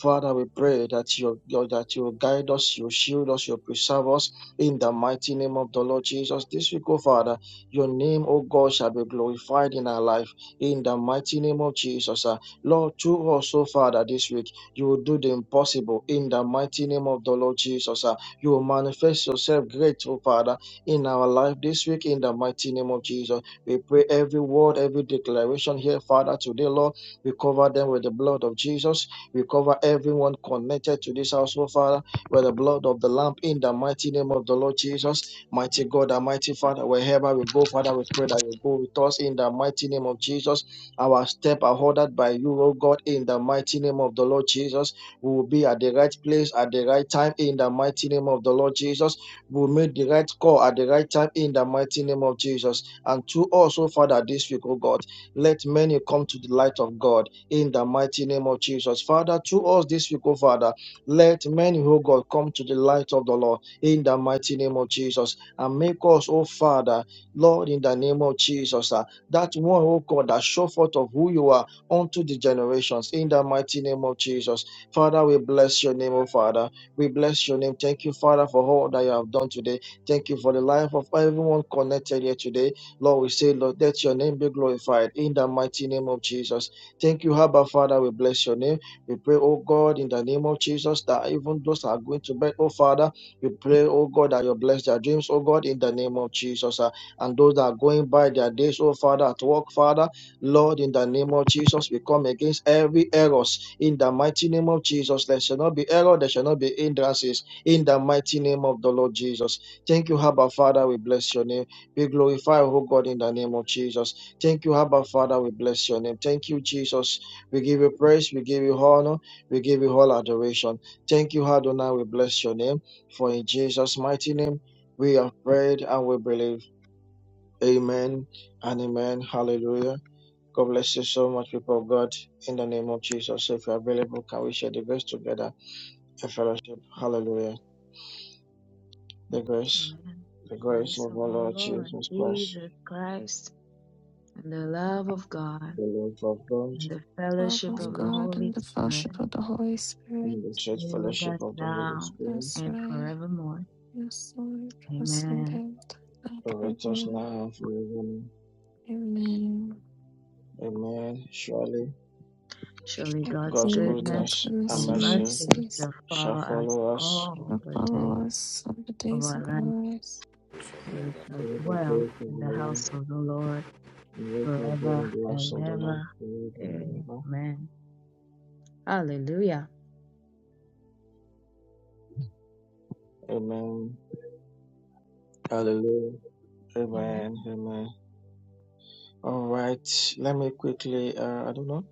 Speaker 6: Father, we pray that you, you- that you guide us, you shield us, you preserve us in the mighty name of the Lord Jesus. This week, oh Father, your name, oh God, shall be glorified in our life in the mighty name of Jesus. ah. Lord, through us, oh Father, this week, you will do the impossible in the mighty name of the Lord Jesus. ah. You will manifest yourself great, oh Father, in our life this week in the mighty name of Jesus. We pray every word, every declaration here, Father, today, Lord, we cover them with the blood of Jesus. We cover everyone connected to this household, Father, with the blood of the Lamb in the mighty name of the Lord Jesus. Mighty God, and mighty Father, wherever we go, Father, we pray that you go with us in the mighty name of Jesus. Our step are ordered by you, O God, in the mighty name of the Lord Jesus. We will be at the right place at the right time in the mighty name of the Lord Jesus. We will make the right call at the right time in the mighty name of Jesus. And to also, Father, this week, O God, let many come to the light of God in the mighty name of Jesus. Father, through us this week, oh Father, let many, oh God, come to the light of the Lord in the mighty name of Jesus. And make us, oh Father, Lord, in the name of Jesus, ah, that one, oh God, that show forth of who you are unto the generations in the mighty name of Jesus. Father, we bless your name, oh Father. We bless your name. Thank you, Father, for all that you have done today. Thank you for the life of everyone connected here today. Lord, we say, Lord, let your name be glorified in the mighty name of Jesus. Thank you, Abba Father. We bless your name. We pray, oh God, in the name of Jesus, that even those that are going to bed, oh Father, we pray, oh God, that you bless their dreams, oh God, in the name of Jesus. ah. and those that are going by their days, oh Father, at work, Father, Lord, in the name of Jesus, we come against every errors in the mighty name of Jesus. There shall not be error, there shall not be hindrances in the mighty name of the Lord Jesus. Thank you, Abba Father. We bless your name. We glorify, oh God, in the name of Jesus. Thank you, Abba Father. We bless your name. Thank you, Jesus. We give you praise. We give you honor. We give you all adoration. Thank you, Adonai. We bless your name. For in Jesus' mighty name, we have prayed and we believe. Amen and amen. Hallelujah. God bless you so much, people of God. In the name of Jesus, if you're available, can we share the grace together in fellowship? Hallelujah. The grace,
Speaker 4: Amen.
Speaker 6: the grace
Speaker 4: Grace
Speaker 6: of
Speaker 4: of
Speaker 6: our
Speaker 4: our
Speaker 6: Lord
Speaker 4: Lord
Speaker 6: Jesus Christ,
Speaker 4: Jesus Christ and the love of God
Speaker 6: the love of God,
Speaker 4: and the
Speaker 2: love
Speaker 4: fellowship
Speaker 2: of
Speaker 6: and
Speaker 4: of the
Speaker 6: the
Speaker 2: God
Speaker 4: Holy
Speaker 2: and the fellowship
Speaker 4: Spirit
Speaker 2: of the Holy Spirit.
Speaker 6: and the church
Speaker 4: be with
Speaker 6: fellowship
Speaker 4: us
Speaker 6: of the Holy
Speaker 4: now
Speaker 6: Spirit
Speaker 2: That's
Speaker 4: and
Speaker 2: right.
Speaker 4: forevermore.
Speaker 2: Yes, Lord. Trust and
Speaker 4: Amen.
Speaker 2: baptize that
Speaker 6: Protect us
Speaker 2: forevermore.
Speaker 6: now and forevermore.
Speaker 2: Amen.
Speaker 6: Amen. Surely
Speaker 4: Surely God's
Speaker 6: God's
Speaker 2: Surely
Speaker 4: goodness
Speaker 2: God's
Speaker 6: goodness and
Speaker 2: goodness
Speaker 4: and
Speaker 2: and
Speaker 6: mercy
Speaker 4: mercy
Speaker 2: mercies
Speaker 4: shall
Speaker 6: shall
Speaker 4: follow us
Speaker 6: follow us
Speaker 4: all
Speaker 2: shall
Speaker 4: the day
Speaker 2: follow us all the
Speaker 4: of
Speaker 2: days
Speaker 4: our
Speaker 2: of our
Speaker 4: life,
Speaker 2: lives.
Speaker 4: and we shall
Speaker 6: all the
Speaker 4: dwell
Speaker 6: days of
Speaker 4: in the
Speaker 6: our life,
Speaker 4: house of the Lord
Speaker 6: and we shall dwell
Speaker 4: forever
Speaker 6: in the house
Speaker 4: and
Speaker 6: of the Lord
Speaker 4: ever.
Speaker 6: forever and ever.
Speaker 4: Amen. Hallelujah.
Speaker 6: Amen. Hallelujah.
Speaker 4: Amen.
Speaker 6: Amen. Amen. All right. Let me quickly, uh, I don't know.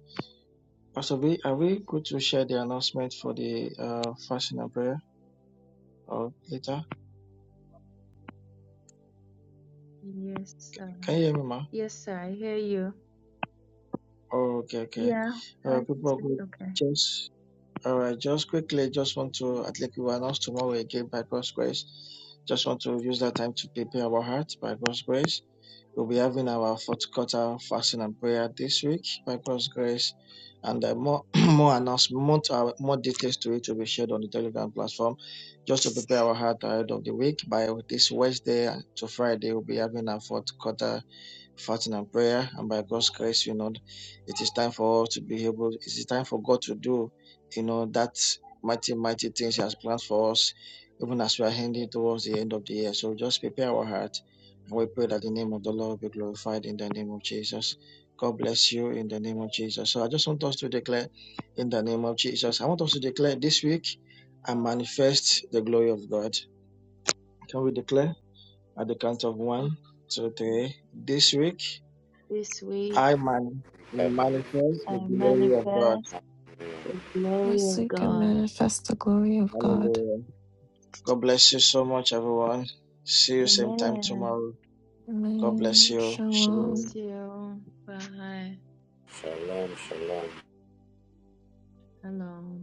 Speaker 6: Pastor B, are we good to share the announcement for the uh, fasting and prayer or later?
Speaker 4: Yes,
Speaker 6: Can
Speaker 4: um,
Speaker 6: you hear me, ma?
Speaker 4: yes, sir. I hear you.
Speaker 6: Oh, okay, okay.
Speaker 4: Yeah,
Speaker 6: All
Speaker 4: I
Speaker 6: right, people
Speaker 4: guess
Speaker 6: are
Speaker 4: it's
Speaker 6: good.
Speaker 4: okay.
Speaker 6: Just All right, just quickly, just want to, at least we will announce tomorrow again by God's grace. Just want to use that time to prepare our hearts by God's grace. We'll be having our fourth quarter fasting and prayer this week by God's grace. And uh, more more announcement, uh, more details to it will be shared on the Telegram platform. Just to prepare our heart ahead of the week, by this Wednesday to Friday, we'll be having our fourth quarter fasting and prayer, and by God's grace, you know, it is time for us to be able, it is time for God to do, you know, that mighty, mighty things He has planned for us, even as we are heading towards the end of the year. So just prepare our heart, and we pray that the name of the Lord be glorified in the name of Jesus. God bless you in the name of Jesus. So I just want us to declare in the name of Jesus. I want us to declare this week and manifest the glory of God. Can we declare at the count of one,
Speaker 4: This,
Speaker 6: two, three? This week
Speaker 4: this week,
Speaker 6: I man I manifest
Speaker 4: I
Speaker 6: the glory of God.
Speaker 4: manifest the glory
Speaker 2: Yes,
Speaker 4: of
Speaker 2: we can
Speaker 4: God.
Speaker 2: manifest the glory of God.
Speaker 6: Hallelujah. God bless you so much, everyone. See you same time
Speaker 4: Amen.
Speaker 6: tomorrow. God bless
Speaker 2: Amen.
Speaker 6: you.
Speaker 2: Shalom.
Speaker 6: Shalom.
Speaker 4: Bless you. Bye.
Speaker 7: Shalom, shalom.
Speaker 4: Hello.